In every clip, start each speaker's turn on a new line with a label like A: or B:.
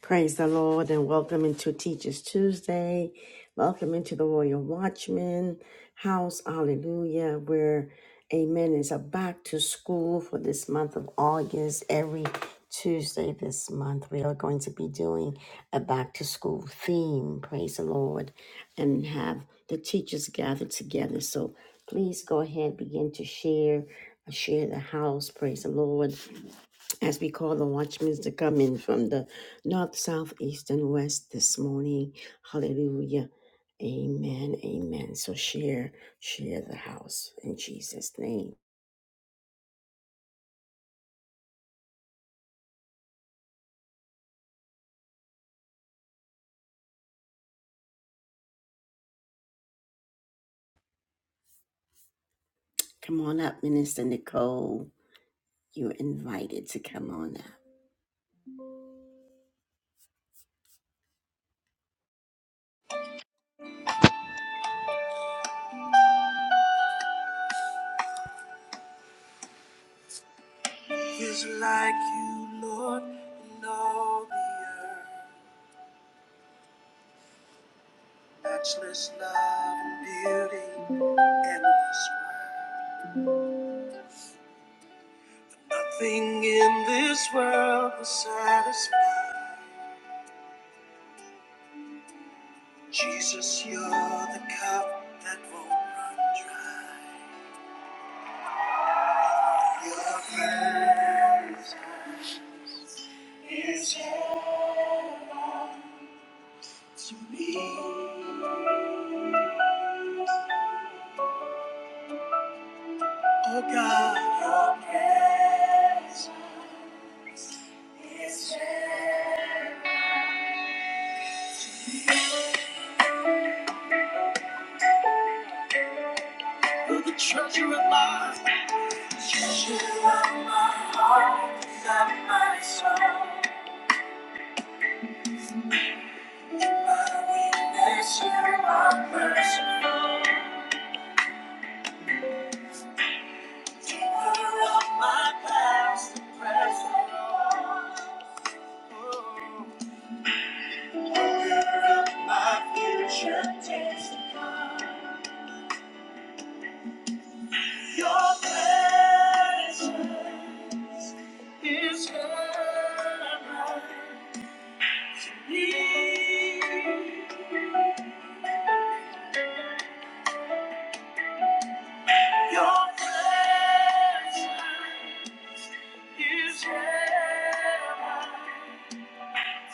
A: Praise the Lord and welcome into Teachers Tuesday. Welcome into the Royal Watchman house. Hallelujah. Where Amen is a back to school for this month of August. Every Tuesday this month, we are going to be doing a back to school theme. Praise the Lord and have the teachers gathered together. So please go ahead, begin to share, uh, share the house. Praise the Lord as we call the watchmen to come in from the north, south, east, and west this morning. Hallelujah. Amen. Amen. So share, share the house in Jesus' name. Come on up, Minister Nicole. You're invited to come on up. Is like you, Lord, in all the earth. Matchless love and beauty, endless. Nothing in this world will satisfy. Jesus, you're the cup that won't run dry. Your presence is heaven to me. Oh God, your presence is heaven. You're the treasure of my heart, treasure of my heart, of my soul. In my weakness, you are merciful. Your presence is heaven.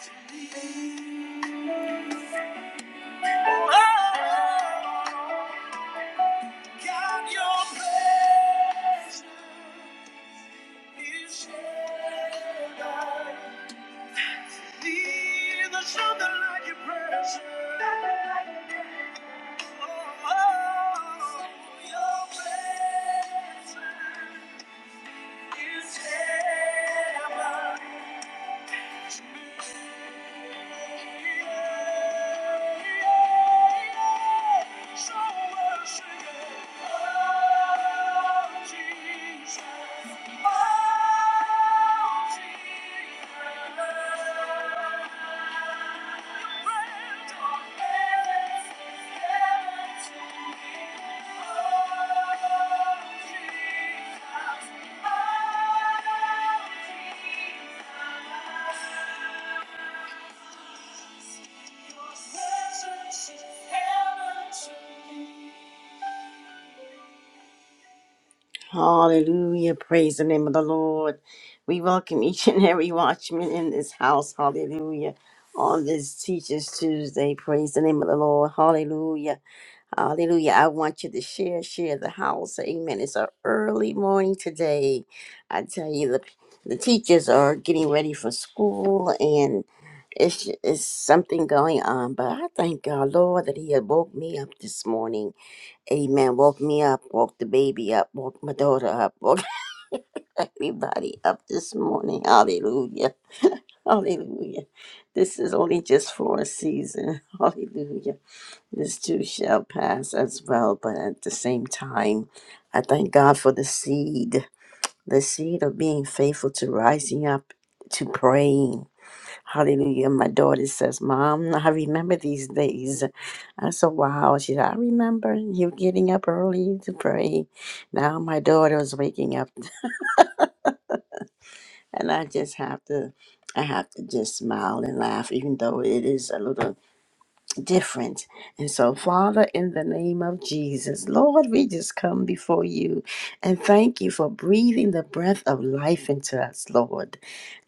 A: something Oh, your presence. Jesus. Presence is heaven to me. Hallelujah. Praise the name of the Lord. We welcome each and every watchman in this house. Hallelujah. On this Teachers Tuesday. Praise the name of the Lord. Hallelujah. Hallelujah. I want you to share, share the house. Amen. It's an early morning today. I tell you, the, the teachers are getting ready for school and it's, it's something going on. But I thank God, Lord, that He had woke me up this morning. Amen. Woke me up, woke the baby up, woke my daughter up, woke everybody up this morning. Hallelujah. Hallelujah. This is only just for a season. Hallelujah. This too shall pass as well, but at the same time, I thank God for the seed, the seed of being faithful to rising up, to praying Hallelujah. My daughter says, Mom, I remember these days. I said, Wow. She said, I remember you getting up early to pray. Now my daughter is waking up. And I just have to I have to just smile and laugh, even though it is a little different. And so, Father, in the name of Jesus, Lord, we just come before you and thank you for breathing the breath of life into us, Lord.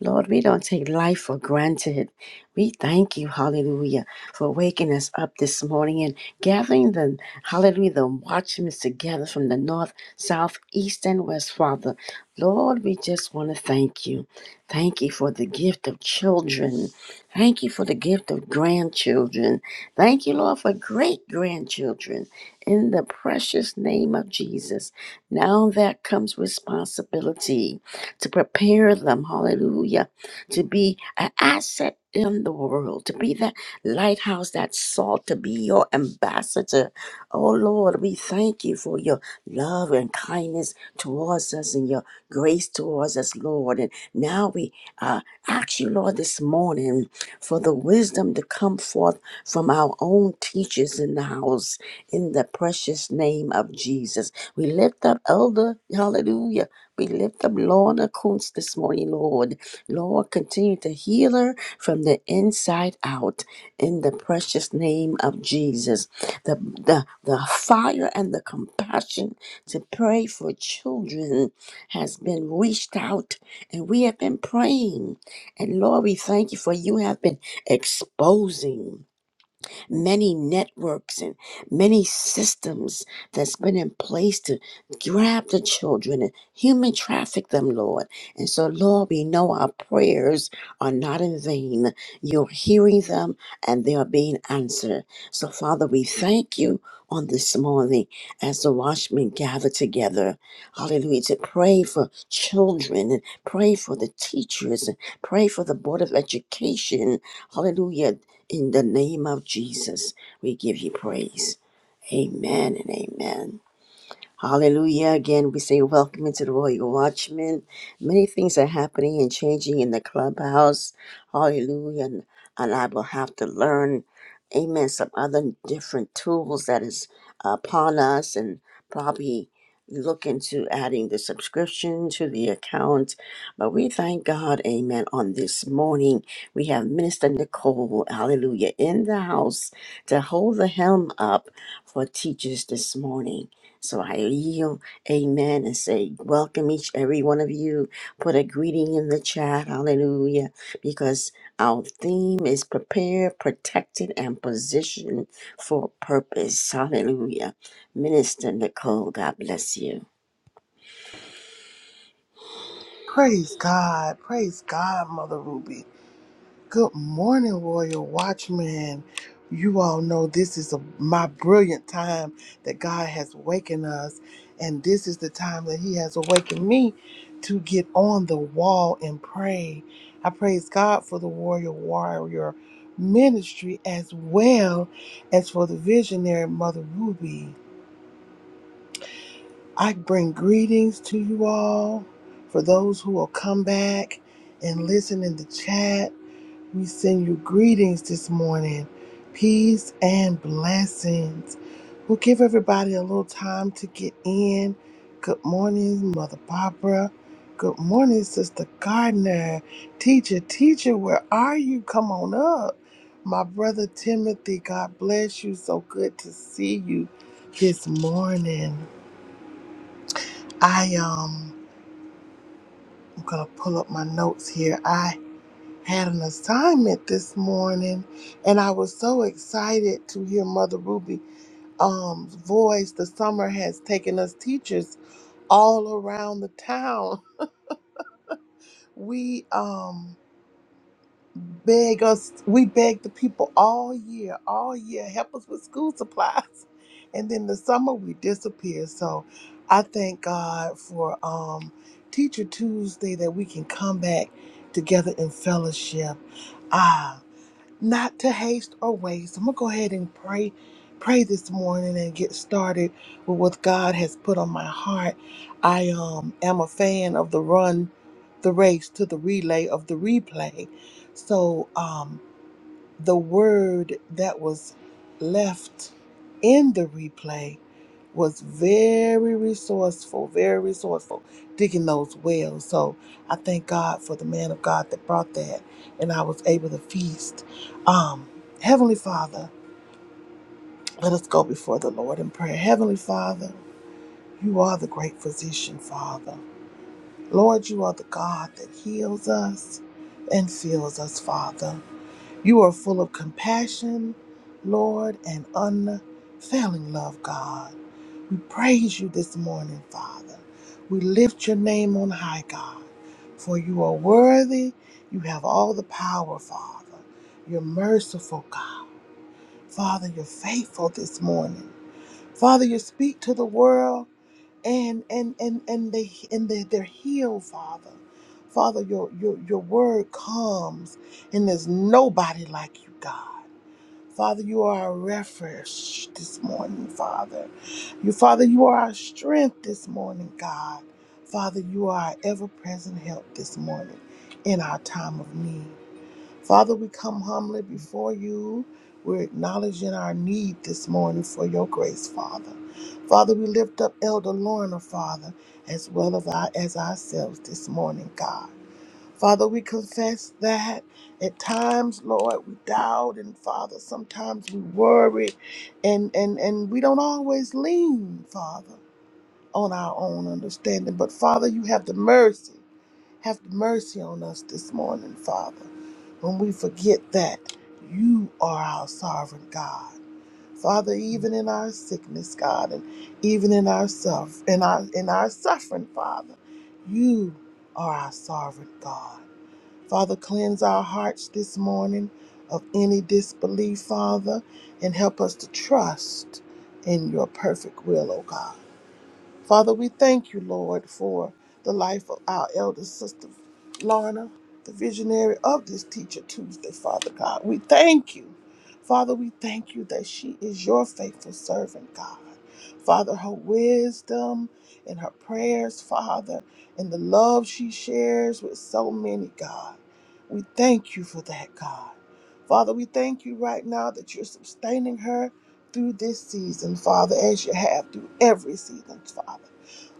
A: Lord, we don't take life for granted. We thank you, hallelujah, for waking us up this morning and gathering the, hallelujah, the watchmen together from the north, south, east, and west, Father. Lord, we just want to thank you. Thank you for the gift of children. Thank you for the gift of grandchildren. Thank you, Lord, for great grandchildren in the precious name of Jesus. Now that comes responsibility to prepare them, hallelujah, to be an asset in the world, to be that lighthouse, that salt, to be your ambassador. Oh Lord, we thank you for your love and kindness towards us and your grace towards us, Lord. And now we uh, ask you, Lord, this morning for the wisdom to come forth from our own teachers in the house in the precious name of Jesus. We lift up Elder, hallelujah. We lift up Lorna Kuntz this morning, Lord. Lord, continue to heal her from the inside out in the precious name of Jesus. The, the, the fire and the compassion to pray for children has been reached out, and we have been praying. And Lord, we thank you for you have been exposing many networks and many systems that's been in place to grab the children and human traffic them, Lord. And so, Lord, we know our prayers are not in vain. You're hearing them and they are being answered. So, Father, we thank you on this morning as the watchmen gather together. Hallelujah. To pray for children and pray for the teachers and pray for the Board of Education. Hallelujah. In the name of Jesus, we give you praise. Amen and amen. Hallelujah. Again, we say welcome into the Royal Watchman. Many things are happening and changing in the clubhouse. Hallelujah. And, and I will have to learn, amen, some other different tools that is upon us and probably look into adding the subscription to the account. But we thank God, amen, on this morning. We have Minister Nicole, hallelujah, in the house to hold the helm up for teachers this morning. So I yield, amen, and say, welcome each, every one of you. Put a greeting in the chat, hallelujah, because our theme is prepared, protected, and positioned for purpose, hallelujah. Minister Nicole, God bless you.
B: Praise God. Praise God, Mother Ruby. Good morning, Royal Watchman. You all know this is a, my brilliant time that God has wakened us, and this is the time that He has awakened me to get on the wall and pray. I praise God for the Warrior Warrior ministry as well as for the visionary Mother Ruby. I bring greetings to you all. For those who will come back and listen in the chat, we send you greetings this morning. Peace and blessings. We'll give everybody a little time to get in. Good morning, Mother Barbara. Good morning, Sister Gardner. Teacher, teacher, where are you? Come on up. My brother Timothy, God bless you. So good to see you this morning. I um I'm gonna pull up my notes here. I had an assignment this morning and I was so excited to hear Mother Ruby um's voice. The summer has taken us teachers all around the town. We um beg us, we beg the people all year, all year, help us with school supplies. And then the summer we disappear. So I thank God for um, Teacher Tuesday that we can come back together in fellowship. Ah not to haste or waste. I'm gonna go ahead and pray, pray this morning and get started with what God has put on my heart. I um am a fan of the run, the race to the relay of the replay. So um the word that was left in the replay was very resourceful, very resourceful, digging those wells. So I thank God for the man of God that brought that, and I was able to feast. Um, Heavenly Father, let us go before the Lord in prayer. Heavenly Father, you are the great physician, Father. Lord, you are the God that heals us and fills us, Father. You are full of compassion, Lord, and unfailing love, God. We praise you this morning, Father. We lift your name on high, God, for you are worthy. You have all the power, Father. You're merciful, God. Father, you're faithful this morning. Father, you speak to the world and and and and they and they, they're healed, Father. Father, your, your your word comes and there's nobody like you, God. Father, you are our refuge this morning, Father. You, Father, you are our strength this morning, God. Father, you are our ever present help this morning in our time of need. Father, we come humbly before you. We're acknowledging our need this morning for your grace, Father. Father, we lift up Elder Lorna, Father, as well as, our, as ourselves this morning, God. Father, we confess that at times, Lord, we doubt, and Father, sometimes we worry, and and and we don't always lean, Father, on our own understanding. But Father, you have the mercy, have the mercy on us this morning, Father, when we forget that you are our sovereign God. Father, even in our sickness, God, and even in our self, in our in our suffering, Father, you are our sovereign God. Father, cleanse our hearts this morning of any disbelief, Father, and help us to trust in your perfect will, O God. Father, we thank you, Lord, for the life of our elder sister, Lorna, the visionary of this Teacher Tuesday, Father God. We thank you. Father, we thank you that she is your faithful servant, God. Father, her wisdom and her prayers, Father, and the love she shares with so many, God. We thank you for that, God. Father, we thank you right now that you're sustaining her through this season, Father, as you have through every season, Father.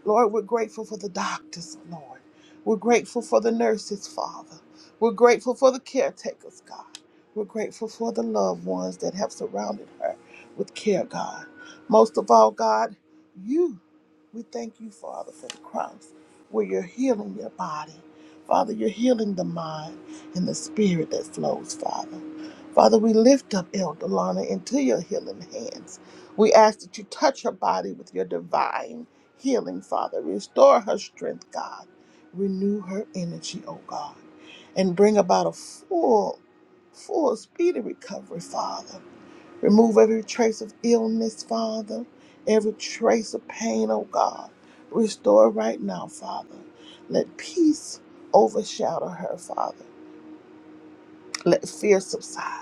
B: Lord, we're grateful for the doctors, Lord. We're grateful for the nurses, Father. We're grateful for the caretakers, God. We're grateful for the loved ones that have surrounded her with care, God. Most of all, God, you. We thank you, Father, for the cross where you're healing your body. Father, you're healing the mind and the spirit that flows, Father. Father, we lift up Elder Lana into your healing hands. We ask that you touch her body with your divine healing, Father. Restore her strength, God. Renew her energy, oh God. And bring about a full, full, speedy recovery, Father. Remove every trace of illness, Father, every trace of pain, oh God. Restore right now, Father. Let peace overshadow her, Father. Let fear subside.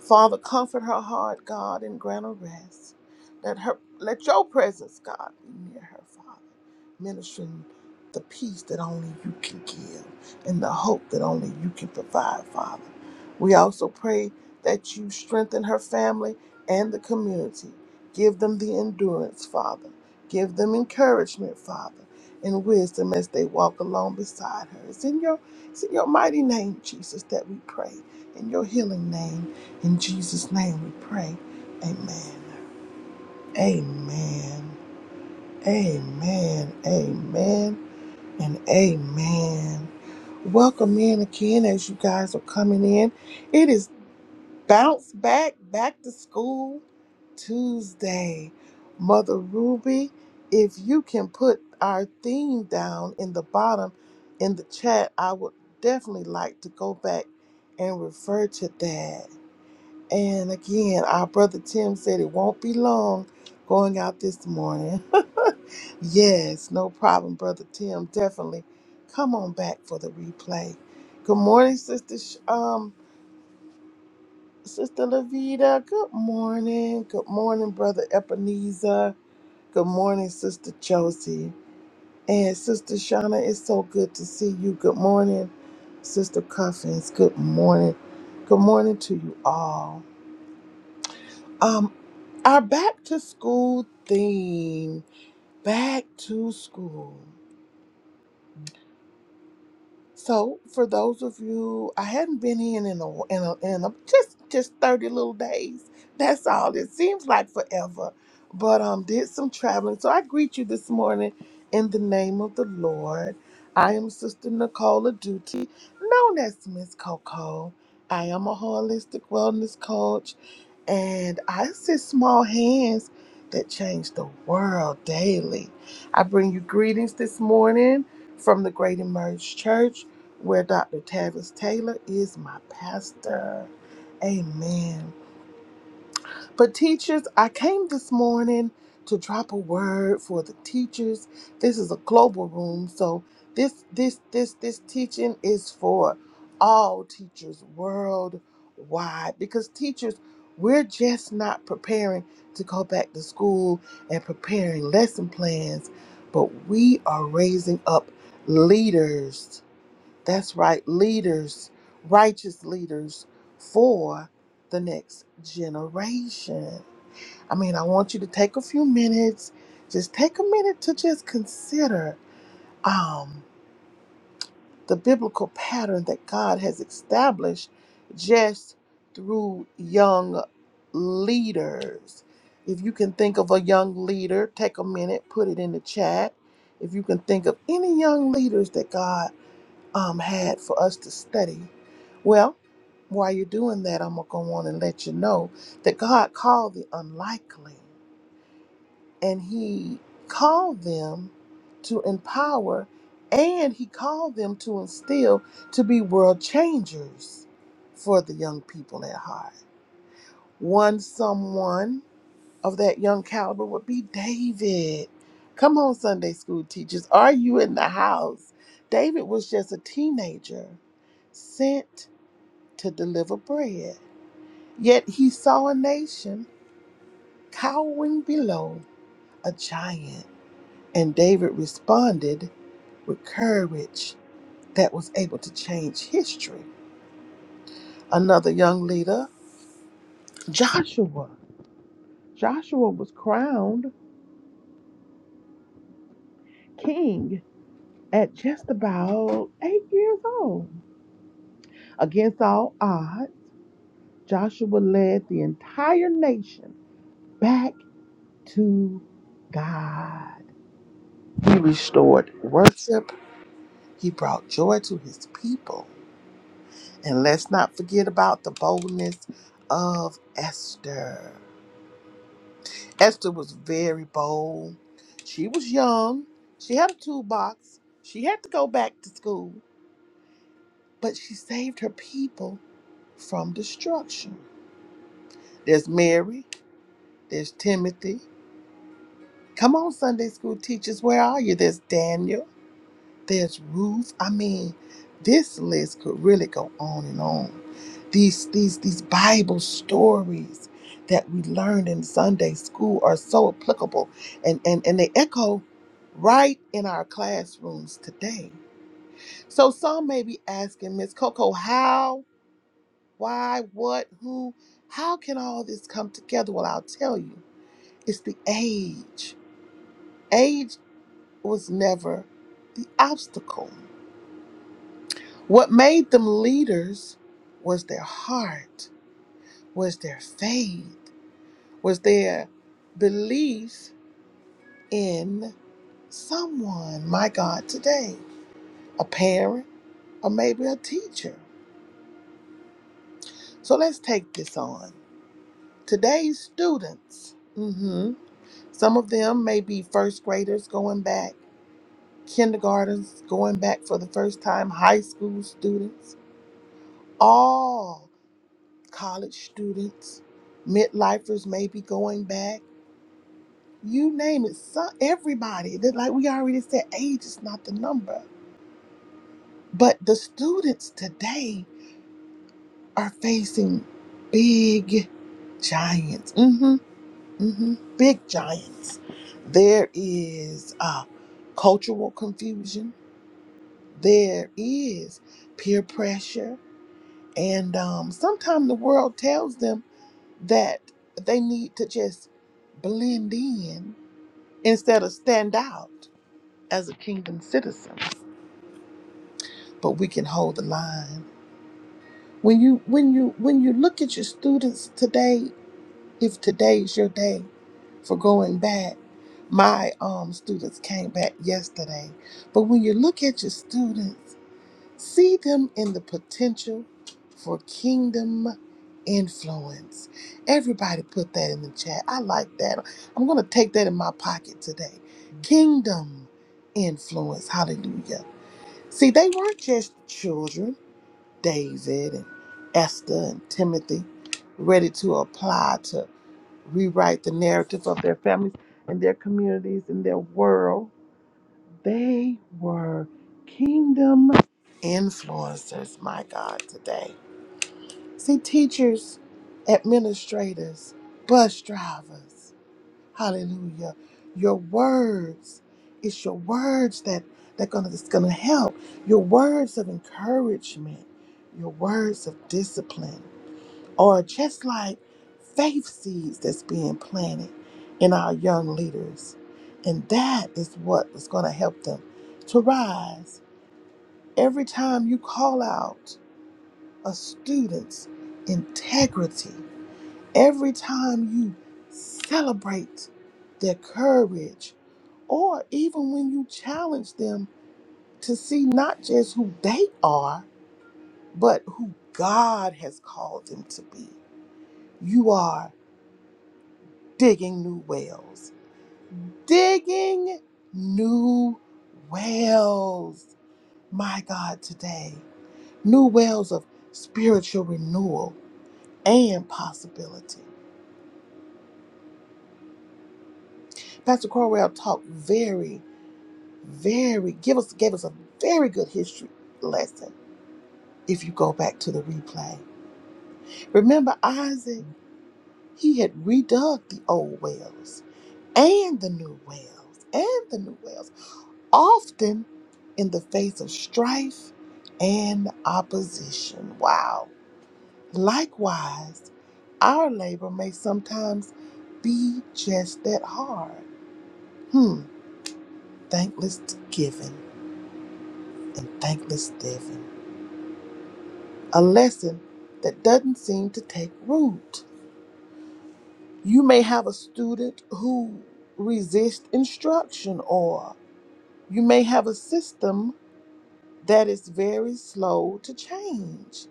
B: Father, comfort her heart, God, and grant her rest. Let her let your presence, God, be near her, Father, ministering the peace that only you can give and the hope that only you can provide, Father. We also pray that you strengthen her family and the community. Give them the endurance, Father. Give them encouragement, Father, and wisdom as they walk along beside her. It's in your it's in your mighty name, Jesus, that we pray. In your healing name. In Jesus' name we pray. Amen. Amen. Amen. Amen. And amen. Welcome in again as you guys are coming in. It is bounce back, back to school Tuesday. Mother Ruby, if you can put our theme down in the bottom in the chat, I would definitely like to go back and refer to that. And again, our brother Tim said it won't be long going out this morning. yes, no problem, brother Tim. Definitely come on back for the replay. Good morning, sister. Sh- Um, sister Lavita. Good morning. Good morning, brother Ebenezer. Good morning, sister Josie. And sister Shauna, it's so good to see you. Good morning, sister Cuffins. Good morning. Good morning to you all. Um, our back to school theme. Back to school. So for those of you, I hadn't been in in a, in a, in a just just thirty little days. That's all. It seems like forever, but um, did some traveling. So I greet you this morning in the name of the Lord. I am Sister Nicola Duty, known as Miss Coco. I am a holistic wellness coach, and I assist small hands that change the world daily. I bring you greetings this morning from the Great Emerge Church, where Dr. Tavis Taylor is my pastor. Amen. But, teachers, I came this morning to drop a word for the teachers. This is a global room, so this this this this teaching is for all teachers worldwide because teachers we're just not preparing to go back to school and preparing lesson plans but we are raising up leaders that's right, leaders, righteous leaders for the next generation. I mean, I want you to take a few minutes, just take a minute to just consider um, the biblical pattern that God has established just through young leaders. If you can think of a young leader, take a minute, put it in the chat. If you can think of any young leaders that God um, had for us to study. Well, while you're doing that, I'm going to go on and let you know that God called the unlikely, and He called them to empower, and He called them to instill to be world changers for the young people at heart. One someone of that young caliber would be David. Come on, Sunday school teachers, are you in the house? David was just a teenager sent to deliver bread. Yet he saw a nation cowering below a giant, and David responded with courage that was able to change history. Another young leader, Joshua. Joshua was crowned king at just about eight years old. Against all odds, Joshua led the entire nation back to God. He restored worship, he brought joy to his people. And let's not forget about the boldness of Esther. Esther was very bold. She was young, she had a toolbox, she had to go back to school, but she saved her people from destruction. There's Mary, there's Timothy, Come on, Sunday school teachers, where are you? There's Daniel, there's Ruth. I mean, this list could really go on and on. These these these Bible stories that we learned in Sunday school are so applicable and, and, and they echo right in our classrooms today. So some may be asking, Miss Coco, how, why, what, who, how can all this come together? Well, I'll tell you, it's the age Age. was never the obstacle. What made them leaders was their heart, was their faith, was their belief in someone, my God, today, a parent or maybe a teacher. So let's take this on. Today's students, hmm some of them may be first graders going back, kindergartens going back for the first time, high school students, all college students, midlifers maybe going back. You name it, so everybody. That like we already said, age is not the number. But the students today are facing big giants. Mm-hmm. Mm-hmm. Big giants. There is uh, cultural confusion. There is peer pressure. And um, sometimes the world tells them that they need to just blend in instead of stand out as a kingdom citizen but we can hold the line when you when you when you look at your students today if today's your day for going back my um students came back yesterday but when you look at your students See them in the potential for kingdom influence. Everybody put that in the chat. I like that. I'm going to take that in my pocket today. Kingdom influence. Hallelujah. See, they weren't just children, David and Esther and Timothy, ready to apply to rewrite the narrative of their families and their communities and their world. They were kingdom influencers, my God, today. See, teachers, administrators, bus drivers, hallelujah. Your words, it's your words that, that gonna, that's going to help. Your words of encouragement, your words of discipline or just like faith seeds that's being planted in our young leaders. And that is what is going to help them to rise. Every time you call out a student's integrity, every time you celebrate their courage, or even when you challenge them to see not just who they are, but who God has called them to be, you are digging new wells digging new wells. My God, today, new wells of spiritual renewal and possibility. Pastor Corwell talked very, very give us gave us a very good history lesson. If you go back to the replay, remember Isaac, he had redug the old wells and the new wells and the new wells. often in the face of strife and opposition. Wow. Likewise, our labor may sometimes be just that hard. Hmm. Thankless giving and thankless living. A lesson that doesn't seem to take root. You may have a student who resists instruction, or you may have a system that is very slow to change.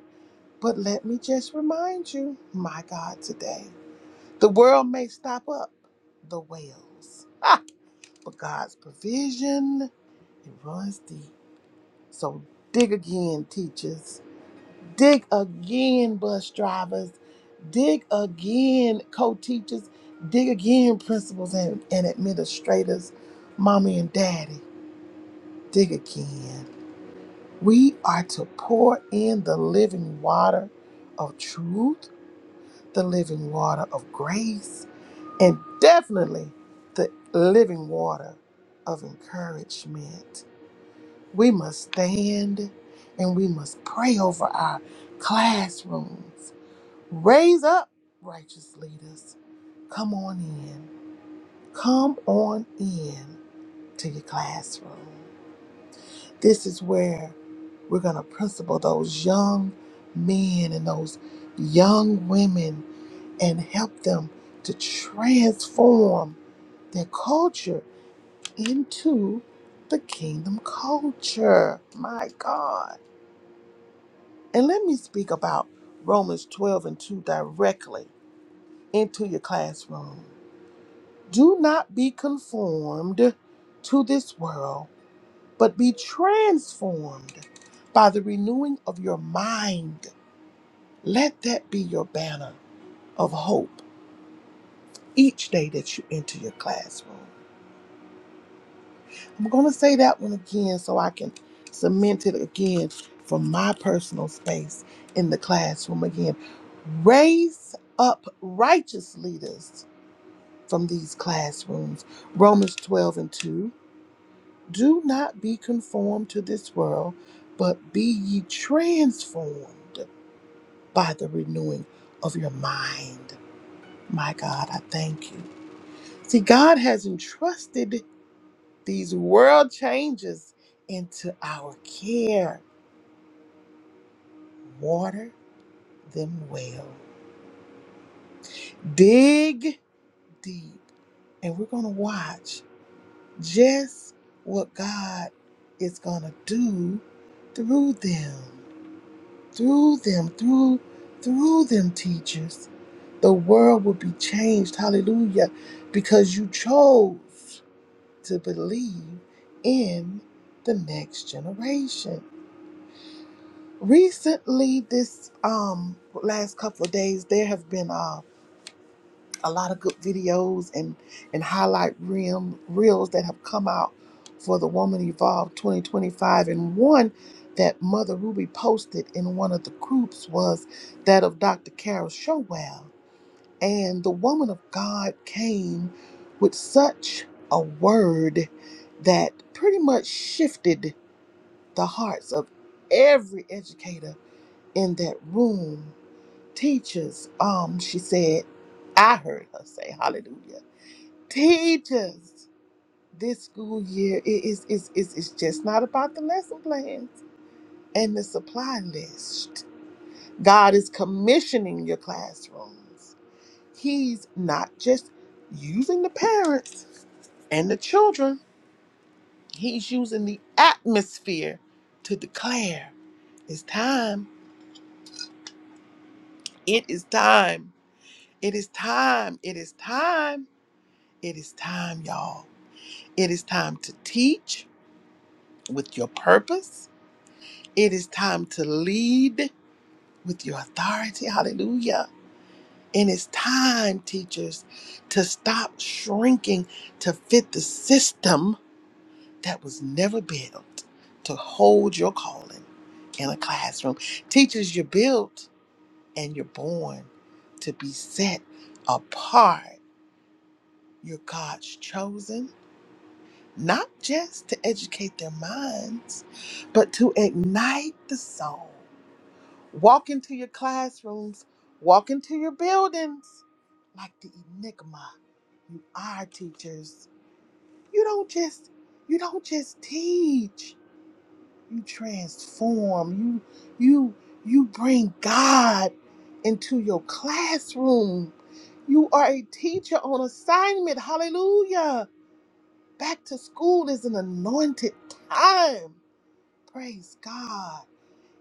B: But let me just remind you, my God, today, the world may stop up the wells, but God's provision, it runs deep. So dig again, teachers. Dig again, bus drivers. Dig again, co teachers. Dig again, principals and, and administrators, mommy and daddy. Dig again. We are to pour in the living water of truth the living water of grace, and definitely the living water of encouragement. We must stand and we must pray over our classrooms. Raise up, righteous leaders. Come on in. Come on in to your classroom. This is where we're going to principle those young men and those young women and help them to transform their culture into the kingdom culture. My God. And let me speak about Romans 12 and 2 directly into your classroom. Do not be conformed to this world, but be transformed by the renewing of your mind. Let that be your banner of hope each day that you enter your classroom. I'm going to say that one again so I can cement it again from my personal space in the classroom again. Raise up righteous leaders from these classrooms. Romans 12 and 2. Do not be conformed to this world, but be ye transformed by the renewing of your mind. My God, I thank you. See, God has entrusted these world changes into our care water them well. Dig deep, and we're going to watch just what God is going to do through them, through them, through through them teachers. The world will be changed. Hallelujah. Because you chose to believe in the next generation. Recently, this um last couple of days, there have been um, a lot of good videos and and highlight reels reels that have come out for the Woman Evolved 2025. And one that Mother Ruby posted in one of the groups was that of Dr. Carol Showell. And the woman of God came with such a word that pretty much shifted the hearts of every educator in that room. Teachers, um, she said, I heard her say hallelujah teachers this school year it is is is it's just not about the lesson plans and the supply list god is commissioning your classrooms he's not just using the parents and the children he's using the atmosphere to declare it's time it is time it is time it is time it is time y'all it is time to teach with your purpose It is time to lead with your authority. Hallelujah. And it's time, teachers, to stop shrinking to fit the system that was never built to hold your calling in a classroom. Teachers, you're built and you're born to be set apart. You're God's chosen, not just to educate their minds, but to ignite the soul. Walk into your classrooms, walk into your buildings like the enigma. You are teachers. You don't just you don't just teach. You transform. You you you bring God into your classroom. You are a teacher on assignment. Hallelujah. Back to school is an anointed time. Praise God.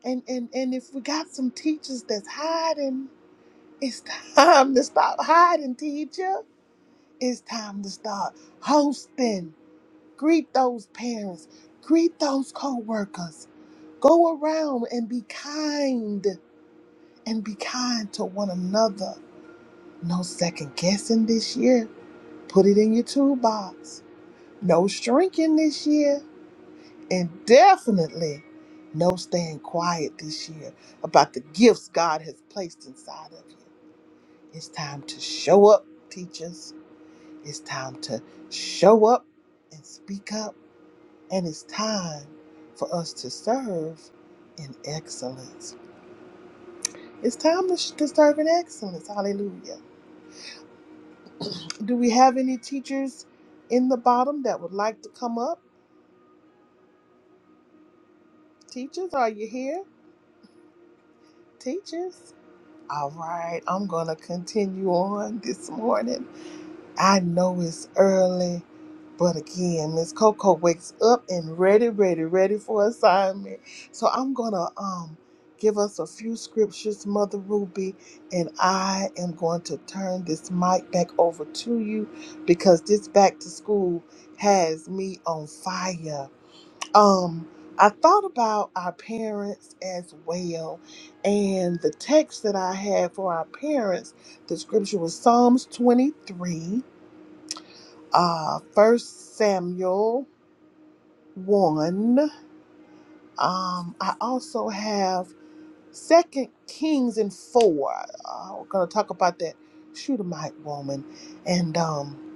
B: And and and if we got some teachers that's hiding It's time to stop hiding, teacher. It's time to start hosting. Greet those parents. Greet those co-workers. Go around and be kind and be kind to one another. No second guessing this year. Put it in your toolbox. No shrinking this year. And definitely no staying quiet this year about the gifts God has placed inside of you. It's time to show up, teachers. It's time to show up and speak up. And it's time for us to serve in excellence. It's time to, sh- to serve in excellence. Hallelujah. Do we have any teachers in the bottom that would like to come up? Teachers, are you here? Teachers? All right, I'm going to continue on this morning. I know it's early, but again, Miss Coco wakes up and ready, ready, ready for assignment. So I'm gonna um give us a few scriptures, Mother Ruby, and I am going to turn this mic back over to you because this back to school has me on fire. Um I thought about our parents as well, and the text that I had for our parents, the scripture was Psalms 23 uh, 1 Samuel 1. Um, I also have Second Kings and 4. Uh, we're going to talk about that Shunammite woman. And um,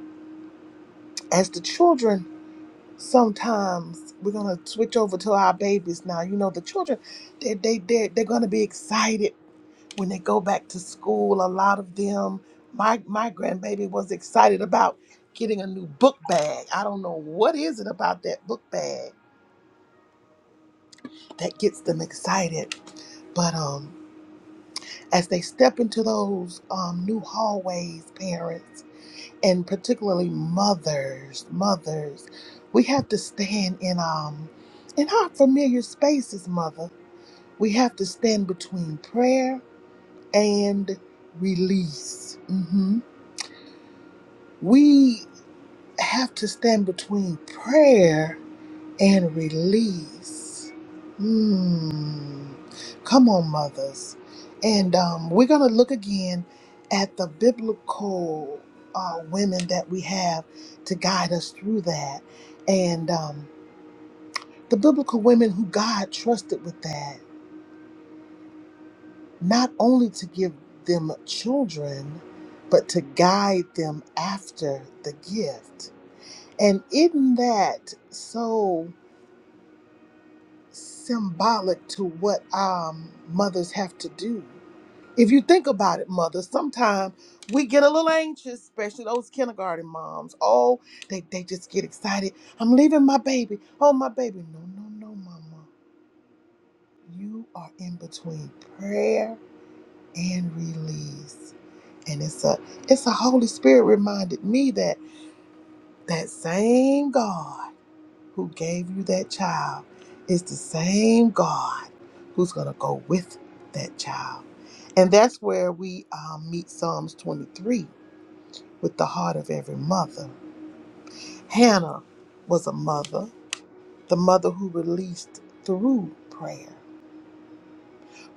B: as the children, sometimes we're going to switch over to our babies now. You know, the children, they, they, they, they're going to be excited when they go back to school. A lot of them, my, my grandbaby was excited about getting a new book bag. I don't know what is it about that book bag that gets them excited. But um, as they step into those um, new hallways, parents, and particularly mothers, mothers, we have to stand in um, in our familiar spaces, mother. We have to stand between prayer and release. hmm We have to stand between prayer and release. Mm. Come on, mothers. And um, we're going to look again at the biblical uh, women that we have to guide us through that. And um, the biblical women who God trusted with that, not only to give them children, but to guide them after the gift. And isn't that so? symbolic to what um, mothers have to do. If you think about it, mothers, sometimes we get a little anxious, especially those kindergarten moms. Oh, they, they just get excited. I'm leaving my baby. Oh, my baby. No, no, no, mama. You are in between prayer and release. And it's a it's a Holy Spirit reminded me that that same God who gave you that child is the same God who's going to go with that child. And that's where we um, meet Psalms 23 with the heart of every mother. Hannah was a mother, the mother who released through prayer.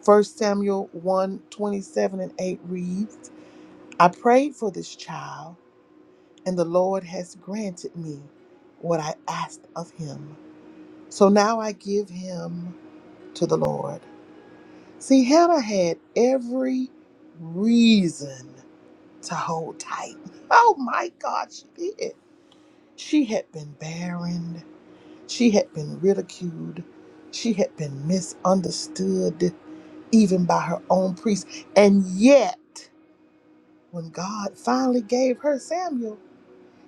B: First Samuel one 27 and 8 reads, I prayed for this child, and the Lord has granted me what I asked of him. So now I give him to the Lord. See, Hannah had every reason to hold tight. Oh my God, she did. She had been barren. She had been ridiculed. She had been misunderstood, even by her own priest. And yet, when God finally gave her Samuel,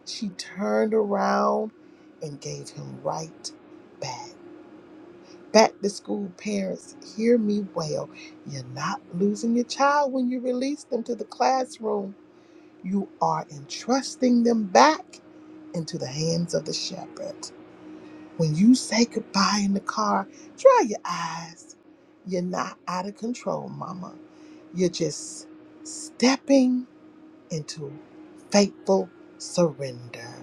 B: she turned around and gave him right back. Back to school parents, hear me well. You're not losing your child when you release them to the classroom. You are entrusting them back into the hands of the shepherd. When you say goodbye in the car, dry your eyes. You're not out of control, mama. You're just stepping into faithful surrender.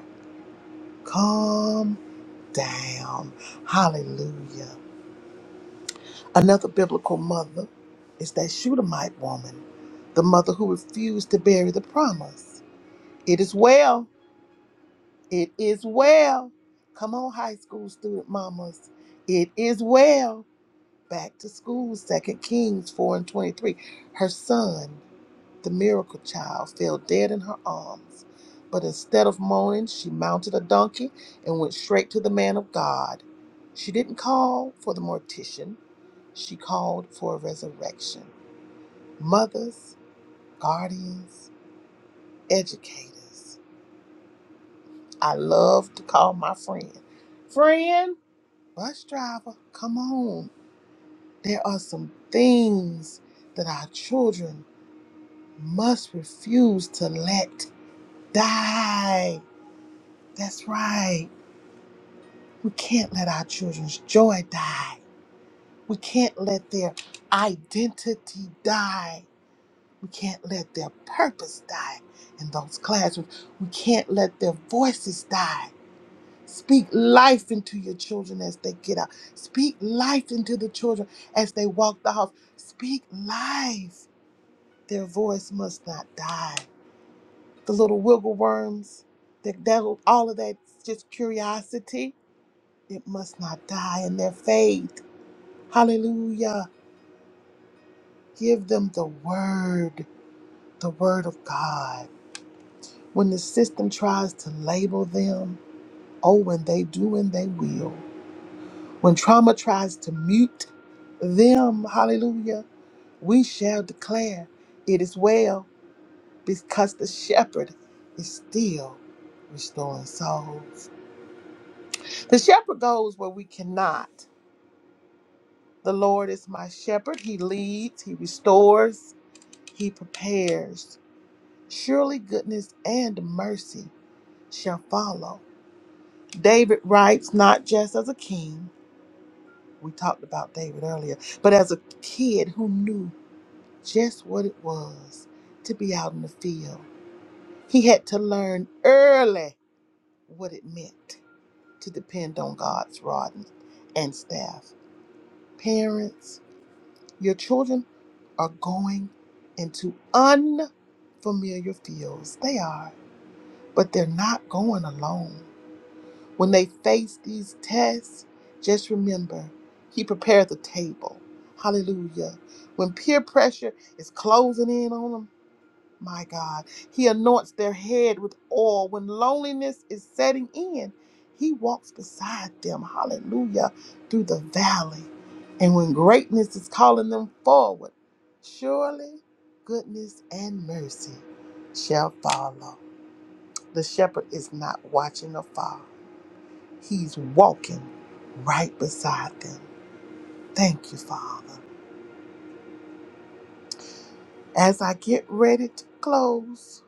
B: Calm down. Hallelujah. Another biblical mother is that Shunammite woman, the mother who refused to bury the promise. It is well. It is well. Come on, high school student mamas. It is well. Back to school, Second Kings 4 and 23. Her son the miracle child fell dead in her arms. But instead of moaning, she mounted a donkey and went straight to the man of God. She didn't call for the mortician, she called for a resurrection. Mothers, guardians, educators. I love to call my friend. Friend, bus driver, come on. There are some things that our children must refuse to let die. That's right. We can't let our children's joy die. We can't let their identity die. We can't let their purpose die in those classrooms. We can't let their voices die. Speak life into your children as they get out. Speak life into the children as they walk the house. Speak life. Their voice must not die. The little wiggle worms, that, that all of that's just curiosity It must not die in their faith. Hallelujah. Give them the word, the word of God. When the system tries to label them, oh, when they do and they will. When trauma tries to mute them, hallelujah, we shall declare it is well because the shepherd is still restoring souls. The shepherd goes where we cannot. The Lord is my shepherd. He leads, he restores, he prepares. Surely goodness and mercy shall follow. David writes not just as a king, we talked about David earlier, but as a kid who knew just what it was to be out in the field. He had to learn early what it meant to depend on God's rod and and staff. Parents, your children are going into unfamiliar fields. They are. but they're not going alone. When they face these tests, just remember He prepared the table. Hallelujah. When peer pressure is closing in on them, my God, He anoints their head with oil. When loneliness is setting in, He walks beside them. Hallelujah. Through the valley. And when greatness is calling them forward, surely goodness and mercy shall follow. The shepherd is not watching afar, he's walking right beside them. Thank you, Father. As I get ready to close,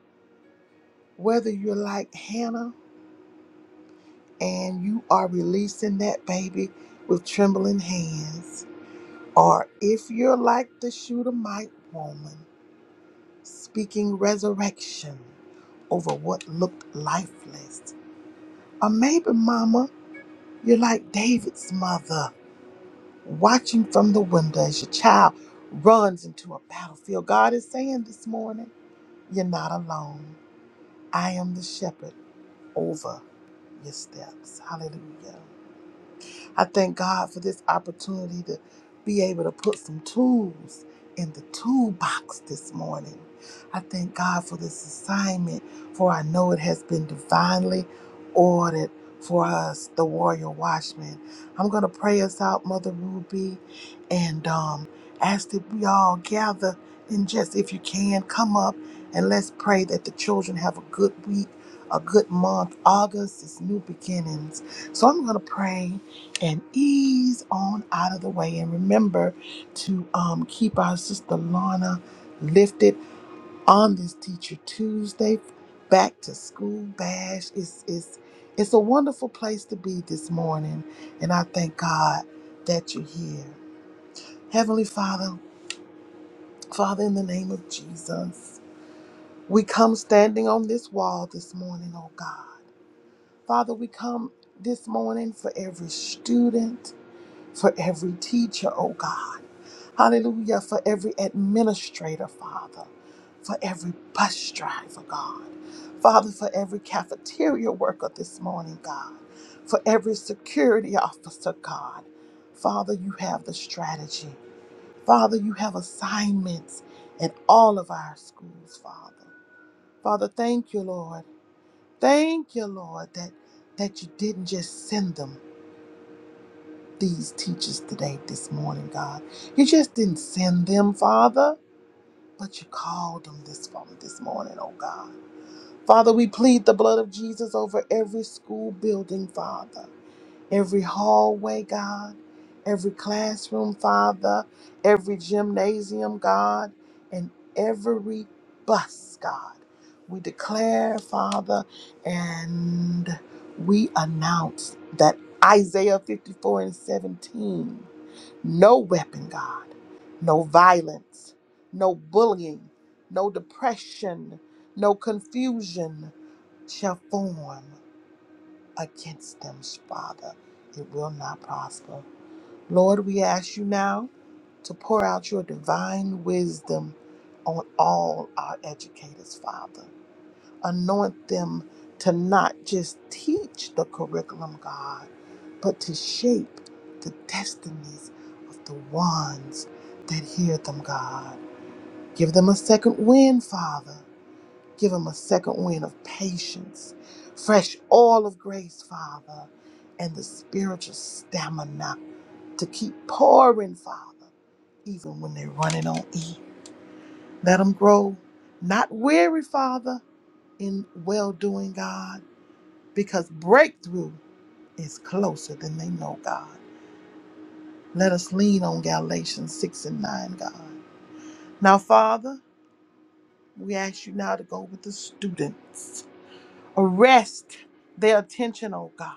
B: whether you're like Hannah and you are releasing that baby with trembling hands, or if you're like the Shudamite woman speaking resurrection over what looked lifeless, or maybe, Mama, you're like David's mother watching from the window as your child runs into a battlefield. God is saying this morning, You're not alone. I am the shepherd over your steps. Hallelujah. I thank God for this opportunity to be able to put some tools in the toolbox this morning. I thank God for this assignment, for I know it has been divinely ordered for us, the warrior watchmen. I'm going to pray us out, Mother Ruby, and um, ask that we all gather and just, if you can, come up and let's pray that the children have a good week, a good month. August is new beginnings. So I'm going to pray and ease on out of the way. And remember to um, keep our sister Lana lifted on this Teacher Tuesday. Back to school bash. It's it's it's a wonderful place to be this morning, and I thank God that you're here, Heavenly Father. Father, in the name of Jesus, we come standing on this wall this morning, oh God. Father, we come this morning for every student, for every teacher, oh God. Hallelujah. For every administrator, Father. For every bus driver, God. Father, for every cafeteria worker this morning, God. For every security officer, God. Father, you have the strategy. Father, you have assignments in all of our schools, Father. Father, thank you, Lord. Thank you, Lord, that, that you didn't just send them, these teachers today, this morning, God. You just didn't send them, Father. But you called them this from this morning, oh God. Father, we plead the blood of Jesus over every school building, Father, every hallway, God, every classroom, Father, every gymnasium, God, and every bus, God. We declare, Father, and we announce that Isaiah 54 and 17 no weapon, God. No violence. No bullying. No depression. No confusion shall form against them, Father. It will not prosper. Lord, we ask you now to pour out your divine wisdom on all our educators, Father anoint them to not just teach the curriculum, God, but to shape the destinies of the ones that hear them, God. Give them a second wind, Father. Give them a second wind of patience, fresh oil of grace, Father, and the spiritual stamina to keep pouring, Father, even when they're running on E. Let them grow, not weary, Father, in well doing, God because breakthrough is closer than they know, God. Let us lean on Galatians 6 and 9, God. Now, Father, we ask you now to go with the students. Arrest their attention, oh God.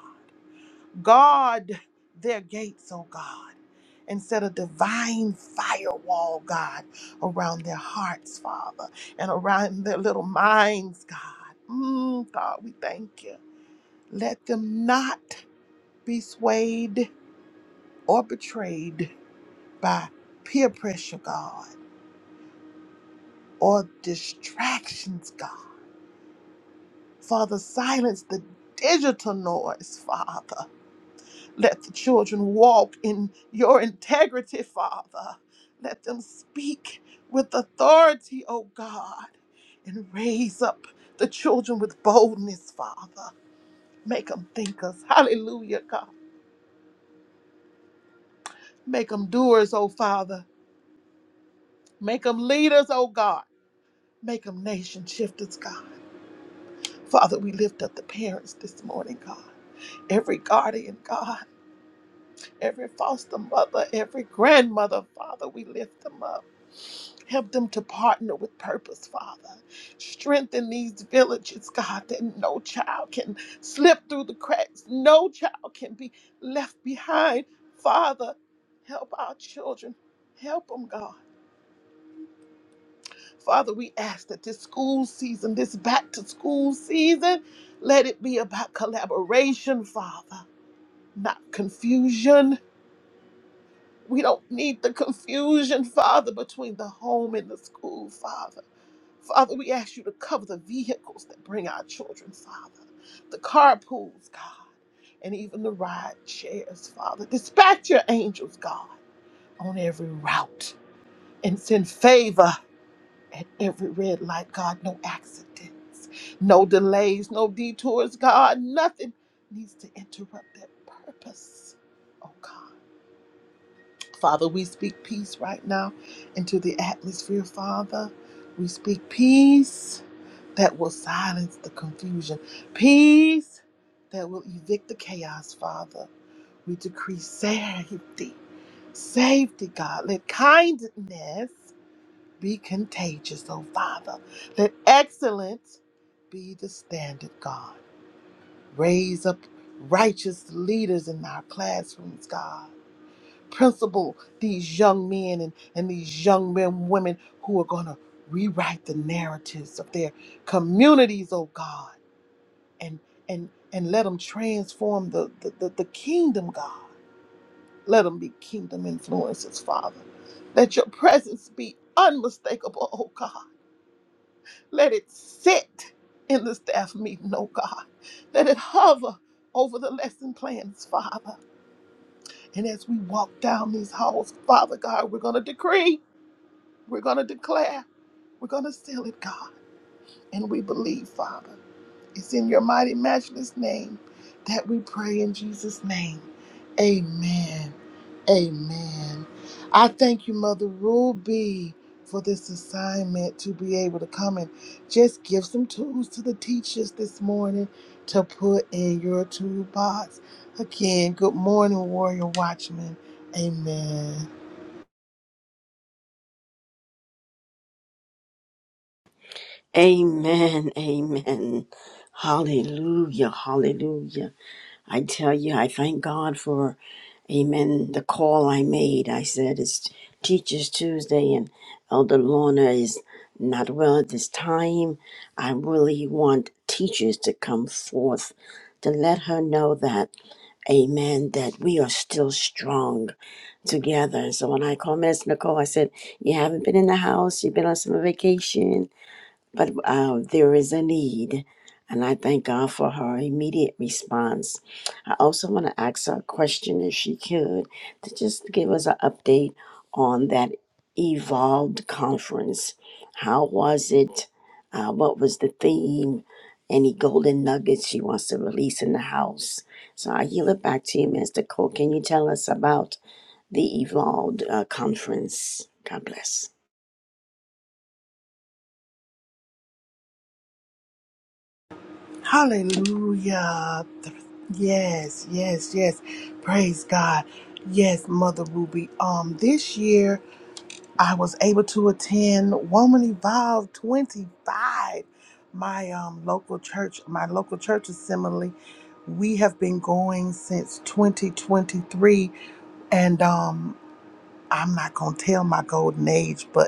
B: Guard their gates, oh God. And set a divine firewall, God, around their hearts, Father, and around their little minds, God. Mm, God, we thank you. Let them not be swayed or betrayed by peer pressure, God, or distractions, God. Father, silence the digital noise, Father. Let the children walk in your integrity, Father. Let them speak with authority, oh God, and raise up the children with boldness, Father. Make them thinkers. Hallelujah, God. Make them doers, oh Father. Make them leaders, oh God. Make them nation shifters, God. Father, we lift up the parents this morning, God. Every guardian, God, every foster mother, every grandmother, Father, we lift them up. Help them to partner with purpose, Father. Strengthen these villages, God, that no child can slip through the cracks. No child can be left behind. Father, help our children. Help them, God. Father, we ask that this school season, this back to school season, let it be about collaboration, Father, not confusion. We don't need the confusion, Father, between the home and the school, Father. Father, we ask you to cover the vehicles that bring our children, Father, the carpools, God, and even the ride chairs, Father. Dispatch your angels, God, on every route and send favor at every red light, God, no accidents, no delays, no detours, God, nothing needs to interrupt that purpose. Oh God. Father, we speak peace right now into the atmosphere, Father. We speak peace that will silence the confusion, peace that will evict the chaos, Father. We decree safety, safety, God. Let kindness be contagious, oh Father. Let excellence be the standard, God. Raise up righteous leaders in our classrooms, God. Principal these young men and, and these young men, women who are going to rewrite the narratives of their communities, oh God, and and and let them transform the, the, the, the kingdom, God. Let them be kingdom influences, Father. Let your presence be unmistakable, oh God. Let it sit in the staff meeting, oh God. Let it hover over the lesson plans, Father. And as we walk down these halls, Father God, we're going to decree, we're going to declare, we're going to seal it, God. And we believe, Father. It's in your mighty, matchless name that we pray in Jesus' name. Amen. Amen. I thank you, Mother Ruby, for this assignment to be able to come and just give some tools to the teachers this morning to put in your toolbox. Again, good morning, Warrior Watchman. Amen.
A: Amen. Amen. Hallelujah. Hallelujah. I tell you, I thank God for, amen, the call I made. I said it's Teachers Tuesday and Elder Lorna is not well at this time. I really want teachers to come forth to let her know that, amen, that we are still strong together. And so when I called Miss Nicole, I said, You haven't been in the house, you've been on summer vacation but uh, there is a need, and I thank God for her immediate response. I also want to ask her a question, if she could, to just give us an update on that evolved conference. How was it? Uh, what was the theme? Any golden nuggets she wants to release in the house? So I yield it back to you, Mr. Cole. Can you tell us about the evolved uh, conference? God bless.
B: Hallelujah. Yes, yes, yes. Praise God. Yes, Mother Ruby. Um, this year I was able to attend Woman Evolve 25, my um local church, my local church assembly. We have been going since 2023, and um, I'm not gonna tell my golden age, but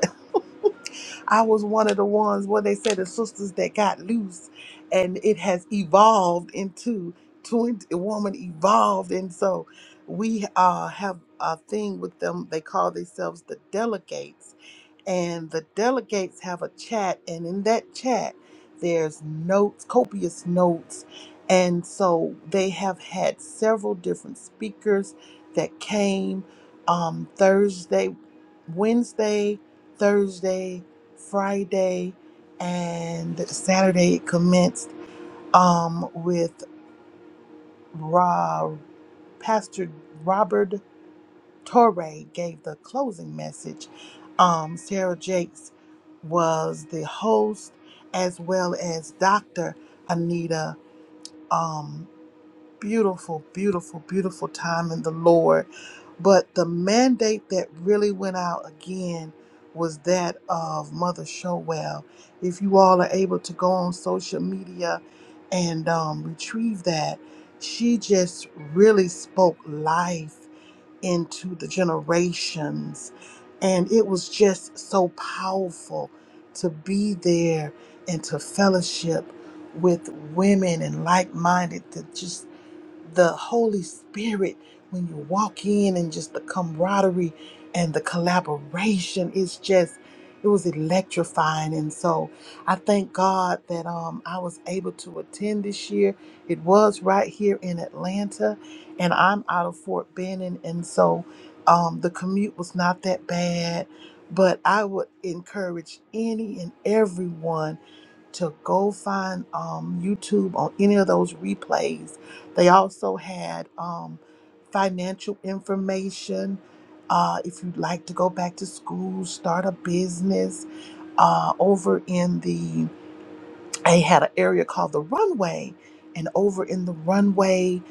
B: I was one of the ones where they said the sisters that got loose, and it has evolved into twin a woman evolved, and so we uh, have a thing with them. They call themselves the delegates and the delegates have a chat and in that chat there's notes copious notes and so they have had several different speakers that came um, thursday wednesday thursday friday and saturday it commenced um, with Ra, pastor robert Torre gave the closing message. Um, Sarah Jakes was the host, as well as Dr. Anita. Um, beautiful, beautiful, beautiful time in the Lord. But the mandate that really went out again was that of Mother Showell. If you all are able to go on social media and um, retrieve that, she just really spoke life into the generations. And it was just so powerful to be there and to fellowship with women and like minded, to just the Holy Spirit when you walk in and just the camaraderie and the collaboration. It's just, it was electrifying. And so I thank God that um, I was able to attend this year. It was right here in Atlanta, and I'm out of Fort Benning. And so um, the commute was not that bad. But I would encourage any and everyone to go find um, YouTube on any of those replays. They also had um, financial information. Uh, if you'd like to go back to school, start a business uh, over in the they had an area called the runway and over in the runway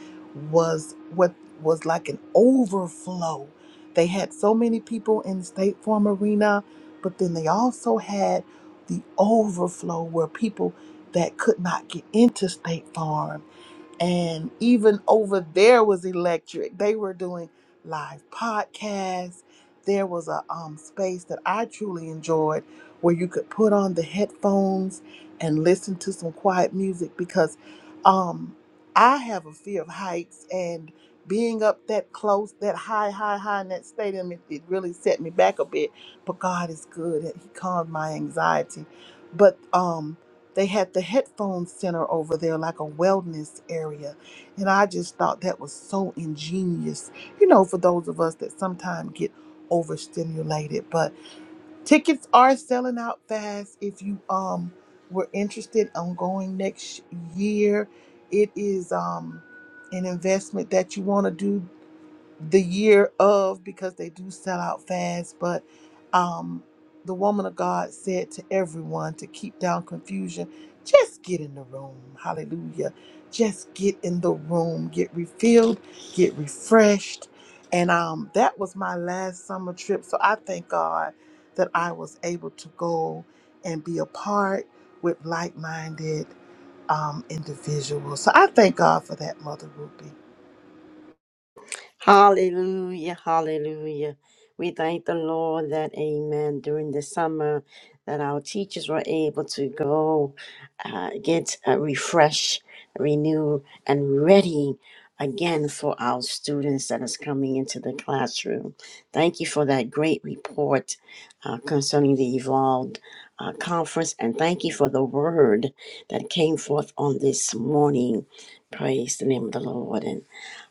B: was what was like an overflow they had so many people in the state farm arena but then they also had the overflow where people that could not get into state farm and even over there was electric. They were doing live podcasts. There was a um, space that I truly enjoyed where you could put on the headphones and listen to some quiet music because um, I have a fear of heights and being up that close, that high, high, high in that stadium, it, it really set me back a bit. But God is good. and He calmed my anxiety. But um, they had the headphone center over there, like a wellness area. And I just thought that was so ingenious, you know, for those of us that sometimes get overstimulated. But tickets are selling out fast. If you um were interested on going next year, it is um an investment that you want to do the year of because they do sell out fast but um the woman of god said to everyone to keep down confusion just get in the room hallelujah just get in the room get refilled get refreshed and um that was my last summer trip so i thank god that i was able to go and be a part with like-minded um individuals so i thank god for that mother ruby
A: Hallelujah, hallelujah. We thank the Lord that, amen, during the summer that our teachers were able to go uh, get uh, refresh, renew, and ready again for our students that is coming into the classroom. Thank you for that great report uh, concerning the Evolved uh, Conference, and thank you for the word that came forth on this morning. Praise the name of the Lord.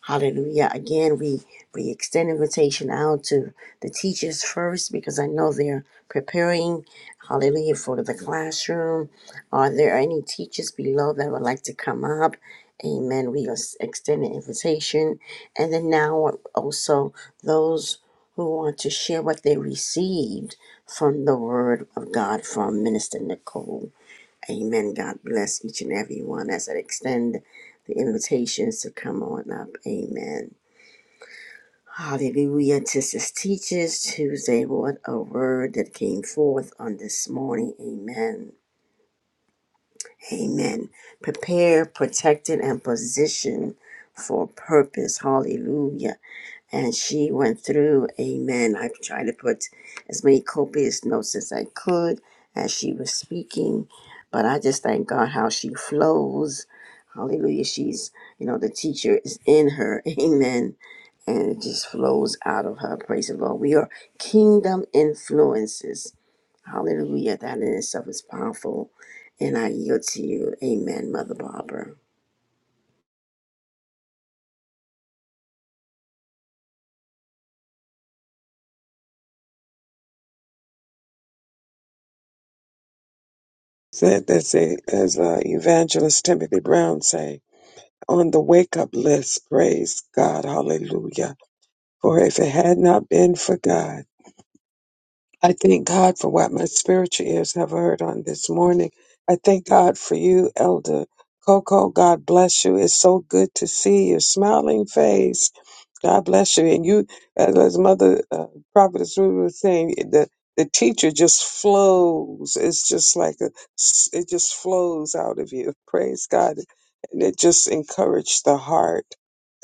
A: Hallelujah. Again, we, we extend invitation out to the teachers first because I know they're preparing, hallelujah, for the classroom. Are there any teachers below that would like to come up? Amen. We ex- extend an invitation. And then now also those who want to share what they received from the word of God from Minister Nicole. Amen. God bless each and every one as I extend the invitations to come on up. Amen. Hallelujah. This is Teachers Tuesday. What a word that came forth on this morning. Amen. Amen. Prepare, protected, and positioned for purpose. Hallelujah. and she went through amen i've tried to put as many copious notes as i could as she was speaking but i just thank god how she flows hallelujah she's you know the teacher is in her amen and it just flows out of her praise the lord we are kingdom influences hallelujah that in itself is powerful and i yield to you amen mother barbara
C: said this eh, as uh, evangelist timothy brown say on the wake up list praise god hallelujah for if it had not been for god i thank god for what my spiritual ears have heard on this morning i thank god for you elder coco god bless you it's so good to see your smiling face God bless you. And you, as, as Mother uh, Prophetess Ruby was saying, the the teacher just flows. It's just like a, s- it just flows out of you. Praise God, and it just encourages the heart,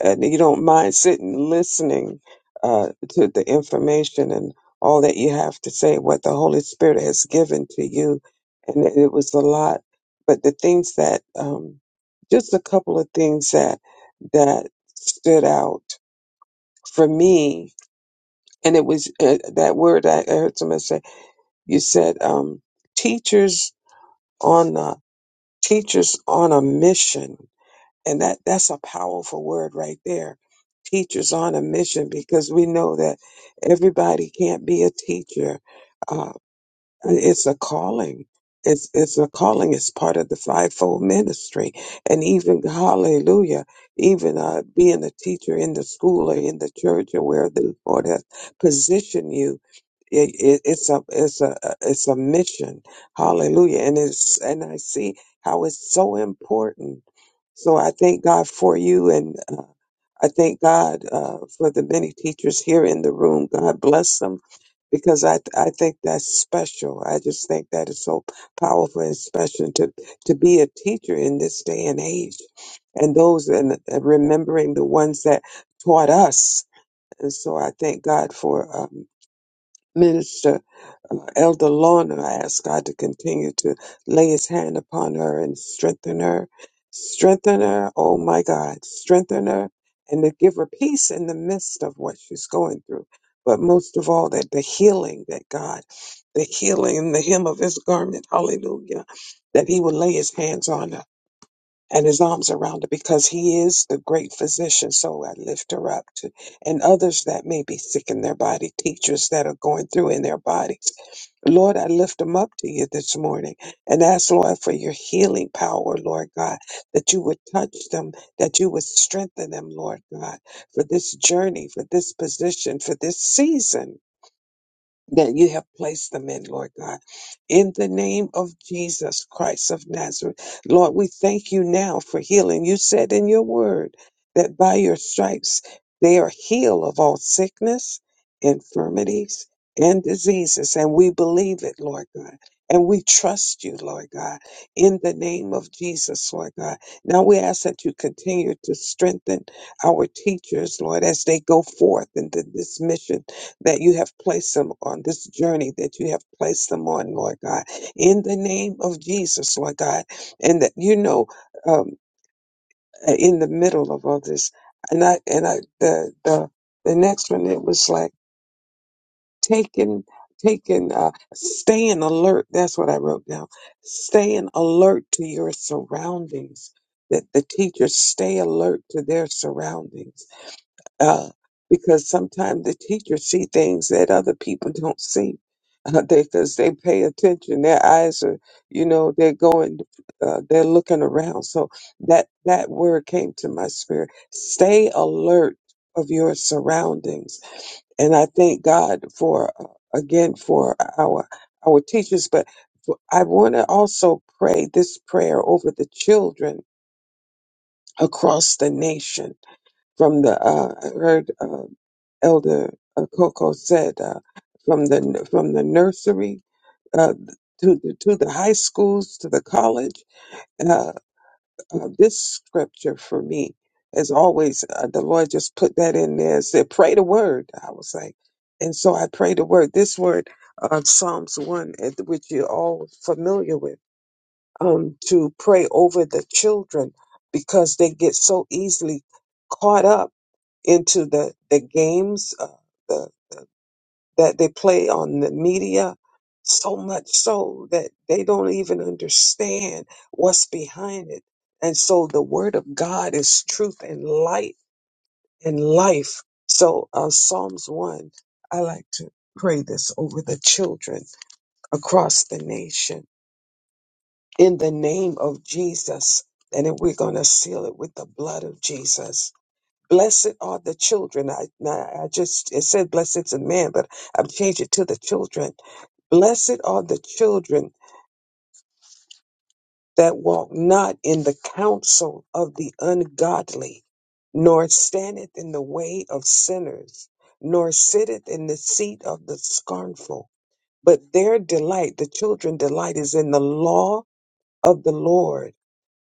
C: and you don't mind sitting listening uh, to the information and all that you have to say, what the Holy Spirit has given to you, and it, it was a lot. But the things that, um, just a couple of things that that stood out for me, and it was uh, that word I, I heard someone say. You said um, teachers on a, teachers on a mission, and that that's a powerful word right there. Teachers on a mission because we know that everybody can't be a teacher. uh, and It's a calling. It's it's a calling. It's part of the fivefold ministry, and even Hallelujah, even uh, being a teacher in the school or in the church or where the Lord has positioned you, it, it, it's a it's a it's a mission. Hallelujah, and it's and I see how it's so important. So I thank God for you, and uh, I thank God uh, for the many teachers here in the room. God bless them because I, I think that's special. I just think that is so powerful and special to, to be a teacher in this day and age. And those and remembering the ones that taught us. And so I thank God for um, Minister uh, Elder Lorna, I ask God to continue to lay his hand upon her and strengthen her. Strengthen her, oh my God, strengthen her and to give her peace in the midst of what she's going through. But most of all, that the healing that God, the healing in the hem of his garment, hallelujah, that he will lay his hands on her and his arms around her because he is the great physician. So I lift her up to, and others that may be sick in their body, teachers that are going through in their bodies. Lord, I lift them up to you this morning and ask, Lord, for your healing power, Lord God, that you would touch them, that you would strengthen them, Lord God, for this journey, for this position, for this season that you have placed them in, Lord God. In the name of Jesus Christ of Nazareth, Lord, we thank you now for healing. You said in your word that by your stripes they are healed of all sickness, infirmities, and diseases. And we believe it, Lord God. And we trust you, Lord God, in the name of Jesus, Lord God. Now we ask that you continue to strengthen our teachers, Lord, as they go forth into this mission that you have placed them on, this journey that you have placed them on, Lord God, in the name of Jesus, Lord God, and that you know um, uh, in the middle of all this, and I and I the the the next one it was like taking taking uh staying alert that's what i wrote down staying alert to your surroundings that the teachers stay alert to their surroundings uh, because sometimes the teachers see things that other people don't see uh, because they pay attention. Their eyes are, you know, they're going, uh, they're looking around. So that that word came to my spirit. Stay alert of your surroundings, and I thank God for uh, again for our our teachers, but. I want to also pray this prayer over the children across the nation from the uh, I heard uh, Elder uh, Coco said uh, from the from the nursery uh, to the, to the high schools to the college. Uh, uh, this scripture for me, as always, uh, the Lord just put that in there. and Said, "Pray the word." I was like, and so I pray the word. This word, uh, Psalms one, uh, which you're all familiar with, um, to pray over the children because they get so easily caught up into the the games uh, the, that they play on the media so much so that they don't even understand what's behind it and so the word of god is truth and light and life so uh, psalms 1 i like to pray this over the children across the nation in the name of jesus and then we're going to seal it with the blood of jesus Blessed are the children. I, I I just it said blessed to man, but I've changed it to the children. Blessed are the children that walk not in the counsel of the ungodly, nor standeth in the way of sinners, nor sitteth in the seat of the scornful. But their delight, the children delight, is in the law of the Lord,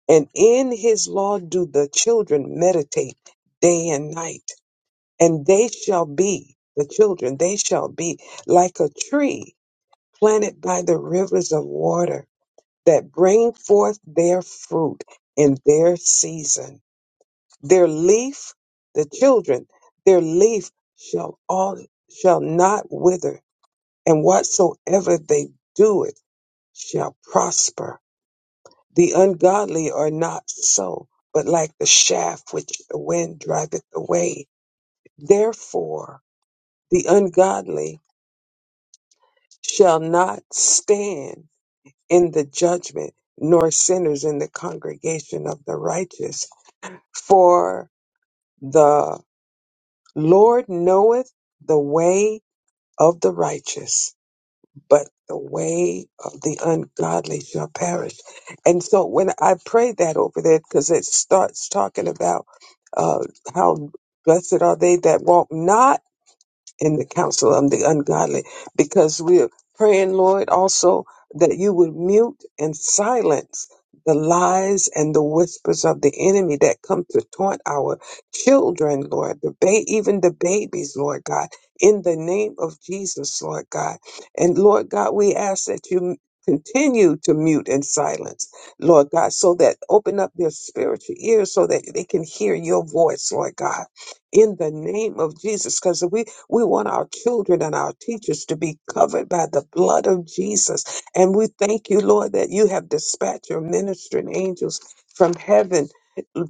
C: and in his law do the children meditate day and night. and they shall be the children they shall be like a tree planted by the rivers of water that bring forth their fruit in their season their leaf the children their leaf shall all shall not wither and whatsoever they doeth shall prosper the ungodly are not so but like the shaft which the wind driveth away therefore the ungodly shall not stand in the judgment, nor sinners in the congregation of the righteous. For the Lord knoweth the way of the righteous, but the way of the ungodly shall perish. And so when I pray that over there, because it starts talking about uh, how blessed are they that walk not in the counsel of the ungodly because we're praying, Lord, also that you would mute and silence the lies and the whispers of the enemy that come to taunt our children, Lord, the ba- even the babies, Lord God, in the name of Jesus, Lord God. And Lord God, we ask that you continue to mute and silence, Lord God, so that open up their spiritual ears so that they can hear your voice, Lord God in the name of Jesus. Because we we want our children and our teachers to be covered by the blood of Jesus. And we thank you, Lord, that you have dispatched your ministering angels from heaven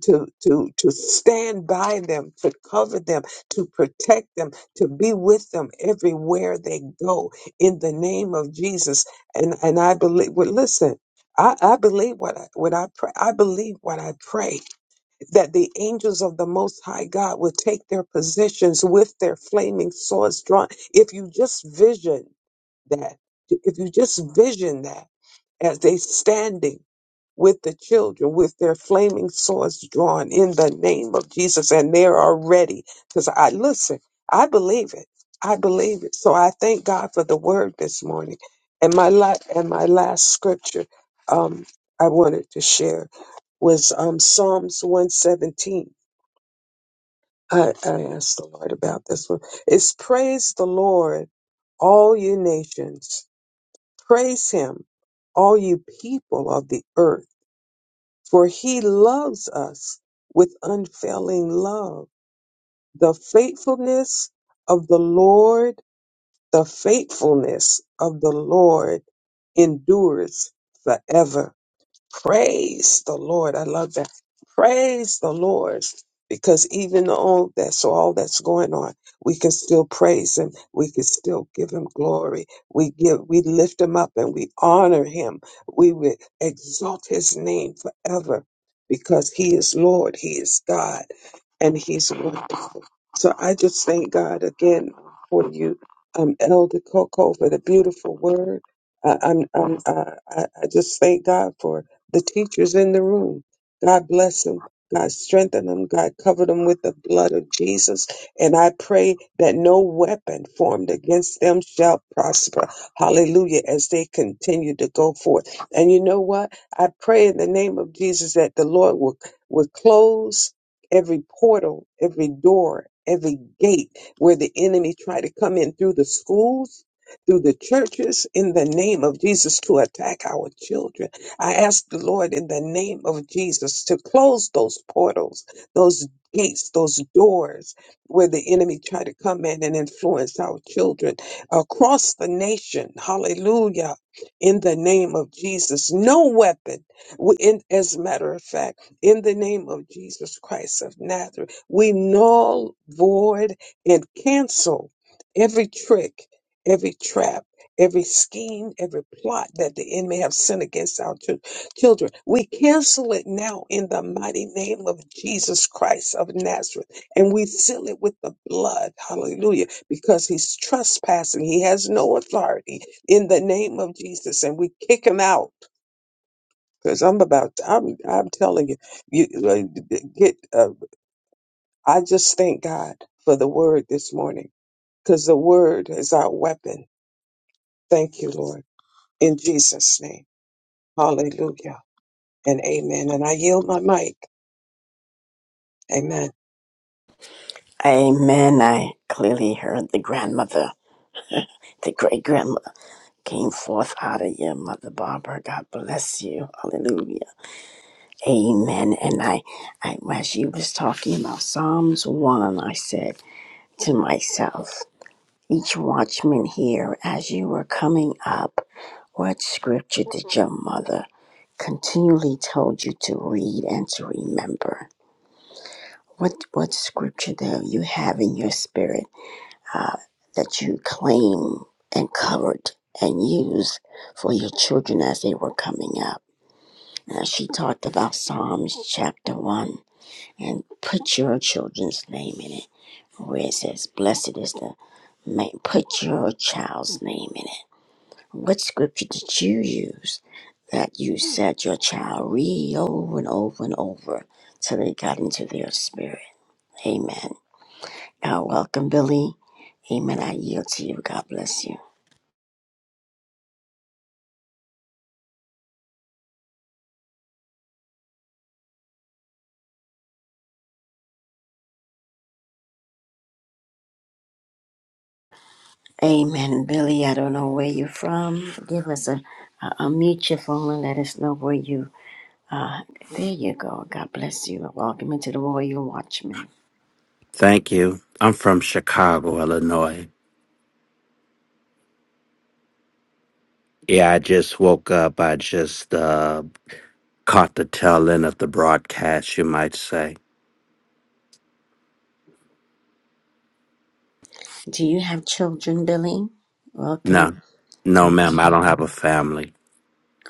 C: to to to stand by them to cover them to protect them to be with them everywhere they go in the name of Jesus and and I believe well listen I, I believe what I, what I pray I believe what I pray that the angels of the Most High God would take their positions with their flaming swords drawn. If you just vision that, if you just vision that as they standing with the children with their flaming swords drawn in the name of Jesus. And they're already, because I listen, I believe it. I believe it. So I thank God for the word this morning. And my la- and my last scripture um, I wanted to share was um, Psalms 117. I, I asked the Lord about this one. It's praise the Lord, all you nations. Praise him, all you people of the earth for he loves us with unfailing love. The faithfulness of the Lord, the faithfulness of the Lord endures forever. Praise the Lord. I love that. Praise the Lord. Because even all that, so all that's going on, we can still praise him. We can still give him glory. We give, we lift him up and we honor him. We will exalt his name forever because he is Lord. He is God and he's wonderful. So I just thank God again for you, um, Elder Coco, for the beautiful word. I, I'm, I'm, I, I I just thank God for the teachers in the room. God bless them. God strengthen them. God cover them with the blood of Jesus. And I pray that no weapon formed against them shall prosper. Hallelujah. As they continue to go forth. And you know what? I pray in the name of Jesus that the Lord will, will close every portal, every door, every gate where the enemy tried to come in through the schools, through the churches, in the name of Jesus to attack our children. I ask the Lord in the name of Jesus to close those portals, those gates, those doors where the enemy tried to come in and influence our children across the nation. Hallelujah. In the name of Jesus. No weapon. We- In, as a matter of fact, in the name of Jesus Christ of Nazareth. We null, void, and cancel every trick, every trap, every scheme, every plot that the enemy have sent against our chil- children. We cancel it now in the mighty name of Jesus Christ of Nazareth. And we seal it with the blood. Hallelujah. Because he's trespassing. He has no authority in the name of Jesus. And we kick him out because I'm about, I'm, I'm telling you, you like, get. Uh, I just thank God for the word this morning, because the word is our weapon. Thank you, Lord, in Jesus' name. Hallelujah and amen. And I yield my mic. Amen.
A: Amen. I clearly heard the grandmother, the great grandmother. came forth out of you, Mother Barbara. God bless you. Hallelujah. Amen. And I, I as she was talking about Psalms 1, I said to myself, each watchman here, as you were coming up, what scripture did your mother continually told you to read and to remember? What what scripture do you have in your spirit? uh, that you claim and covered and used for your children as they were coming up. Now, she talked about Psalms chapter 1 and put your children's name in it, where it says, Blessed is the man. Put your child's name in it. What scripture did you use that you said your child read over and over and over till they got into their spirit? Amen. Now, welcome, Billy. Amen. I yield to you. God bless you. Amen. Billy, I don't know where you're from. Give us a, a, a mute your phone and let us know where you uh there you go. God bless you. Welcome into the Royal Watchman.
D: Thank you. I'm from Chicago, Illinois. Yeah, I just woke up. I just uh, caught the tail end of the broadcast, you might say.
A: Do you have children, Billy? Welcome.
D: No, no, ma'am.
A: Okay.
D: I don't have a family.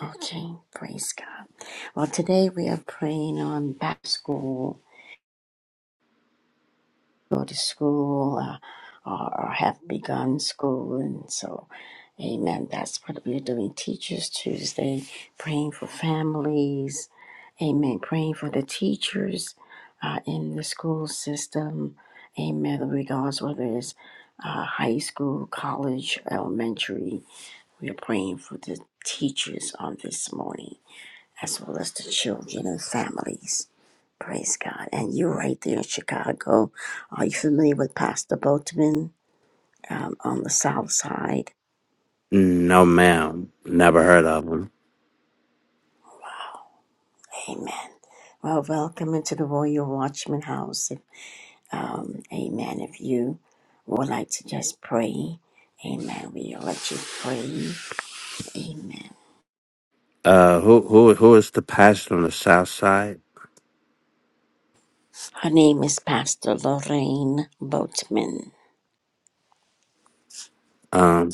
A: Okay. Praise God. Well today we are praying on back to school go to school uh, or, or have begun school. And so, amen. That's what we're doing Teachers Tuesday, praying for families, amen, praying for the teachers uh, in the school system, amen, regards whether it's uh, high school, college, elementary. We are praying for the teachers on this morning, as well as the children and families. Praise God. And you're right there in Chicago. Are you familiar with Pastor Boatman um, on the South Side?
D: No, ma'am. Never heard of them.
A: Amen. Well, welcome into the Royal Watchman House. If, um, amen. If you would like to just pray, amen, we'll let you pray. Amen.
D: Uh, who, who, who is the pastor on the South Side?
A: Her name is Pastor Lorraine Boatman.
D: Um,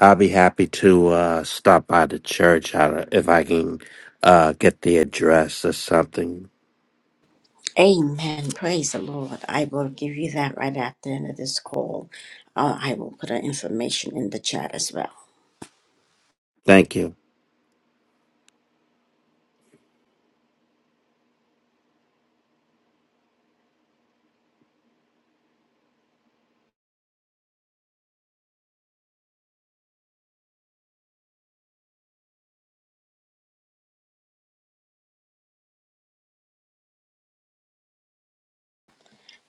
D: I'll be happy to uh, stop by the church I- if I can uh, get the address or something.
A: Amen. Praise the Lord. I will give you that right after the end of this call. Uh, I will put her information in the chat as well.
D: Thank you.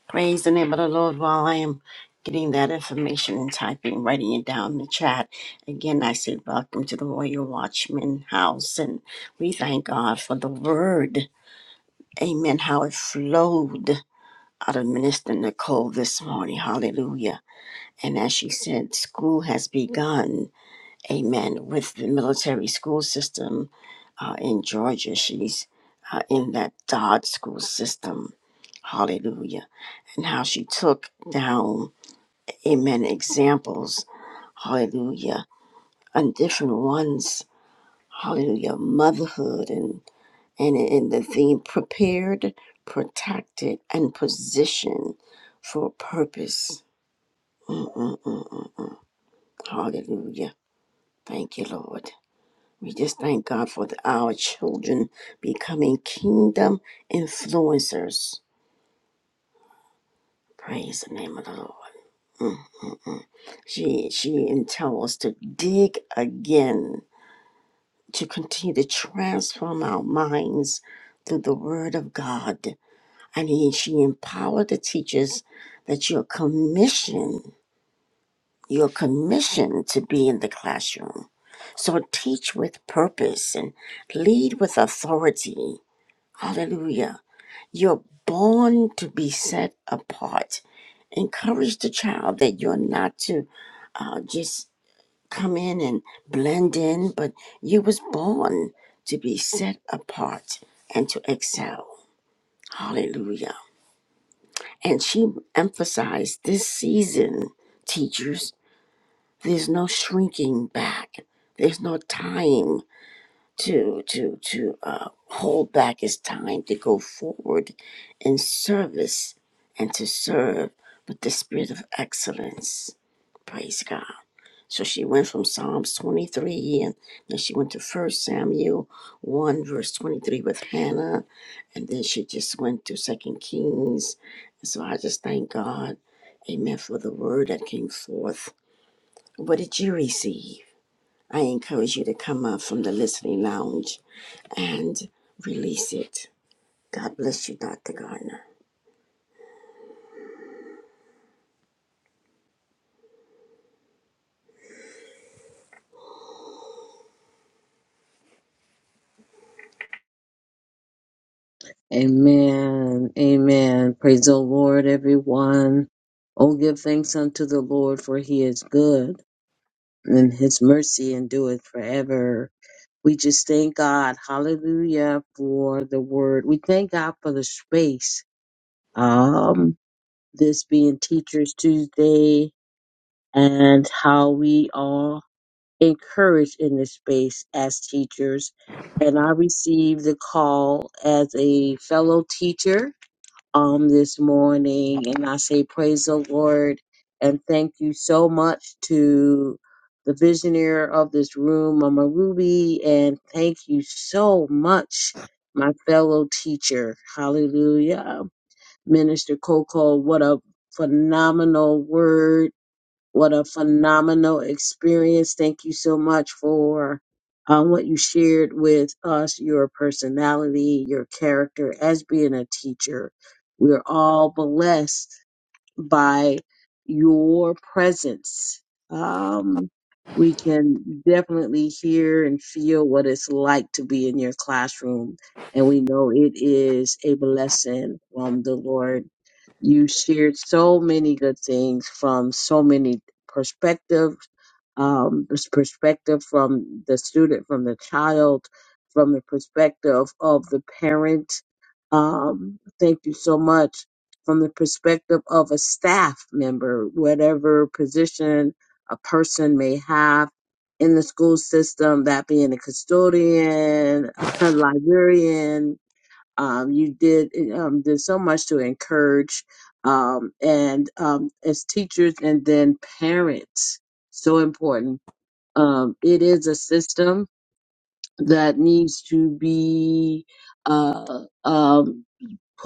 A: Praise the name of the Lord while I am getting that information and typing, writing it down in the chat. Again, I say welcome to the Royal Watchman House, and we thank God for the word. Amen. How it flowed out of Minister Nicole this morning. Hallelujah. And as she said, school has begun amen, with the military school system uh, in Georgia. She's uh, in that Dodd school system. Hallelujah. And how she took down, amen, examples. Hallelujah. On different ones. Hallelujah. Motherhood and, and, and the theme prepared, protected, and positioned for purpose. Mm-mm-mm-mm. Hallelujah. Thank you, Lord. We just thank God for the, our children becoming kingdom influencers. Praise the name of the Lord. Mm. She she tells us to dig again, to continue to transform our minds through the Word of God. And he, she empowered the teachers that you're commissioned. You're commissioned to be in the classroom. So teach with purpose and lead with authority. Hallelujah You're born to be set apart. Encourage the child that you're not to uh, just come in and blend in, but you was born to be set apart and to excel. Hallelujah. And she emphasized this season, teachers, there's no shrinking back. There's no tying. to to to uh, hold back his time to go forward in service and to serve with the spirit of excellence. Praise God. So she went from Psalms 23 and then she went to First Samuel 1 verse 23 with Hannah and then she just went to Second Kings. And so I just thank God, amen, for the word that came forth. What did you receive? I encourage you to come up from the listening lounge and release it. God bless you, Dr. Gardner.
E: Amen. Amen. Praise the Lord, everyone. Oh, give thanks unto the Lord, for he is good, and his mercy endureth forever. We just thank God, hallelujah, for the word. We thank God for the space. Um, this being Teachers Tuesday and how we are encouraged in this space as teachers. And I received the call as a fellow teacher um this morning and I say praise the Lord and thank you so much to the visionary of this room, Mama Ruby, and thank you so much, my fellow teacher. Hallelujah. Minister Coco, what a phenomenal word what a phenomenal experience. Thank you so much for um, what you shared with us, your personality, your character as being a teacher. We're all blessed by your presence. Um, we can definitely hear and feel what it's like to be in your classroom. And we know it is a blessing from the Lord. You shared so many good things from so many perspectives, um, pers- perspective from the student, from the child, from the perspective of the parent. Um, thank you so much from the perspective of a staff member, whatever position a person may have in the school system, that being a custodian, a librarian. Um, you did um, did so much to encourage, um, and um, as teachers, and then parents, so important. Um, it is a system that needs to be uh, um,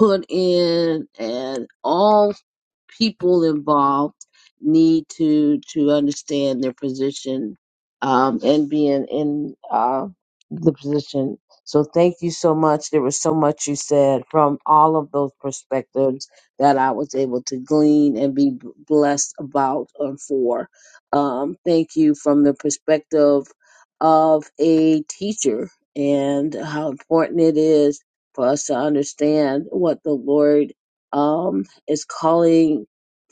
E: put in, and all people involved need to to understand their position um, and being in uh, the position. So thank you so much. There was so much you said from all of those perspectives that I was able to glean and be b- blessed about and for. Um, thank you from the perspective of a teacher and how important it is for us to understand what the word um, is calling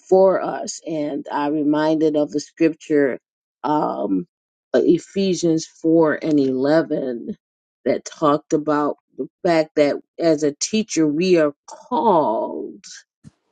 E: for us. And I'm reminded of the scripture, um, uh, Ephesians 4 and 11, that talked about the fact that as a teacher, we are called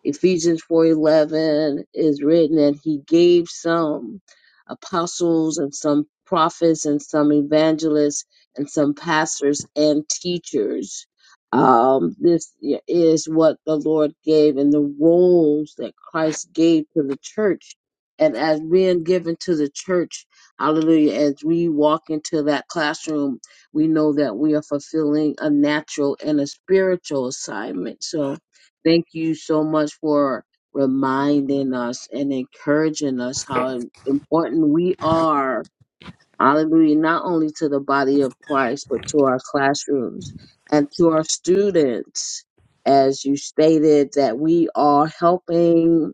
E: Ephesians 4:11 is written and he gave some apostles and some prophets and some evangelists and some pastors and teachers. Um, this is what the Lord gave and the roles that Christ gave to the church. And as being given to the church, hallelujah, as we walk into that classroom, we know that we are fulfilling a natural and a spiritual assignment. So, Thank you so much for reminding us and encouraging us how important we are. Hallelujah. Not only to the body of Christ, but to our classrooms and to our students. As you stated, that we are helping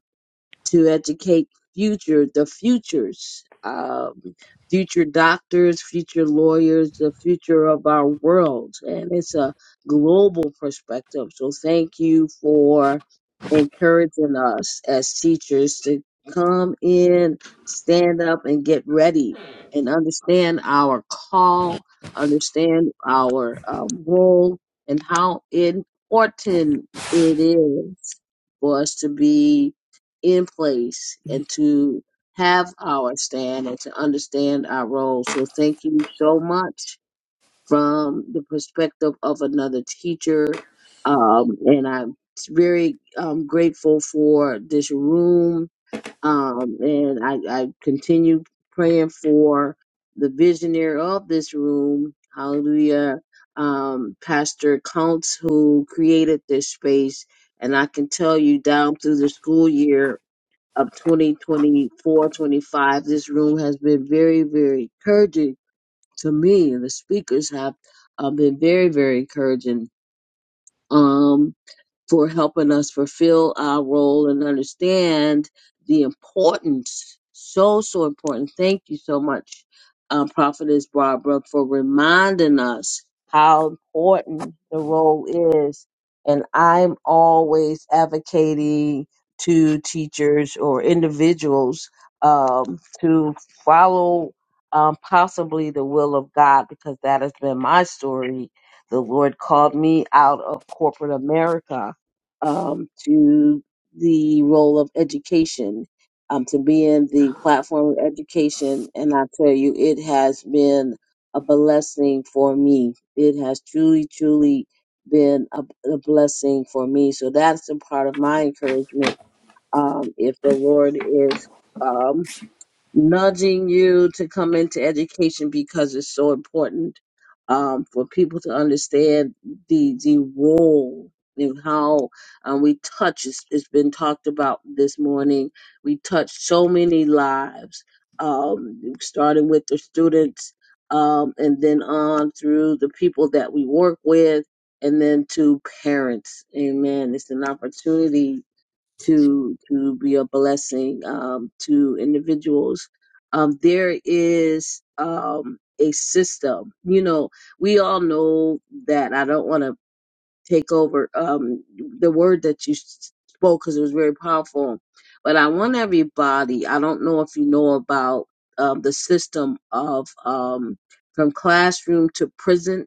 E: to educate future the futures um, future doctors future lawyers the future of our world and it's a global perspective so thank you for encouraging us as teachers to come in stand up and get ready and understand our call understand our um, role and how important it is for us to be in place and to have our stand and to understand our role. So thank you so much from the perspective of another teacher. Um, and I'm very um, grateful for this room. Um, and I, I continue praying for the visionary of this room. Hallelujah. Um, Pastor Counts, who created this space. And I can tell you down through the school year, of 2024, 25. This room has been very, very encouraging to me, and the speakers have uh, been very, very encouraging. Um, for helping us fulfill our role and understand the importance. So, so important. Thank you so much, um, Prophetess Barbara, for reminding us how important the role is. And I'm always advocating to teachers or individuals um, to follow um, possibly the will of God because that has been my story. The Lord called me out of corporate America um, to the role of education, um, to being the platform of education. And I tell you, it has been a blessing for me. It has truly, truly been a, a blessing for me. So that's a part of my encouragement. Um, if the Lord is, um, nudging you to come into education because it's so important um, for people to understand the the role and how um, we touch. It's, it's been talked about this morning. We touch so many lives, um, starting with the students, um, and then on through the people that we work with. And then to parents, amen. It's an opportunity to to be a blessing um, to individuals. Um, there is um, a system, you know. We all know that. I don't want to take over um, the word that you s- spoke because it was very powerful. But I want everybody. I don't know if you know about um, the system of um, from classroom to prison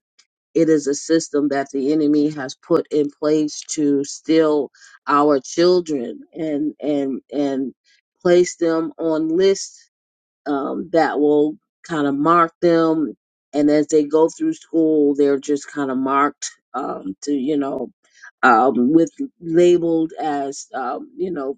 E: it is a system that the enemy has put in place to steal our children and and and place them on lists um, that will kind of mark them. And as they go through school, they're just kind of marked um, to you know um, with labeled as um, you know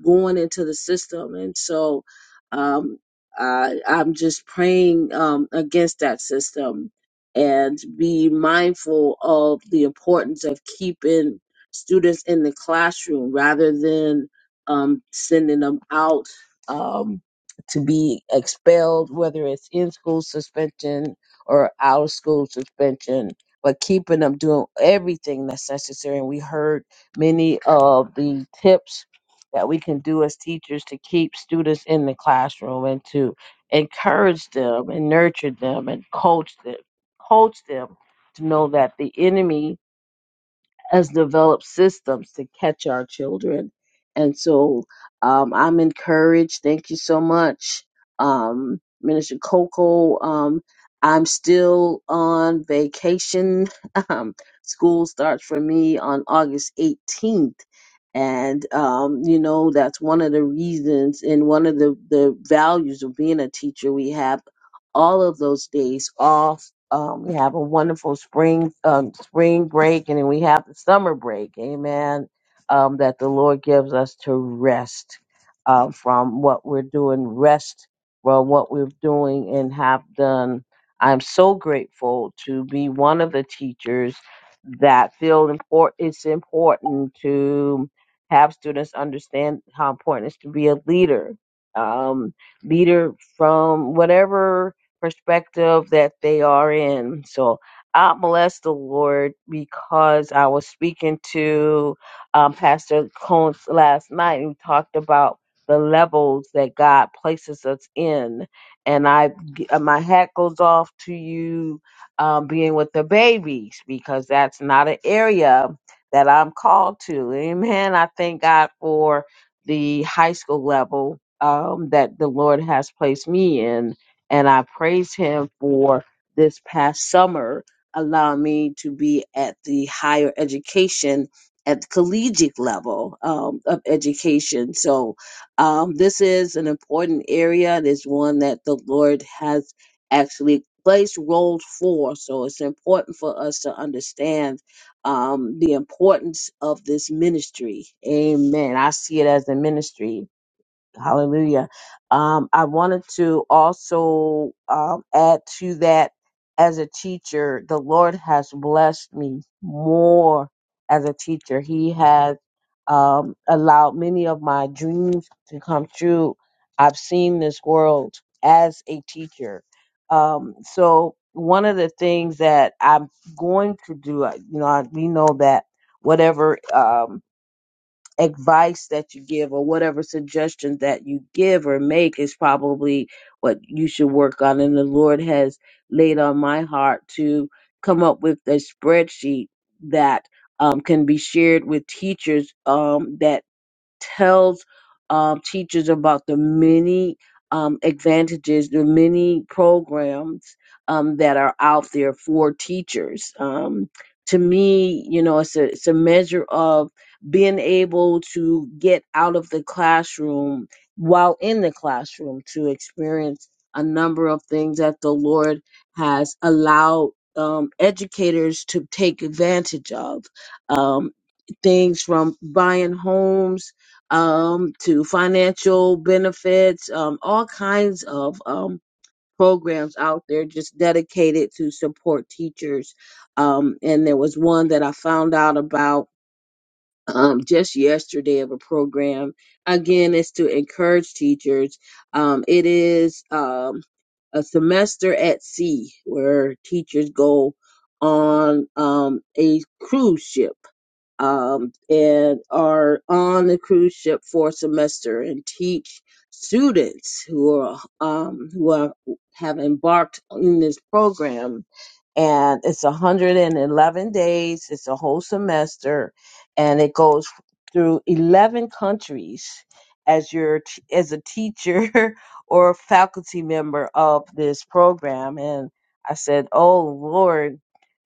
E: going into the system. And so um, I, I'm just praying um, against that system and be mindful of the importance of keeping students in the classroom rather than um, sending them out um, to be expelled, whether it's in school suspension or out of school suspension. But keeping them doing everything that's necessary. And we heard many of the tips that we can do as teachers to keep students in the classroom and to encourage them and nurture them and coach them, coach them to know that the enemy us developed systems to catch our children. And so um, I'm encouraged. Thank you so much, um, Minister Coco. Um, I'm still on vacation. Um, school starts for me on August 18th. And, um, you know, that's one of the reasons and one of the, the values of being a teacher. We have all of those days off um, we have a wonderful spring um, spring break, and then we have the summer break. Amen. Um, that the Lord gives us to rest uh, from what we're doing, rest from what we're doing and have done. I'm so grateful to be one of the teachers that feel important. It's important to have students understand how important it is to be a leader, um, leader from whatever perspective that they are in. So I bless the Lord because I was speaking to um, Pastor Combs last night and we talked about the levels that God places us in. And I, uh, my hat goes off to you um, being with the babies because that's not an area that I'm called to. Amen. I thank God for the high school level um, that the Lord has placed me in and I praise him for this past summer allowing me to be at the higher education at the collegiate level um, of education. So um, this is an important area. It is one that the Lord has actually placed roles for. So it's important for us to understand um, the importance of this ministry. Amen. I see it as a ministry Hallelujah. Um, I wanted to also um, add to that as a teacher, the Lord has blessed me more as a teacher. He has um, allowed many of my dreams to come true. I've seen this world as a teacher. Um, so, one of the things that I'm going to do, I- you know, I, we know that whatever um, advice that you give or whatever suggestions that you give or make is probably what you should work on. And the Lord has laid on my heart to come up with a spreadsheet that um, can be shared with teachers um, that tells um, teachers about the many um, advantages, the many programs um, that are out there for teachers. Um, to me, you know, it's a, it's a measure of being able to get out of the classroom while in the classroom to experience a number of things that the Lord has allowed um, educators to take advantage of. Um, things from buying homes um, to financial benefits, um, all kinds of um, programs out there just dedicated to support teachers. Um, and there was one that I found out about um, just yesterday of a program. Again, it's to encourage teachers. Um, it is um, a semester at sea where teachers go on um, a cruise ship um, and are on the cruise ship for a semester and teach students who are um, who are, have embarked in this program. And it's 111 days. It's a whole semester, and it goes through 11 countries as your t- as a teacher or faculty member of this program. And I said, "Oh Lord."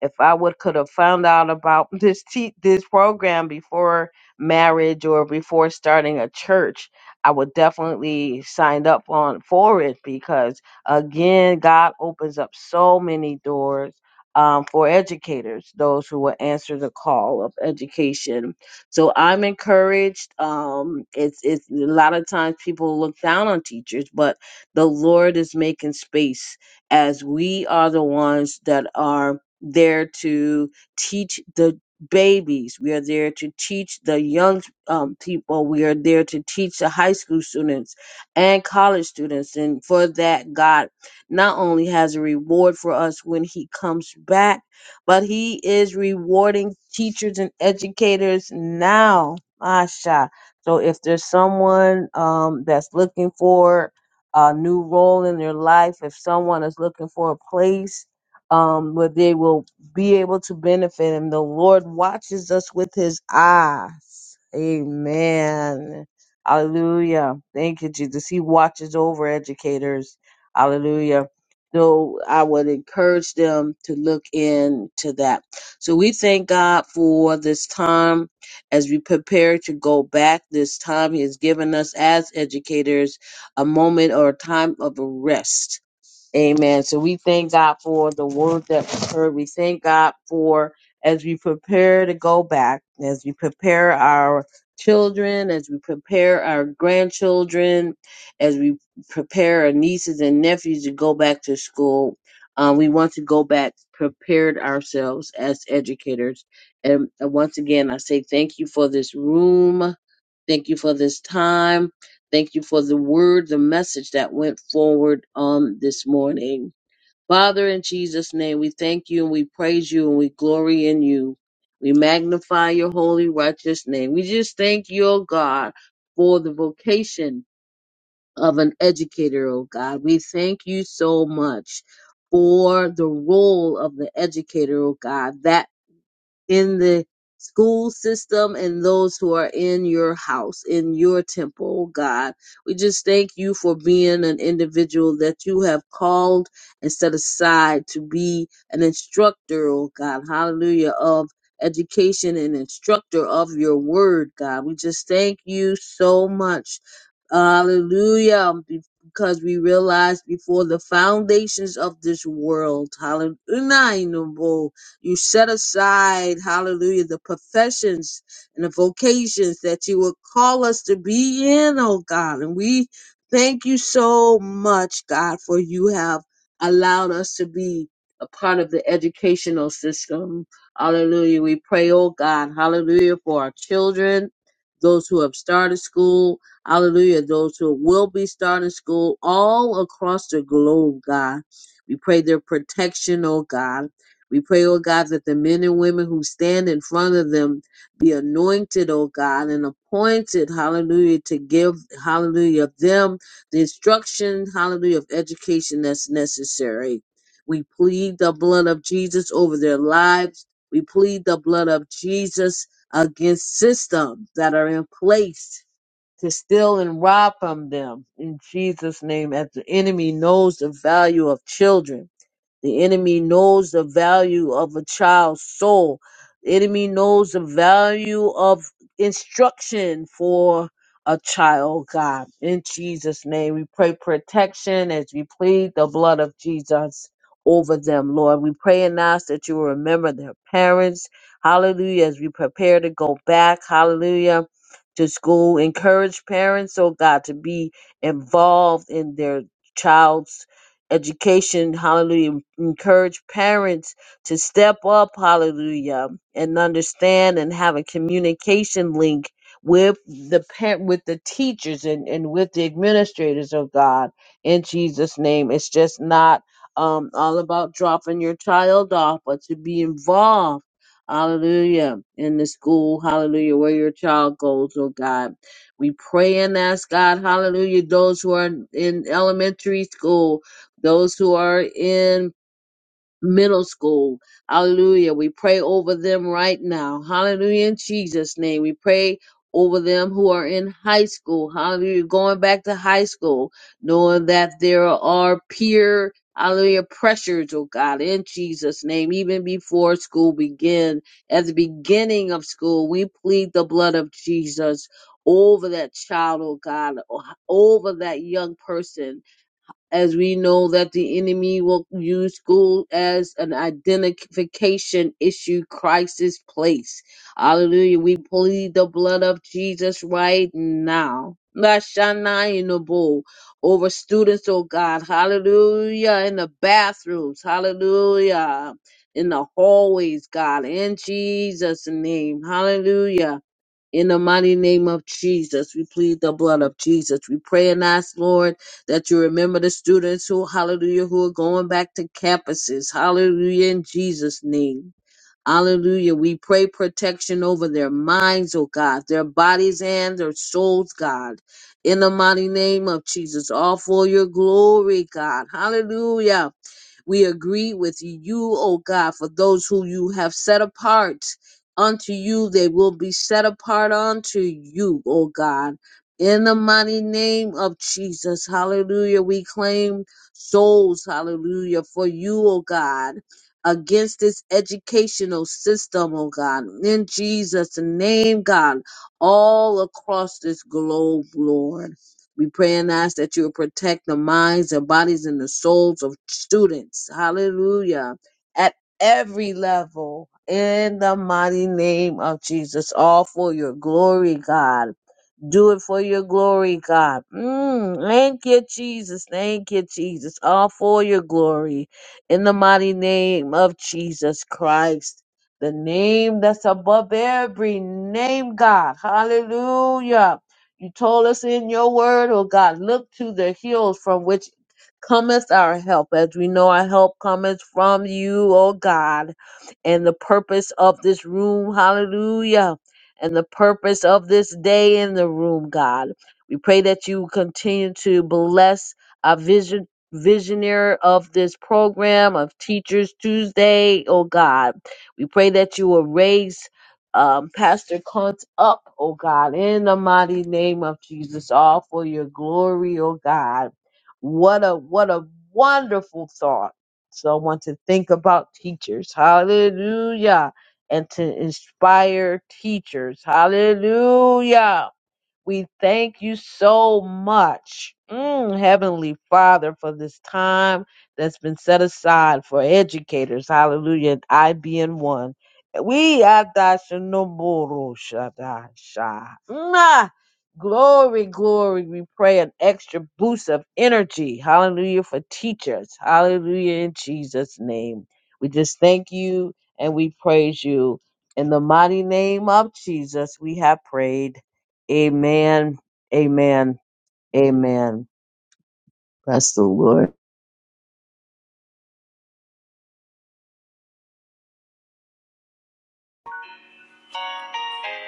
E: if I would could have found out about this te- this program before marriage or before starting a church, I would definitely signed up on for it because again, God opens up so many doors um, for educators, those who will answer the call of education. So I'm encouraged. Um, it's it's a lot of times people look down on teachers, but the Lord is making space as we are the ones that are there to teach the babies. We are there to teach the young um, people. We are there to teach the high school students and college students. And for that, God not only has a reward for us when He comes back, but He is rewarding teachers and educators now. Masha. So if there's someone um, that's looking for a new role in their life, if someone is looking for a place, um, where they will be able to benefit him. The Lord watches us with his eyes. Amen. Hallelujah. Thank you, Jesus. He watches over educators. Hallelujah. So I would encourage them to look into that. So we thank God for this time as we prepare to go back this time. He has given us as educators a moment or a time of a rest Amen. So we thank God for the word that was heard. We thank God for as we prepare to go back, as we prepare our children, as we prepare our grandchildren, as we prepare our nieces and nephews to go back to school. Um, we want to go back prepared ourselves as educators. And uh, once again, I say thank you for this room. Thank you for this time. Thank you for the word, the message that went forward um, this morning. Father, in Jesus' name, we thank you and we praise you and we glory in you. We magnify your holy, righteous name. We just thank you, oh God, for the vocation of an educator, oh God. We thank you so much for the role of the educator, oh God. That in the school system and those who are in your house, in your temple, oh God. We just thank you for being an individual that you have called and set aside to be an instructor, oh God. Hallelujah. Of education and instructor of your word, God. We just thank you so much. Hallelujah. Because we realize before the foundations of this world, hallelujah you set aside, hallelujah, the professions and the vocations that you would call us to be in, oh God. And we thank you so much, God, for you have allowed us to be a part of the educational system. Hallelujah. We pray, oh God, hallelujah, for our children, those who have started school, hallelujah, those who will be starting school all across the globe, God. We pray their protection, oh God. We pray, oh God, that the men and women who stand in front of them be anointed, oh God, and appointed, hallelujah, to give, hallelujah, of them the instruction, hallelujah, of education that's necessary. We plead the blood of Jesus over their lives. We plead the blood of Jesus against systems that are in place to steal and rob from them. In Jesus' name, as the enemy knows the value of children. The enemy knows the value of a child's soul. The enemy knows the value of instruction for a child, God. In Jesus' name, we pray protection as we plead the blood of Jesus over them, Lord. We pray and ask that you will remember their parents. Hallelujah. As we prepare to go back, hallelujah, to school, encourage parents, oh God, to be involved in their child's education, hallelujah. Encourage parents to step up, hallelujah, and understand and have a communication link with the parent with the teachers and, and with the administrators of God in Jesus' name. It's just not um all about dropping your child off, but to be involved, hallelujah, in the school, hallelujah, where your child goes, oh God. We pray and ask God, hallelujah, those who are in in elementary school, those who are in middle school. Hallelujah. We pray over them right now. Hallelujah. In Jesus' name, we pray over them who are in high school. Hallelujah. Going back to high school, knowing that there are peer Hallelujah, pressures, oh God, in Jesus' name, even before school begin, at the beginning of school, we plead the blood of Jesus over that child, oh God, over that young person as we know that the enemy will use school as an identification issue crisis place. Hallelujah. We plead the blood of Jesus right now. Lashanayinabo Over students, oh God. Hallelujah. In the bathrooms. Hallelujah. In the hallways, God. In Jesus' name. Hallelujah. In the mighty name of Jesus, we plead the blood of Jesus. We pray and ask, Lord, that you remember the students who, hallelujah, who are going back to campuses. Hallelujah, in Jesus' name. Hallelujah. We pray protection over their minds, oh God, their bodies and their souls, God. In the mighty name of Jesus, all for your glory, God. Hallelujah. We agree with you, O God, for those who you have set apart unto you, they will be set apart unto you, O God. In the mighty name of Jesus, hallelujah, we claim souls, hallelujah, for you, O God, against this educational system, O God. In Jesus' name, God, all across this globe, Lord. We pray and ask that you will protect the minds, the bodies, and the souls of students. Hallelujah. At every level, in the mighty name of Jesus, all for your glory, God. Do it for your glory, God. Mm, thank you, Jesus. Thank you, Jesus. All for your glory. In the mighty name of Jesus Christ, the name that's above every name, God. Hallelujah. You told us in your word, oh God, look to the hills from which cometh our help. As we know, our help cometh from you, oh God, and the purpose of this room. Hallelujah and the purpose of this day in the room, God. We pray that you continue to bless our vision visionary of this program of Teachers Tuesday, oh God. We pray that you will raise um, Pastor Cunt up, oh God, in the mighty name of Jesus, all for your glory, oh God. What a what a wonderful thought. So I want to think about teachers. Hallelujah and to inspire teachers. Hallelujah. We thank you so much, mm, Heavenly Father, for this time that's been set aside for educators. Hallelujah. And I being one. We adashanomoroshadasha. Glory, glory. We pray an extra boost of energy. Hallelujah for teachers. Hallelujah in Jesus' name. We just thank you and we praise you. In the mighty name of Jesus, we have prayed. Amen. Amen. Amen. Bless the Lord.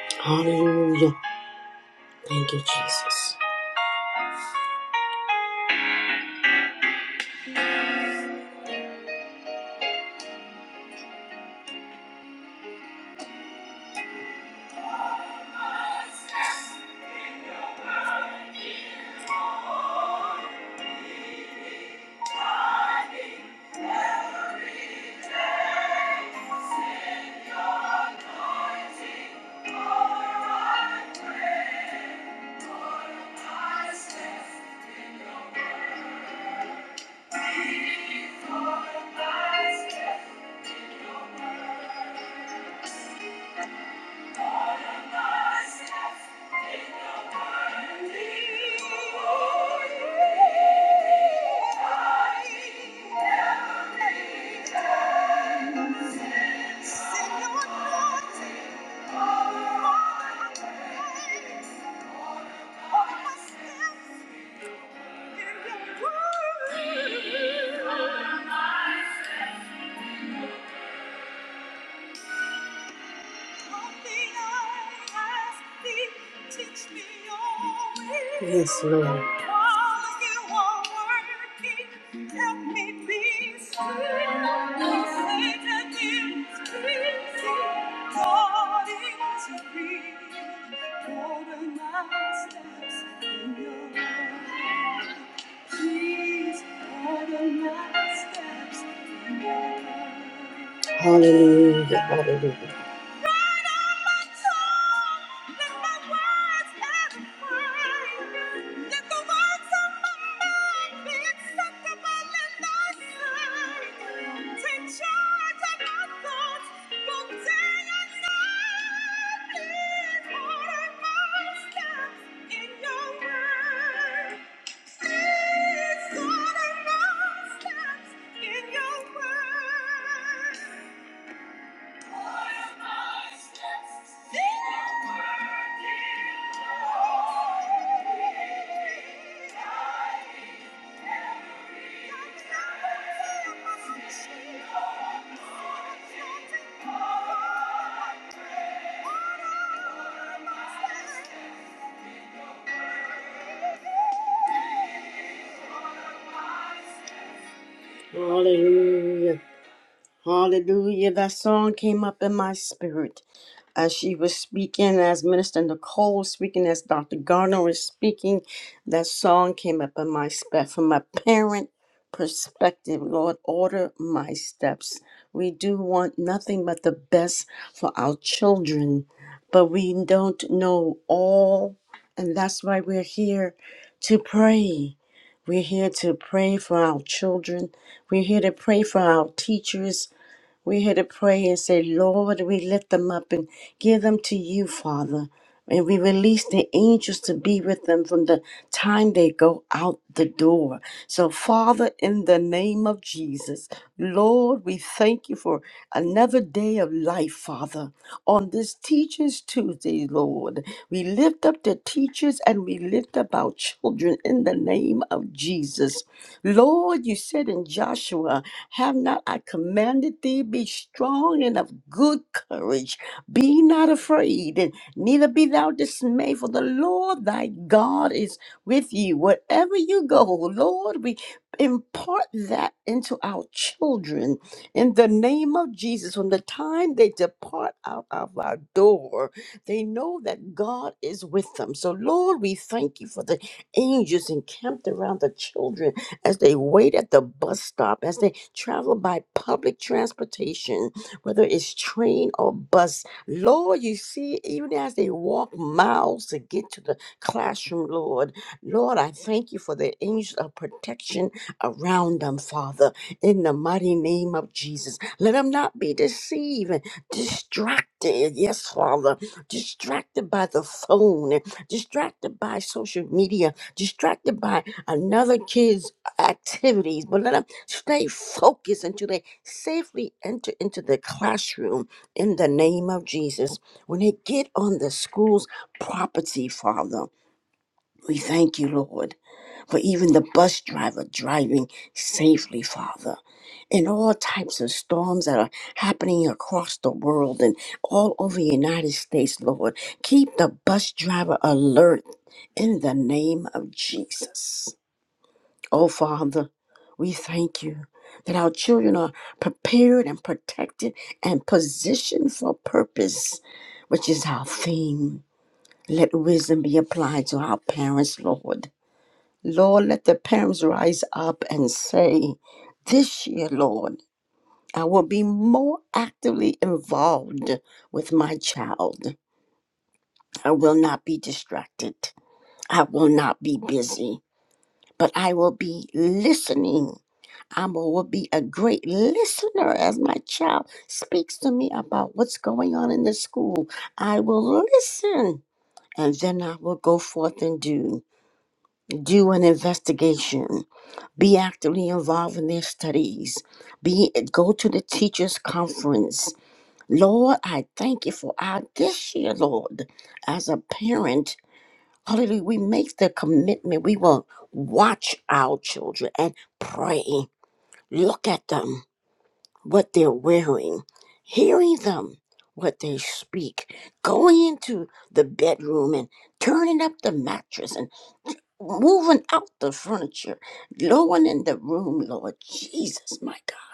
A: Hallelujah. Thank you, Jesus. Thank you. Yes, Lord. Hallelujah, hallelujah. Please order my steps in your word. Hallelujah. Hallelujah. That song came up in my spirit as she was speaking, as Minister Nicole was speaking, as Dr. Gardner was speaking. That song came up in my spirit from a parent perspective. Lord, order my steps. We do want nothing but the best for our children, but we don't know all. And that's why we're here to pray. We're here to pray for our children. We're here to pray for our teachers we had to pray and say, Lord, we lift them up and give them to you, Father. And we release the angels to be with them from the time they go out the door. So, Father, in the name of Jesus, Lord, we thank you for another day of life, Father. On this Teachers Tuesday, Lord, we lift up the teachers and we lift up our children in the name of Jesus. Lord, you said in Joshua, Have not I commanded thee, be strong and of good courage, be not afraid. Neither be thou dismayed, for the Lord thy God is with you. Wherever you go, Lord, we impart that into our children in the name of Jesus. From the time they depart out of our door, they know that God is with them. So, Lord, we thank you for the angels encamped around the children as they wait at the bus stop, as they travel by public transportation, whether it's train or bus Lord, you see, even as they walk miles to get to the classroom, Lord, Lord, I thank you for the angels of protection around them, Father, in the mighty name of Jesus. Let them not be deceived and distracted. Yes, Father, distracted by the phone, distracted by social media, distracted by another kid's activities, but let them stay focused until they safely enter into the classroom in the name of Jesus. When they get on the school's property, Father, we thank you, Lord, for even the bus driver driving safely, Father. In all types of storms that are happening across the world and all over the United States, Lord, keep the bus driver alert in the name of Jesus. Oh, Father, we thank you that our children are prepared and protected and positioned for purpose, which is our theme. Let wisdom be applied to our parents, Lord. Lord, let the parents rise up and say, This year, Lord, I will be more actively involved with my child. I will not be distracted. I will not be busy, but I will be listening I'm a, will be a great listener as my child speaks to me about what's going on in the school. I will listen. And then I will go forth and do do an investigation, be actively involved in their studies, be go to the teachers' conference. Lord, I thank you for our this year, Lord. As a parent, hallelujah, we make the commitment. We will watch our children and pray. Look at them what they're wearing, hearing them, what they speak, going into the bedroom and turning up the mattress and moving out the furniture, lowering in the room, Lord Jesus, my God,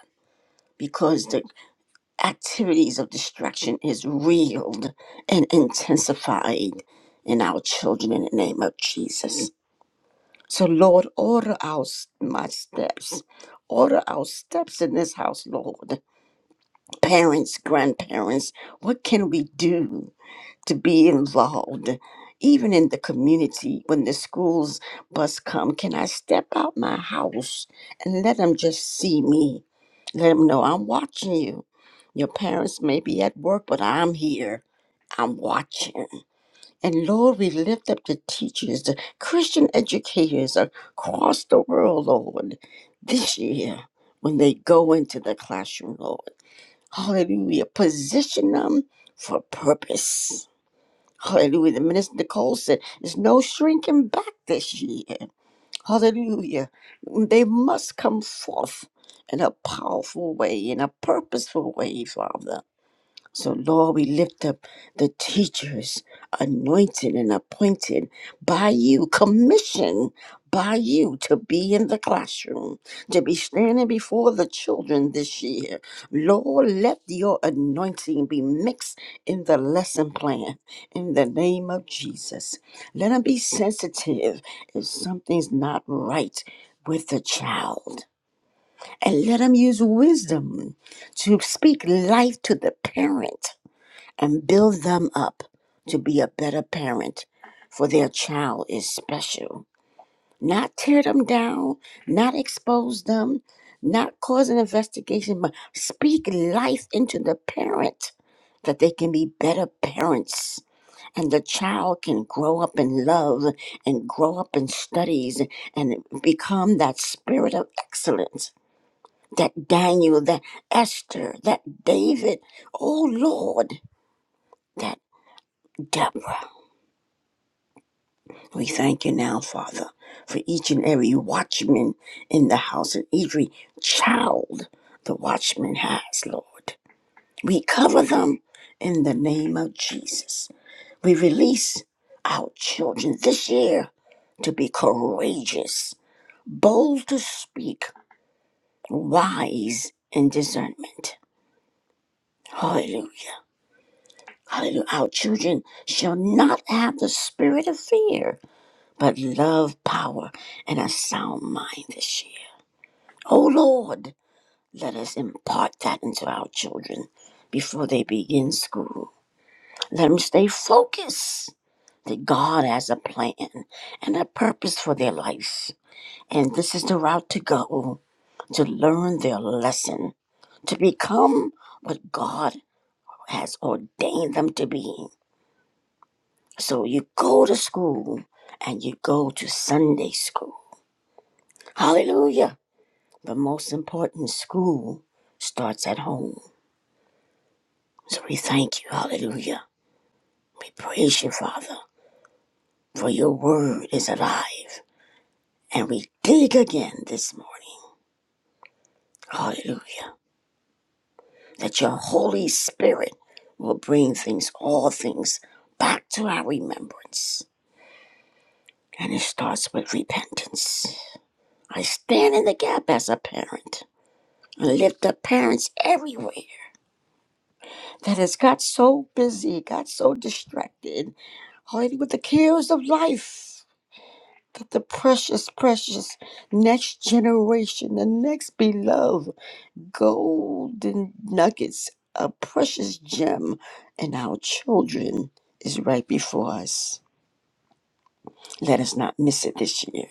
A: because the activities of distraction is reeled and intensified in our children in the name of Jesus. So, Lord, order our s- my steps. Order our steps in this house, Lord. parents, grandparents, what can we do to be involved? Even in the community, when the schools bus come, can I step out my house and let them just see me? Let them know I'm watching you. Your parents may be at work, but I'm here. I'm watching. And Lord, we lift up the teachers, the Christian educators across the world, Lord, this year when they go into the classroom, Lord. Hallelujah. Position them for purpose. Hallelujah. The minister Nicole said, There's no shrinking back this year. Hallelujah. They must come forth in a powerful way, in a purposeful way, Father. So, Lord, we lift up the teachers anointed and appointed by you, commissioned by you to be in the classroom, to be standing before the children this year. Lord, let your anointing be mixed in the lesson plan in the name of Jesus. Let them be sensitive if something's not right with the child. And let them use wisdom to speak life to the parent and build them up to be a better parent, for their child is special. Not tear them down, not expose them, not cause an investigation, but speak life into the parent that they can be better parents and the child can grow up in love and grow up in studies and become that spirit of excellence that Daniel, that Esther, that David, oh Lord, that Deborah. We thank you now, Father, for each and every watchman in the house and every child the watchman has, Lord. We cover them in the name of Jesus. We release our children this year to be courageous, bold to speak, wise in discernment. Hallelujah. Hallelujah. Our children shall not have the spirit of fear, but love, power, and a sound mind this year. O Lord, let us impart that into our children before they begin school. Let them stay focused that God has a plan and a purpose for their life. And this is the route to go to learn their lesson, to become what God has ordained them to be. So you go to school and you go to Sunday school. Hallelujah. But most important, school starts at home. So we thank you, hallelujah. We praise you, Father, for your word is alive. And we dig again this morning, hallelujah, that your Holy Spirit will bring things, all things, back to our remembrance. And it starts with repentance. I stand in the gap as a parent and lift up parents everywhere that has got so busy, got so distracted, hallelujah, with the cares of life. that the precious, precious next generation, the next beloved golden nuggets, a precious gem in our children is right before us. Let us not miss it this year.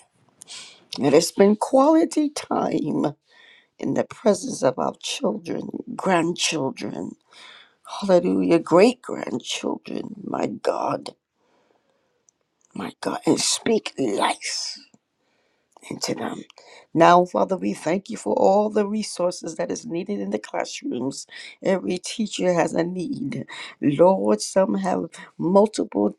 A: Let us spend quality time in the presence of our children, grandchildren, hallelujah, great grandchildren, my God, my God, and speak life into them. Now, Father, we thank you for all the resources that is needed in the classrooms. Every teacher has a need. Lord, some have multiple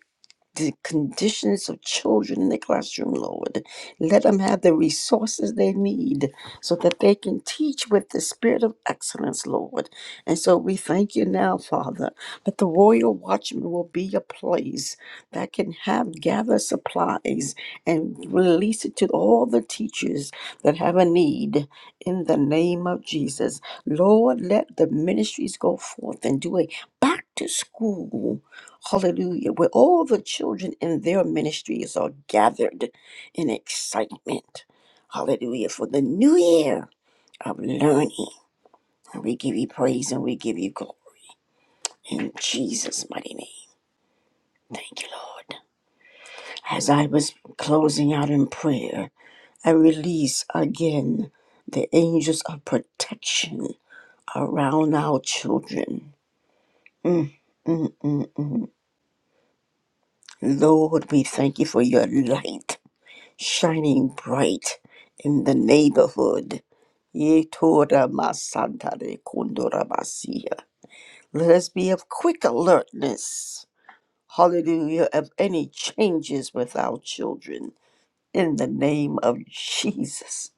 A: the conditions of children in the classroom, Lord. Let them have the resources they need so that they can teach with the spirit of excellence, Lord. And so we thank you now, Father, that the Royal Watchman will be a place that can have gather supplies and release it to all the teachers that have a need in the name of Jesus. Lord, let the ministries go forth and do a back to school Hallelujah. Where all the children and their ministries are gathered in excitement. Hallelujah. For the new year of learning. And we give you praise and we give you glory. In Jesus' mighty name. Thank you, Lord. As I was closing out in prayer, I release again the angels of protection around our children. Mm, mm, mm, mm. Lord, we thank you for your light. shining bright in the neighborhood. Yetora masantare kondora basia. Let us be of quick alertness, hallelujah, of any changes with our children in the name of Jesus.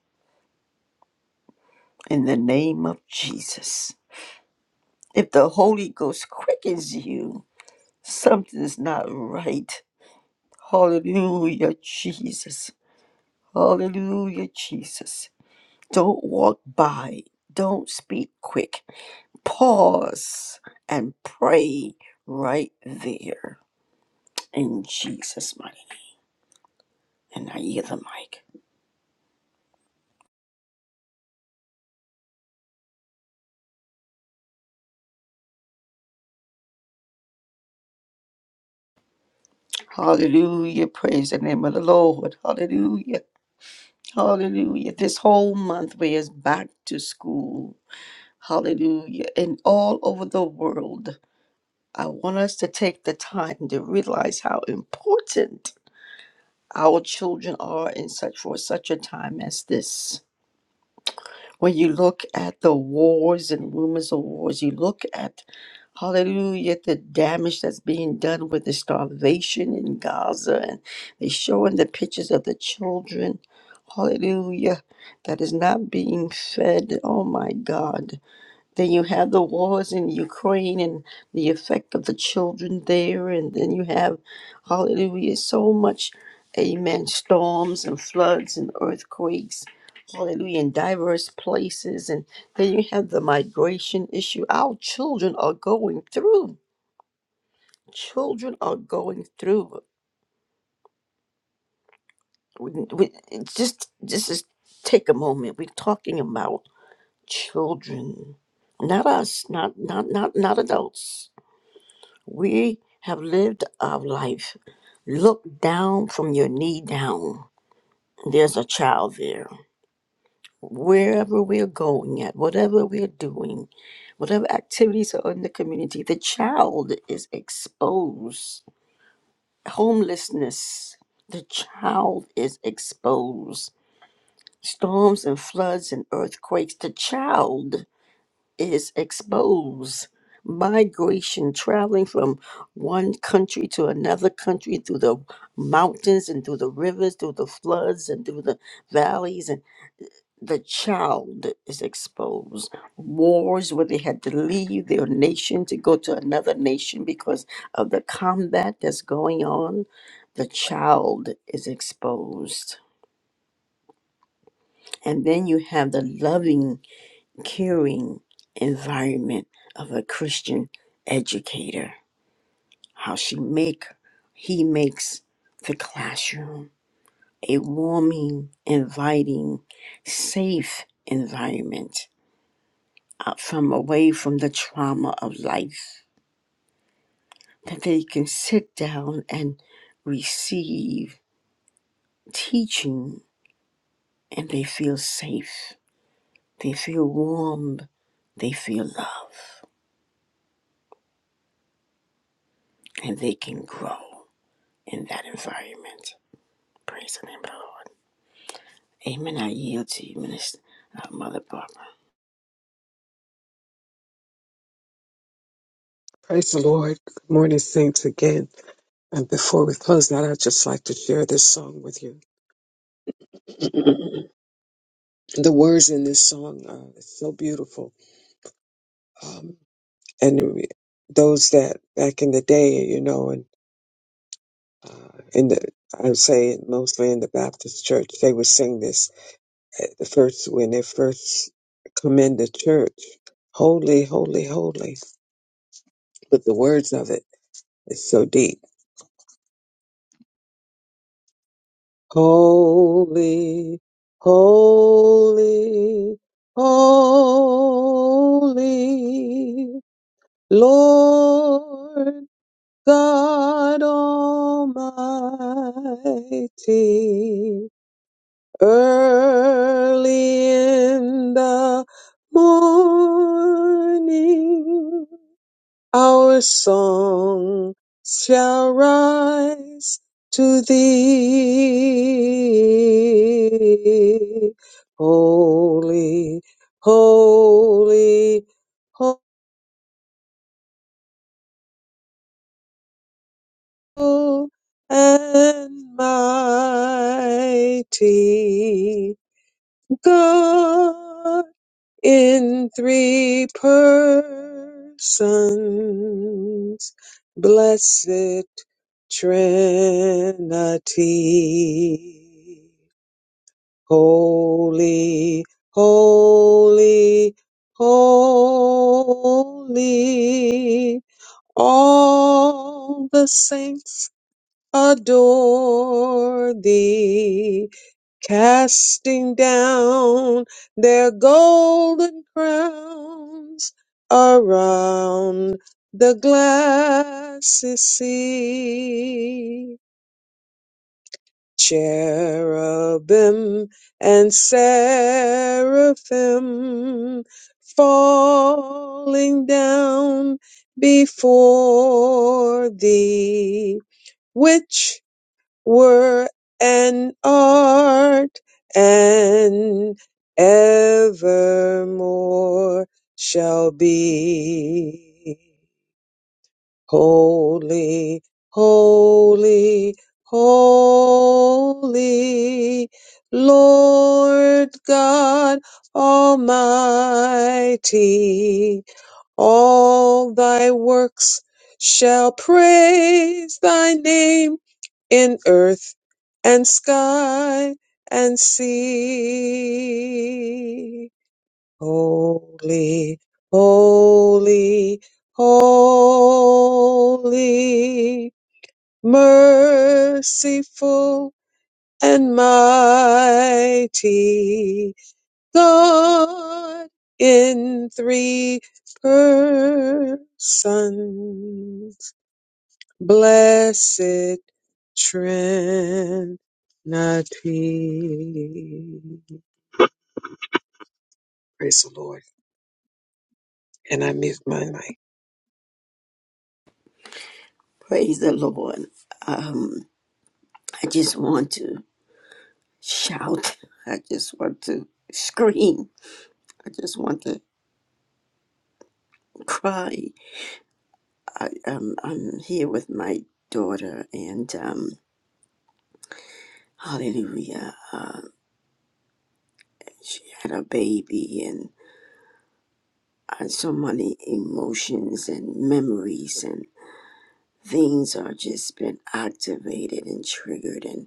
A: In the name of Jesus. If the Holy Ghost quickens you, something's not right. Hallelujah, Jesus. Hallelujah, Jesus. Don't walk by. Don't speak quick. Pause and pray right there in Jesus' mighty name. And I hear the mic. Hallelujah. Praise the name of the Lord. Hallelujah. Hallelujah. This whole month we is back to school. Hallelujah. And all over the world. I want us to take the time to realize how important our children are in such for such a time as this When you look at the wars and rumors of wars, you look at, hallelujah, the damage that's being done with the starvation in Gaza, and they showing the pictures of the children, hallelujah, that is not being fed. Oh my God. Then you have the wars in Ukraine and the effect of the children there. And then you have, hallelujah, so much, amen, storms and floods and earthquakes, hallelujah, in diverse places. And then you have the migration issue. Our children are going through. Children are going through. We, we, just, just, just take a moment. We're talking about children, not us, not, not, not, not adults We have lived our life. Look down from your knee down. There's a child there. Wherever we're going at, whatever we're doing, whatever activities are in the community, the child is exposed. Homelessness, the child is exposed. Storms and floods and earthquakes, the child is expose migration traveling from one country to another country through the mountains and through the rivers through the floods and through the valleys and the child is exposed wars where they had to leave their nation to go to another nation because of the combat that's going on the child is exposed and then you have the loving caring environment of a Christian educator, how she make he makes the classroom a warming, inviting, safe environment uh, from away from the trauma of life that they can sit down and receive teaching and they feel safe. They feel warm, they feel love, and they can grow in that environment. Praise the name of the Lord. Amen. I yield to you, Minister uh, Mother Barbara.
C: Praise the Lord. Good morning, saints. Again, and before we close out, I'd just like to share this song with you. the words in this song are so beautiful, um, and those that back in the day, you know, and Uh, in the I would say mostly in the Baptist church, they would sing this at the first when they first come into church. Holy, holy, holy. But the words of it is so deep. Holy, holy, holy Lord God Almighty. Early in the morning, our song shall rise to thee. Holy, holy, holy and mighty God. in three persons, blessed Trinity. Holy, holy, holy, all the saints adore thee, casting down their golden crowns around the glassy sea. Cherubim and seraphim falling down before thee, which were an art and evermore shall be. Holy, holy, holy, Lord God Almighty, all thy works shall praise thy name in earth and sky and sea. Holy, holy, holy, merciful and mighty God in three persons. Blessed Trinity. Praise the Lord. And I mute my mic.
A: Praise the Lord. Um, I just want to shout. I just want to scream. I just want to cry. I, um, I'm here with my daughter, and um, hallelujah. Uh, she had a baby, and uh, so many emotions and memories and things are just been activated and triggered. and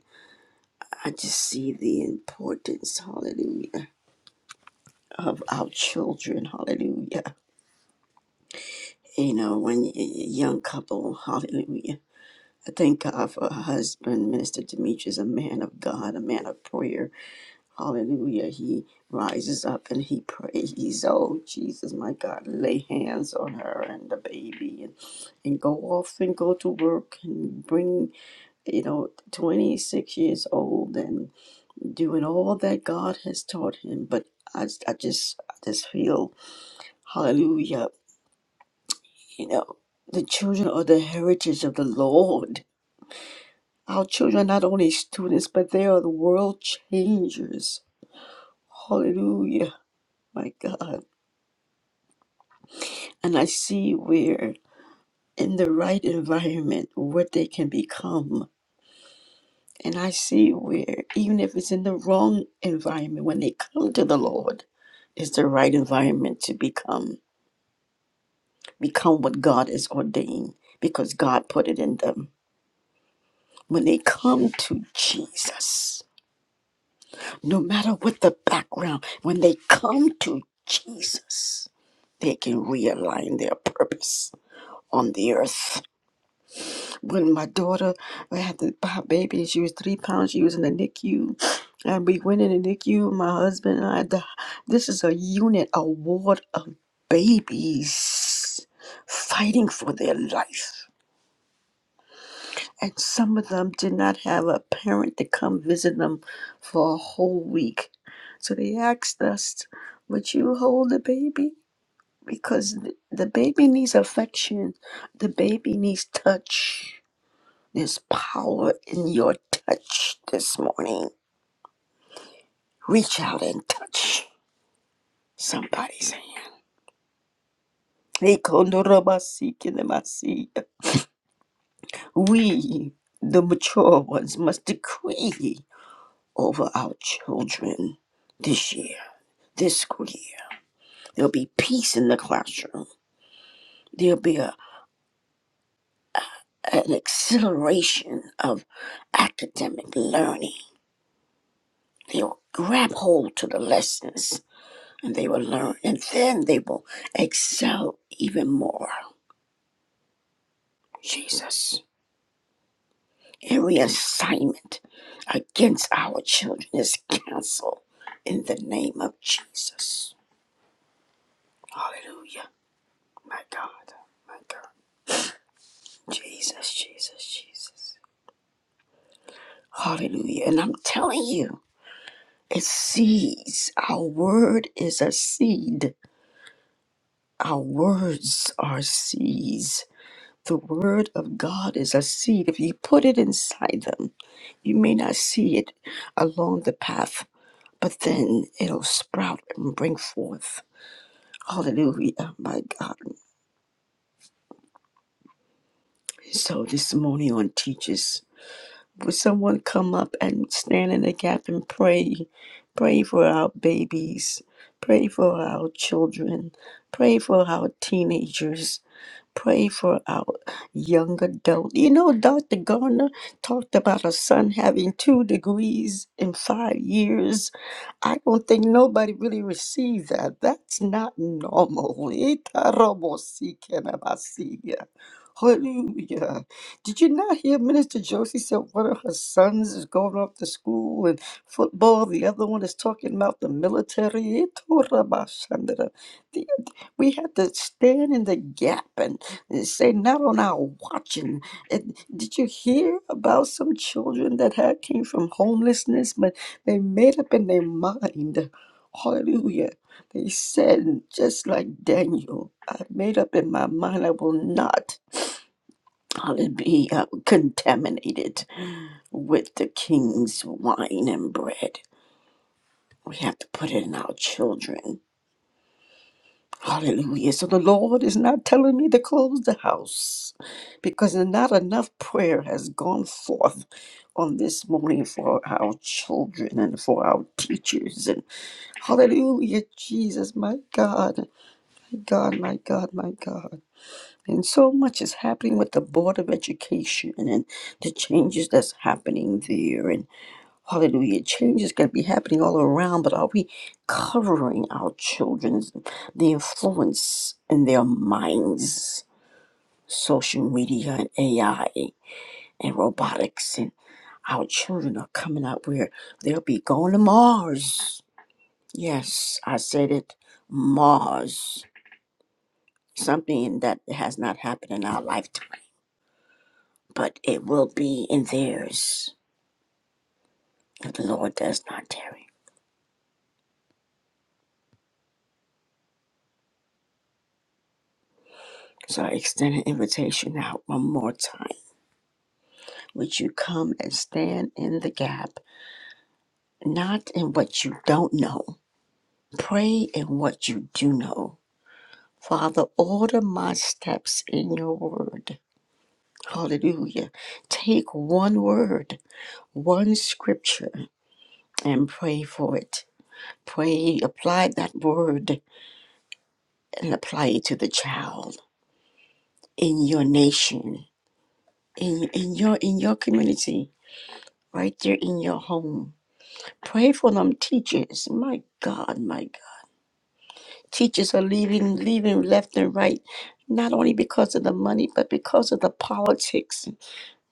A: I just see the importance, hallelujah, of our children, hallelujah. You know, when y- y- young couple, hallelujah. I thank God for her husband, Minister Demetrius, a man of God, a man of prayer. Hallelujah. He rises up and he prays. Oh, Jesus, my God, lay hands on her and the baby and, and go off and go to work and bring, you know, 26 years old and. doing all that God has taught him. But I just, I just I just feel hallelujah. You know, the children are the heritage of the Lord. Our children are not only students, but they are the world changers. Hallelujah, my God. And I see where in the right environment what they can become. And I see where even if it's in the wrong environment, when they come to the Lord, it's the right environment to become become what God is ordained because God put it in them. When they come to Jesus, no matter what the background, when they come to Jesus, they can realign their purpose on the earth. When my daughter had the b- baby, she was three pounds, she was in the NICU. And we went in the NICU, my husband and I, the, this is a unit, a ward of babies fighting for their life and some of them did not have a parent to come visit them for a whole week. So they asked us, Would you hold the baby? Because th- the baby needs affection, the baby needs touch. There's power in your touch this morning. Reach out and touch somebody's hand. Ekonorobasikidemasiya. We, the mature ones, must decree over our children this year. this school year. There'll be peace in the classroom. There'll be a, an acceleration of academic learning. They'll grab hold to the lessons and they will learn, and then they will excel even more. Jesus. Every assignment against our children is canceled in the name of Jesus. Hallelujah. My God. My God. Jesus, Jesus, Jesus. Hallelujah. And I'm telling you. It seeds. Our word is a seed. Our words are seeds. The word of God is a seed. If you put it inside them, you may not see it along the path, but then it'll sprout and bring forth. Hallelujah, my God. So this morning on Teachers. Would someone come up and stand in the gap and pray? Pray for our babies. Pray for our children. Pray for our teenagers. Pray for our young adult. You know, Dr. Garner talked about her son having two degrees in five years. I don't think nobody really received that. That's not normal. Itarobosikenabasiya. Hallelujah. Did you not hear Minister Josie said one of her sons is going off to school and football, the other one is talking about the military? Itorabashandra. The- We had to stand in the gap it say not on our watching. And did you hear about some children that had came from homelessness, but they made up in their mind? Hallelujah. They said, just like Daniel, I made up in my mind I will not hallelujah, be uh, contaminated with the king's wine and bread. We have to put it in our children. Hallelujah. So the Lord is not telling me to close the house because not enough prayer has gone forth on this morning for our children and for our teachers. And hallelujah, Jesus, my God, my God, my God, my God. And so much is happening with the Board of Education and the changes that's happening there. Hallelujah. Change is going to be happening all around, but are we covering our children's the influence in their minds? Social media and AI and robotics and our children are coming out where they'll be going to Mars. Yes, I said it. Mars. Something that has not happened in our lifetime, but it will be in theirs if the Lord does not tarry. So I extend an invitation out one more time Would you come and stand in the gap, not in what you don't know? Pray in what you do know. Father, order my steps in your word. Hallelujah. Take one word, one scripture, and pray for it. Pray, apply that word and apply it to the child in your nation, in, in your in your community, right there in your home. Pray for them teachers. My God, my teachers are leaving leaving left and right not only because of the money but because of the politics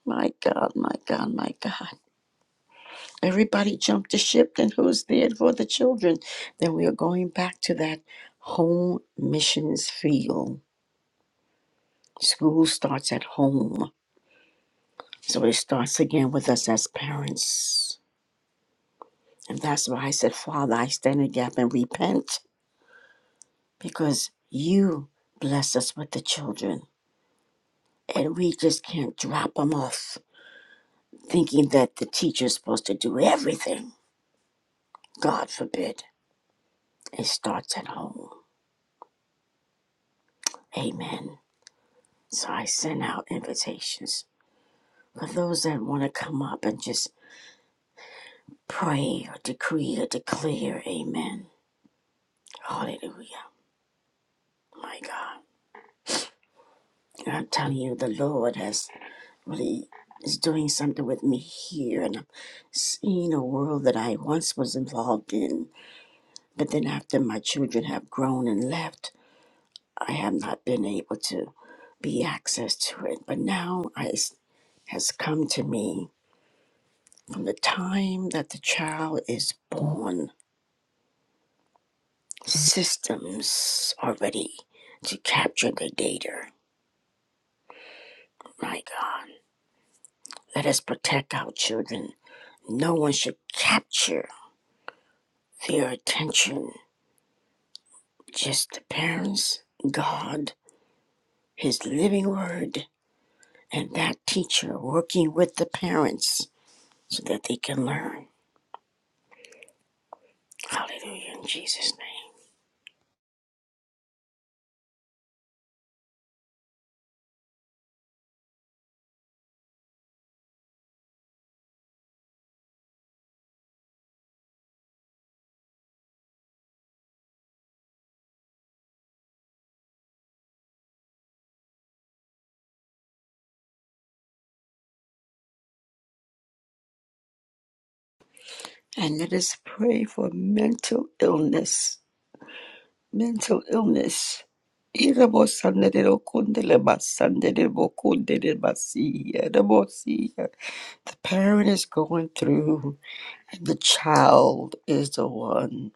A: my god my god my god everybody jumped the ship and who's there for the children then we are going back to that home missions field school starts at home so it starts again with us as parents and that's why i said father i stand in the gap and repent because you bless us with the children and we just can't drop them off thinking that the teacher's supposed to do everything. God forbid. It starts at home. Amen. So I send out invitations for those that want to come up and just pray or decree or declare. Amen. Hallelujah. My God. And I'm telling you, the Lord has really is doing something with me here and I'm seeing a world that I once was involved in. But then after my children have grown and left, I have not been able to be access to it, but now I s- has come to me from the time that the child is born. Systems are ready to capture the data. My God, let us protect our children. No one should capture their attention. Just the parents, God, His living word, and that teacher working with the parents so that they can learn. Hallelujah in Jesus' name. And let us pray for mental illness. Mental illness. Irabo sandero kundele basandere bo basi, irabo si. The parent is going through, and the child is the one,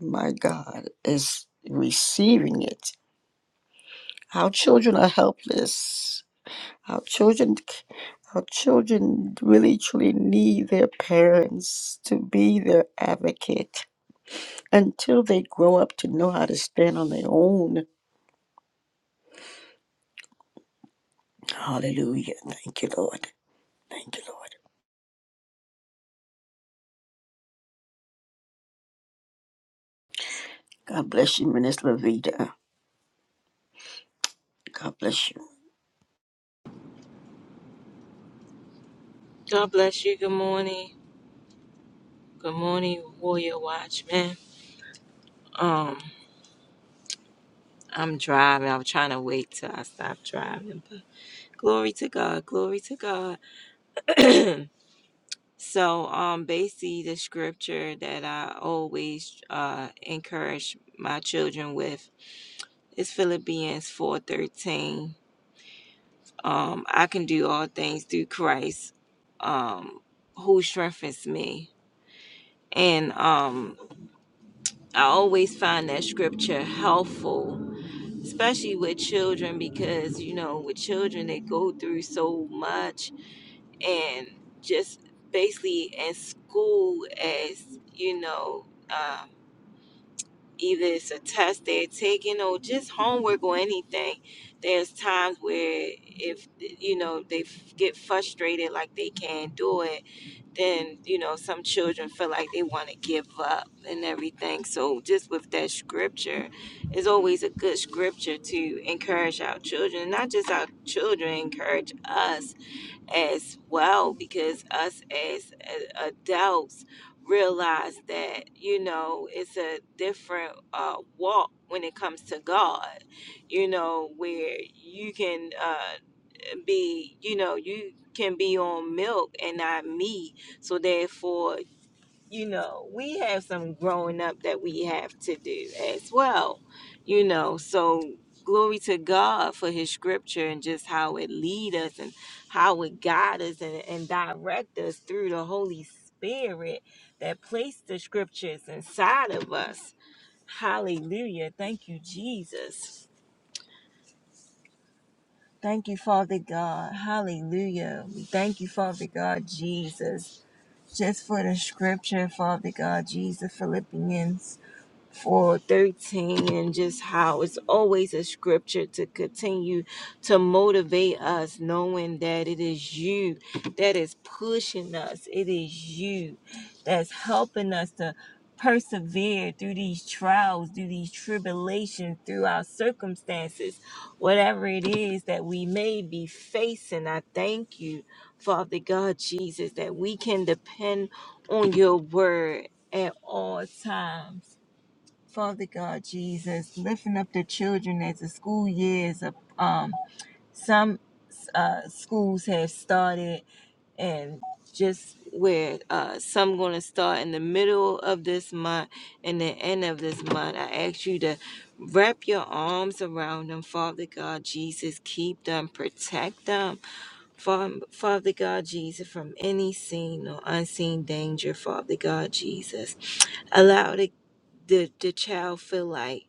A: my God, is receiving it. Our children are helpless. Our children, our children really truly need their parents to be their advocate until they grow up to know how to stand on their own. Hallelujah. Thank you, Lord. Thank you, Lord. God bless you, Minister Lavita. God bless you.
F: God bless you. Good morning. Good morning, Warrior Watchman. Um, I'm driving. I'm trying to wait till I stop driving, but glory to God, glory to God. So, um, basically, the scripture that I always uh encourage my children with is Philippians four thirteen. Um, I can do all things through Christ, um, who strengthens me. And um, I always find that scripture helpful especially with children because you know with children they go through so much and just basically in school as you know um, either it's a test they're taking or just homework or anything there's times where if you know they f- get frustrated like they can't do it then you know some children feel like they want to give up and everything so just with that scripture it's always a good scripture to encourage our children not just our children encourage us as well because us as a- adults realize that you know it's a different uh, walk when it comes to god you know where you can uh, be, you know, you can be on milk and not meat. So therefore, you know, we have some growing up that we have to do as well. You know, so glory to God for his scripture and just how it lead us and how it guide us and, and direct us through the Holy Spirit that placed the scriptures inside of us. Hallelujah. Thank you, Jesus. Thank you, Father God. Hallelujah. We Thank you, Father God, Jesus, just for the scripture, Father God, Jesus, Philippians for 13 and just how it's always a scripture to continue to motivate us knowing that it is you that is pushing us it is you that's helping us to persevere through these trials through these tribulations through our circumstances whatever it is that we may be facing i thank you father god jesus that we can depend on your word at all times Father God Jesus, lifting up the children as the school years of um some uh schools have started and just where uh some gonna start in the middle of this month and the end of this month. I ask you to wrap your arms around them, Father God Jesus, keep them, protect them. Fa- Father God Jesus, from any seen or unseen danger, Father God Jesus. Allow the, the, the child feel like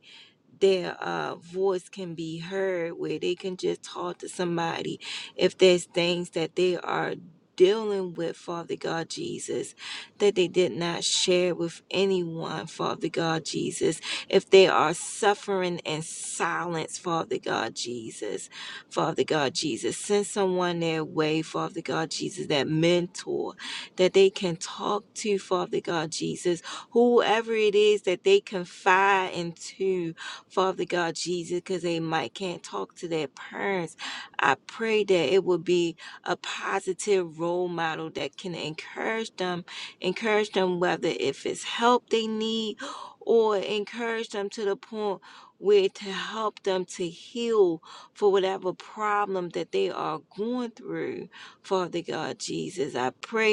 F: their uh, voice can be heard where they can just talk to somebody if there's things that they are dealing with father god jesus that they did not share with anyone father god jesus if they are suffering in silence father god jesus father god jesus send someone their way father god jesus that mentor that they can talk to father god jesus whoever it is that they confide into Father God Jesus, because they might can't talk to their parents. I pray that it will be a positive role model that can encourage them, encourage them whether if it's help they need or encourage them to the point where to help them to heal for whatever problem that they are going through. Father God Jesus, I pray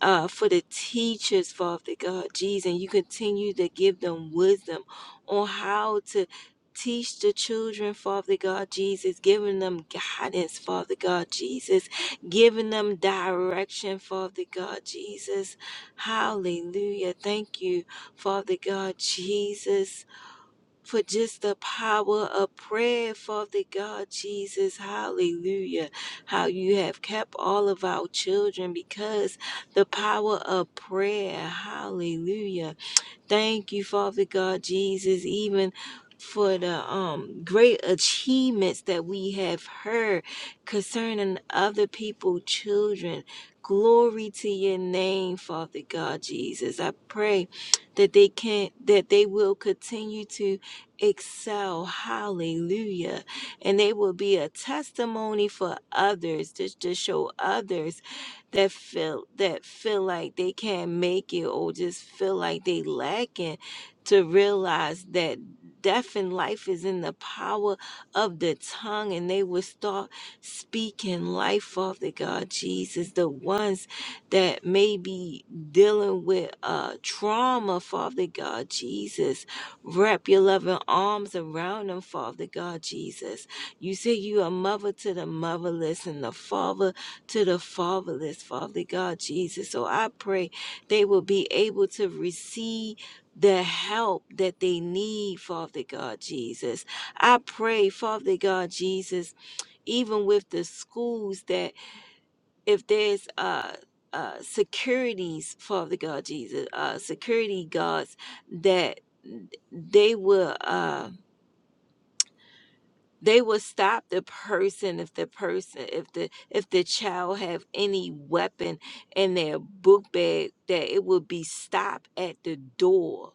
F: uh, for the teachers, Father God, Jesus, and you continue to give them wisdom on how to teach the children, Father God, Jesus, giving them guidance, Father God, Jesus, giving them direction, Father God, Jesus. Hallelujah. Thank you, Father God, Jesus for just the power of prayer, Father God Jesus. Hallelujah. How you have kept all of our children because the power of prayer. Hallelujah. Thank you, Father God Jesus, even for the um great achievements that we have heard concerning other people children glory to your name father god jesus i pray that they can that they will continue to excel hallelujah and they will be a testimony for others just to show others that feel that feel like they can't make it or just feel like they lacking to realize that death and life is in the power of the tongue and they will start speaking life Father God Jesus the ones that may be dealing with uh trauma Father God Jesus wrap your loving arms around them Father God Jesus you say you are mother to the motherless and the father to the fatherless, Father God Jesus. So I pray they will be able to receive the help that they need, Father God Jesus. I pray, Father God Jesus, even with the schools that if there's uh uh, securities, Father God Jesus, uh, security guards that they will uh they will stop the person if the person if the if the child have any weapon in their book bag that it will be stopped at the door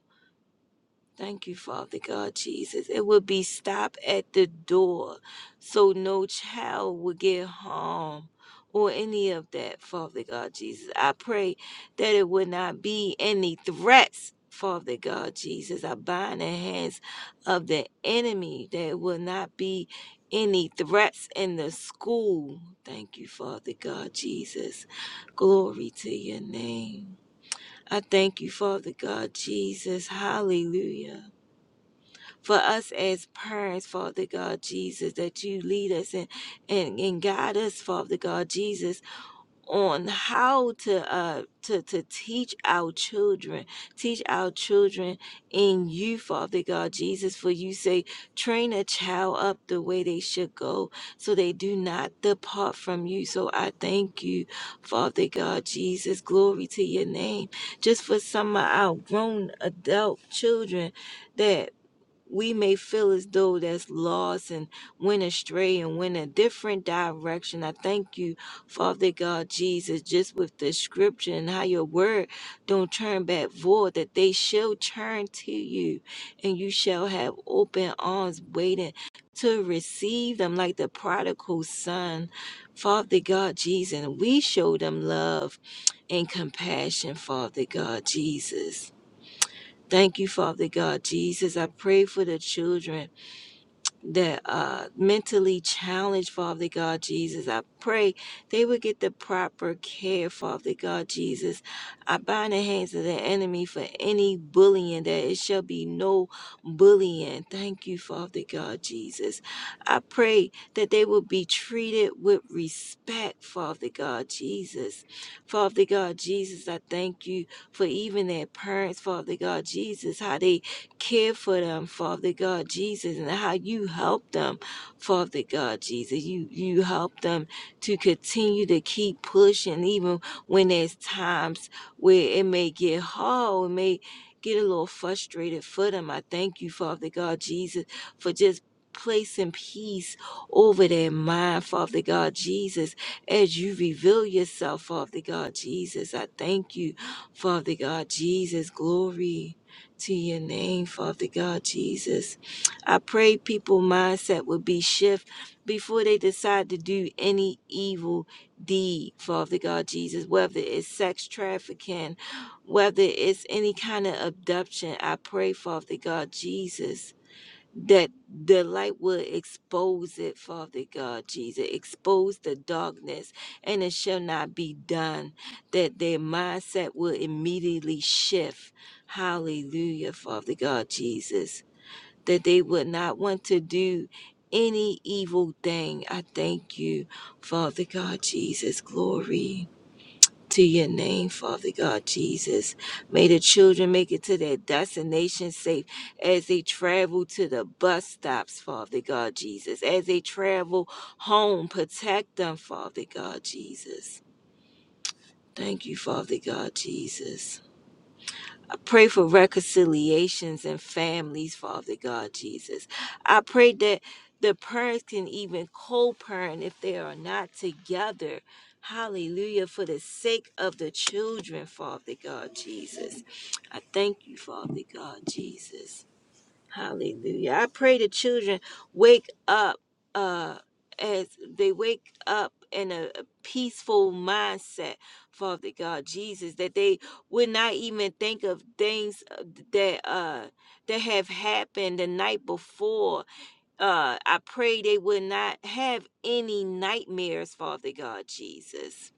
F: Thank you, Father God Jesus. It will be stopped at the door so no child will get harm or any of that, Father God Jesus. I pray that it will not be any threats, Father God Jesus. I bind the hands of the enemy that it will not be any threats in the school. Thank you, Father God Jesus. Glory to your name. I thank you, Father God Jesus. Hallelujah for us as parents, Father God Jesus, that you lead us and, and, and guide us, Father God Jesus, on how to uh to, to teach our children, teach our children in you, Father God Jesus, for you say, train a child up the way they should go, so they do not depart from you. So I thank you, Father God Jesus. Glory to your name. Just for some of our grown adult children that we may feel as though that's lost and went astray and went a different direction. I thank you, Father God Jesus, just with the scripture and how your word don't turn back void, that they shall turn to you and you shall have open arms waiting to receive them like the prodigal son. Father God Jesus, we show them love and compassion, Father God Jesus. Thank you, Father God Jesus. I pray for the children the uh, mentally challenged, Father God Jesus. I pray they would get the proper care, Father God Jesus. I bind the hands of the enemy for any bullying, that it shall be no bullying. Thank you, Father God Jesus. I pray that they will be treated with respect, Father God Jesus. Father God Jesus, I thank you for even their parents, Father God Jesus, how they care for them, Father God Jesus, and how you help them, Father God Jesus. You you help them to continue to keep pushing, even when there's times where it may get hard, it may get a little frustrated for them. I thank you, Father God Jesus, for just placing peace over their mind, Father God Jesus, as you reveal yourself, Father God Jesus. I thank you, Father God Jesus. Glory to your name, Father God Jesus. I pray people mindset will be shift before they decide to do any evil deed, Father God Jesus, whether it's sex trafficking, whether it's any kind of abduction. I pray, Father God Jesus that the light will expose it, Father God, Jesus. Expose the darkness, and it shall not be done. That their mindset will immediately shift. Hallelujah, Father God, Jesus. That they would not want to do any evil thing. I thank you, Father God, Jesus. Glory to your name, Father God Jesus. May the children make it to their destination safe as they travel to the bus stops, Father God Jesus. As they travel home, protect them, Father God Jesus. Thank you, Father God Jesus pray for reconciliations and families, Father God Jesus. I pray that the parents can even co parent if they are not together. Hallelujah, for the sake of the children, Father God Jesus. I thank you, Father God Jesus. Hallelujah. I pray the children wake up uh as they wake up in a peaceful mindset, Father God Jesus, that they would not even think of things uh, that uh that have happened the night before. Uh I pray they would not have any nightmares, Father God Jesus.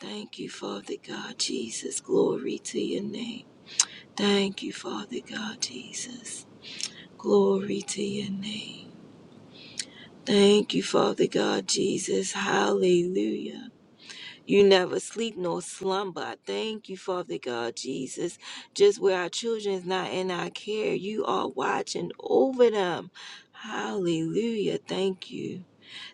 F: Thank you, Father God Jesus. Glory to your name. Thank you, Father God Jesus. Glory to your name. Thank you, Father God Jesus. Hallelujah. You never sleep nor slumber. I Thank you, Father God Jesus. Just where our children is not in our care, you are watching over them. Hallelujah. Thank you.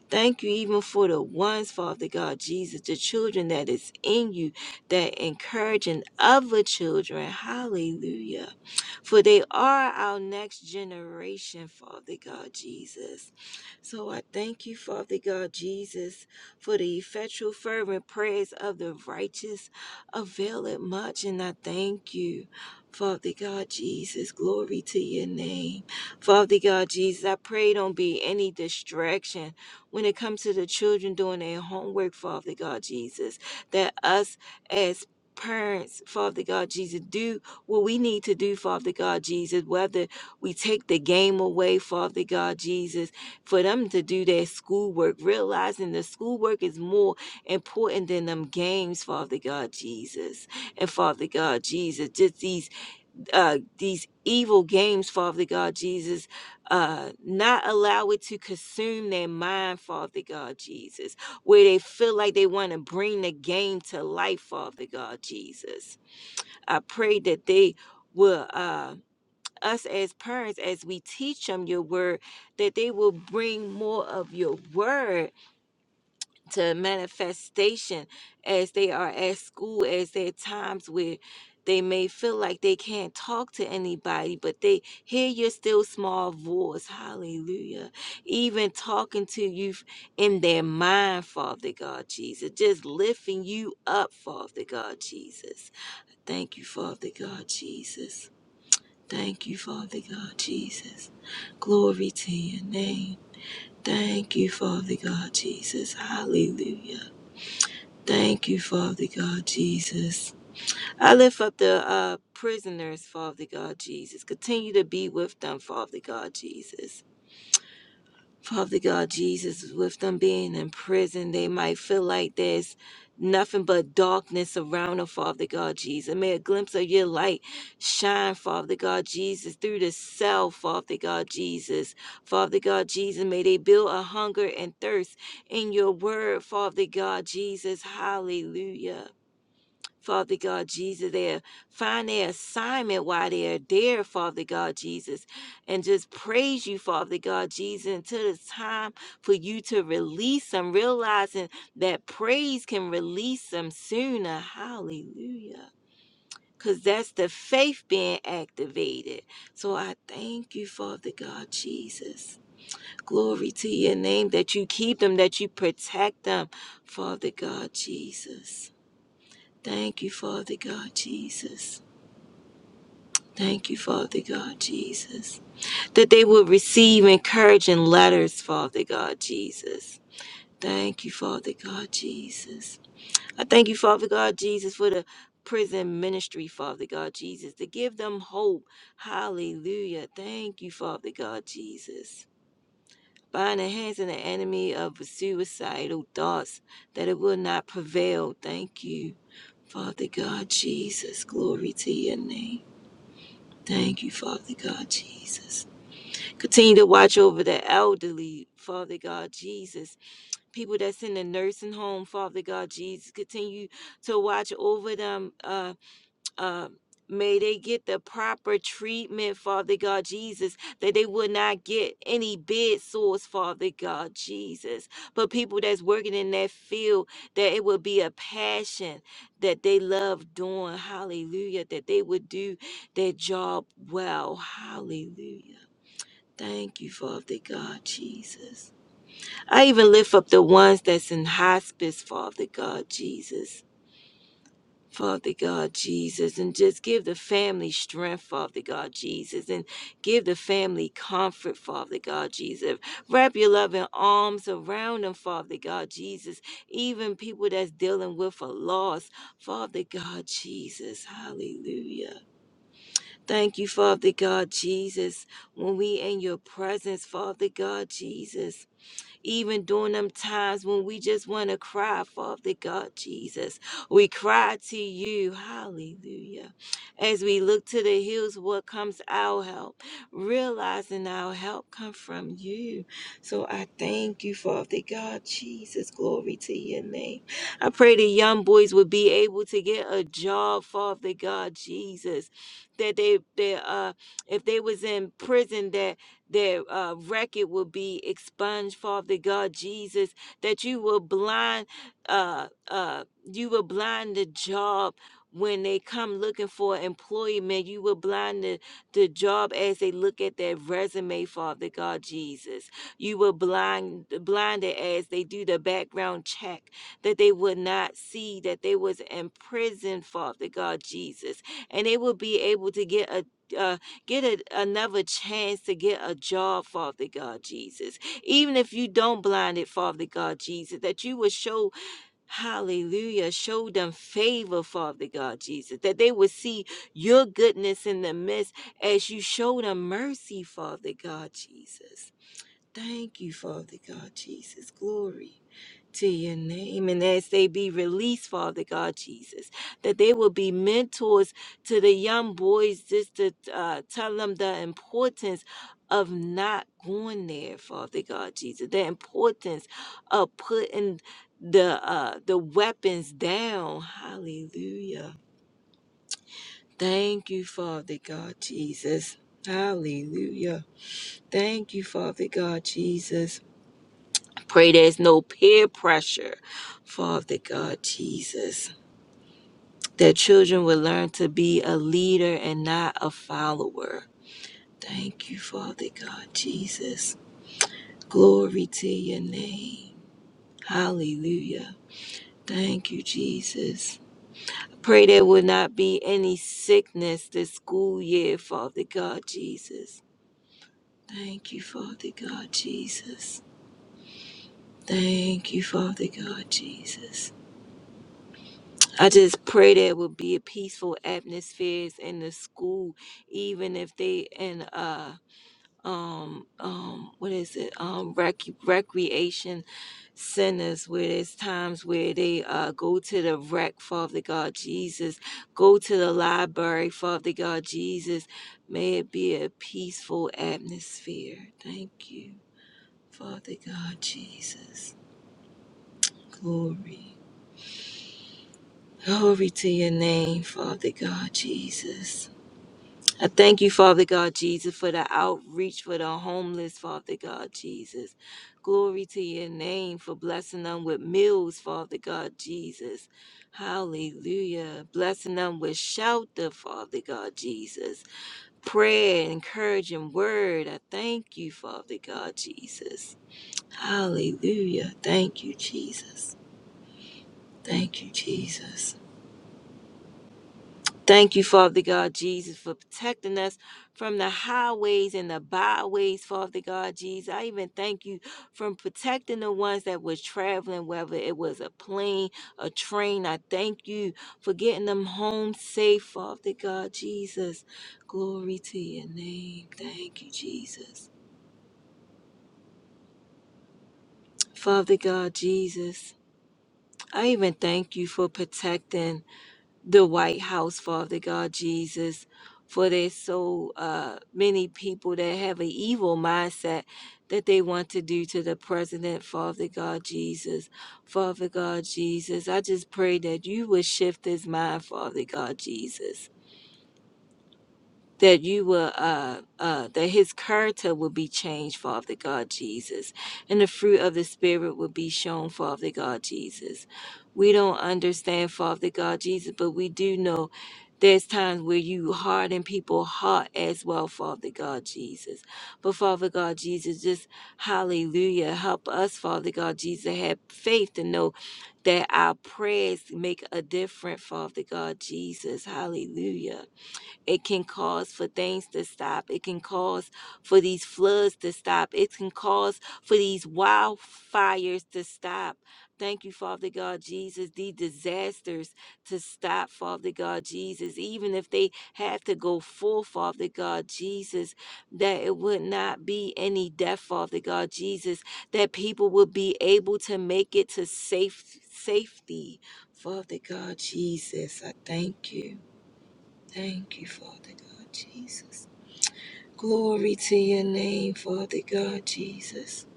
F: Thank you even for the ones, Father God Jesus, the children that is in you that encouraging other children. Hallelujah. For they are our next generation, Father God Jesus. So I thank you, Father God Jesus, for the effectual fervent prayers of the righteous avail it much. And I thank you, Father God Jesus. Glory to your name. Father God Jesus, I pray don't be any distraction when it comes to the children doing their homework, Father God Jesus, that us as Parents, Father God Jesus, do what we need to do, Father God Jesus. Whether we take the game away, Father God Jesus, for them to do their schoolwork, realizing the schoolwork is more important than them games, Father God Jesus. And Father God Jesus, just these uh, these evil games, Father God Jesus. Uh, not allow it to consume their mind, Father God Jesus, where they feel like they want to bring the game to life, Father God Jesus. I pray that they will, uh, us as parents, as we teach them your word, that they will bring more of your word to manifestation as they are at school, as there are times where they may feel like they can't talk to anybody, but they hear your still small voice. Hallelujah. Even talking to you f- in their mind, Father God Jesus. Just lifting you up, Father God Jesus. Thank you, Father God Jesus. Thank you, Father God Jesus. Glory to your name. Thank you, Father God Jesus. Hallelujah. Thank you, Father God Jesus. I lift up the uh, prisoners, Father God Jesus. Continue to be with them, Father God Jesus. Father God Jesus, with them being in prison, they might feel like there's nothing but darkness around them, Father God Jesus. May a glimpse of your light shine, Father God Jesus, through the cell, Father God Jesus. Father God Jesus, may they build a hunger and thirst in your word, Father God Jesus. Hallelujah. Father God Jesus, there. Find their assignment while they are there, Father God Jesus, and just praise you, Father God Jesus, until it's time for you to release them, realizing that praise can release them sooner. Hallelujah. Because that's the faith being activated. So I thank you, Father God Jesus. Glory to your name that you keep them, that you protect them, Father God Jesus. Thank you, Father God Jesus. Thank you, Father God Jesus. That they will receive encouraging letters, Father God Jesus. Thank you, Father God Jesus. I thank you, Father God Jesus, for the prison ministry, Father God Jesus, to give them hope. Hallelujah. Thank you, Father God Jesus. Bind the hands of the enemy of suicidal thoughts, that it will not prevail. Thank you, Father God Jesus. Glory to your name. Thank you, Father God Jesus. Continue to watch over the elderly, Father God Jesus. People that's in the nursing home, Father God Jesus. Continue to watch over them. uh, um, may they get the proper treatment, Father God Jesus, that they will not get any bid sores, Father God Jesus. But people that's working in that field, that it will be a passion that they love doing. Hallelujah. That they would do their job well. Hallelujah. Thank you, Father God Jesus. I even lift up the ones that's in hospice, Father God Jesus Father God Jesus, and just give the family strength, Father God Jesus, and give the family comfort, Father God Jesus. Wrap your loving arms around them, Father God Jesus, even people that's dealing with a loss, Father God Jesus. Hallelujah. Thank you, Father God Jesus, when we in your presence, Father God Jesus even during them times when we just want to cry, Father God Jesus. We cry to you, hallelujah. As we look to the hills, what comes our help? Realizing our help come from you. So I thank you, Father God Jesus. Glory to your name. I pray the young boys would be able to get a job, Father God Jesus. That they, they uh, if they was in prison, that their uh, record will be expunged, Father God Jesus, that you will blind, uh, uh, you will blind the job when they come looking for employment. You will blind the, the job as they look at their resume, Father God Jesus. You will blind blind it as they do the background check, that they would not see that they was in prison, Father God Jesus, and they will be able to get a. uh, Get a, another chance to get a job, Father God Jesus. Even if you don't blind it, Father God Jesus, that you would show, hallelujah, show them favor, Father God Jesus, that they would see your goodness in the midst as you show them mercy, Father God Jesus. Thank you, Father God Jesus. Glory to your name and as they be released, Father God Jesus, that they will be mentors to the young boys just to uh, tell them the importance of not going there, Father God Jesus, the importance of putting the uh, the weapons down. Hallelujah. Thank you, Father God Jesus. Hallelujah. Thank you, Father God Jesus. Pray there's no peer pressure. Father God, Jesus, that children will learn to be a leader and not a follower. Thank you, Father God, Jesus. Glory to your name. Hallelujah. Thank you, Jesus. Pray there will not be any sickness this school year, Father God, Jesus. Thank you, Father God, Jesus. Thank you, Father God, Jesus. I just pray there will be a peaceful atmospheres in the school, even if they in uh um um what is it um rec- recreation centers where there's times where they uh go to the rec father god jesus go to the library father god jesus may it be a peaceful atmosphere thank you father god jesus glory glory to your name father god jesus I thank you, Father God Jesus, for the outreach for the homeless, Father God Jesus. Glory to your name for blessing them with meals, Father God Jesus. Hallelujah. Blessing them with shelter, Father God Jesus. Prayer, encouraging word. I thank you, Father God Jesus. Hallelujah. Thank you, Jesus. Thank you, Jesus. Thank you, Father God Jesus, for protecting us from the highways and the byways, Father God Jesus. I even thank you from protecting the ones that were traveling, whether it was a plane, a train. I thank you for getting them home safe, Father God Jesus. Glory to your name. Thank you, Jesus. Father God Jesus, I even thank you for protecting. the White House, Father God Jesus, for there's so uh, many people that have an evil mindset that they want to do to the president, Father God Jesus. Father God Jesus, I just pray that you would shift his mind, Father God Jesus that you will uh uh that his character will be changed father god jesus and the fruit of the spirit will be shown father god jesus we don't understand father god jesus but we do know there's times where you harden people's heart as well, Father God Jesus. But Father God Jesus, just hallelujah. Help us, Father God Jesus, have faith to know that our prayers make a difference, Father God Jesus. Hallelujah. It can cause for things to stop. It can cause for these floods to stop. It can cause for these wildfires to stop. Thank you, Father God Jesus, the disasters to stop, Father God Jesus, even if they have to go full, Father God Jesus, that it would not be any death, Father God Jesus, that people would be able to make it to safe safety. Father God Jesus, I thank you. Thank you, Father God Jesus. Glory to your name, Father God Jesus.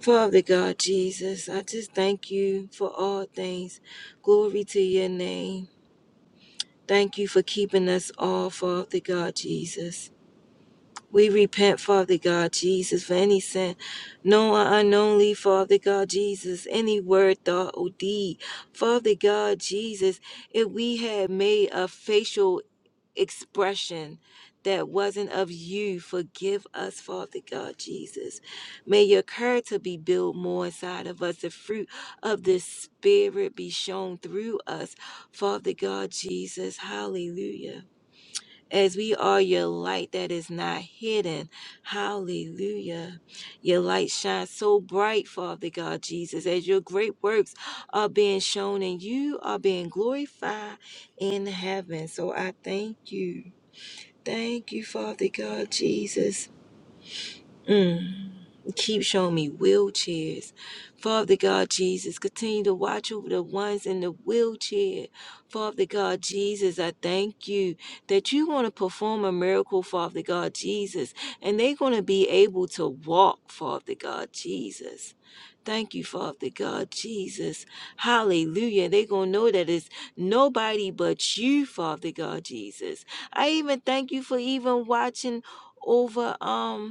F: Father God Jesus, I just thank you for all things. Glory to your name. Thank you for keeping us all, Father God Jesus. We repent, Father God Jesus, for any sin, known or unknownly, Father God Jesus, any word, thought, or deed. Father God Jesus, if we had made a facial expression that wasn't of you. Forgive us, Father God Jesus. May your character be built more inside of us. The fruit of the Spirit be shown through us, Father God Jesus. Hallelujah. As we are your light that is not hidden. Hallelujah. Your light shines so bright, Father God Jesus, as your great works are being shown and you are being glorified in heaven. So I thank you. Thank you, Father God, Jesus. Mm. Keep showing me wheelchairs. Father God Jesus, continue to watch over the ones in the wheelchair. Father God Jesus, I thank you that you want to perform a miracle, Father God Jesus, and they're going to be able to walk, Father God Jesus. Thank you, Father God Jesus. Hallelujah. They're going to know that it's nobody but you, Father God Jesus. I even thank you for even watching over, um,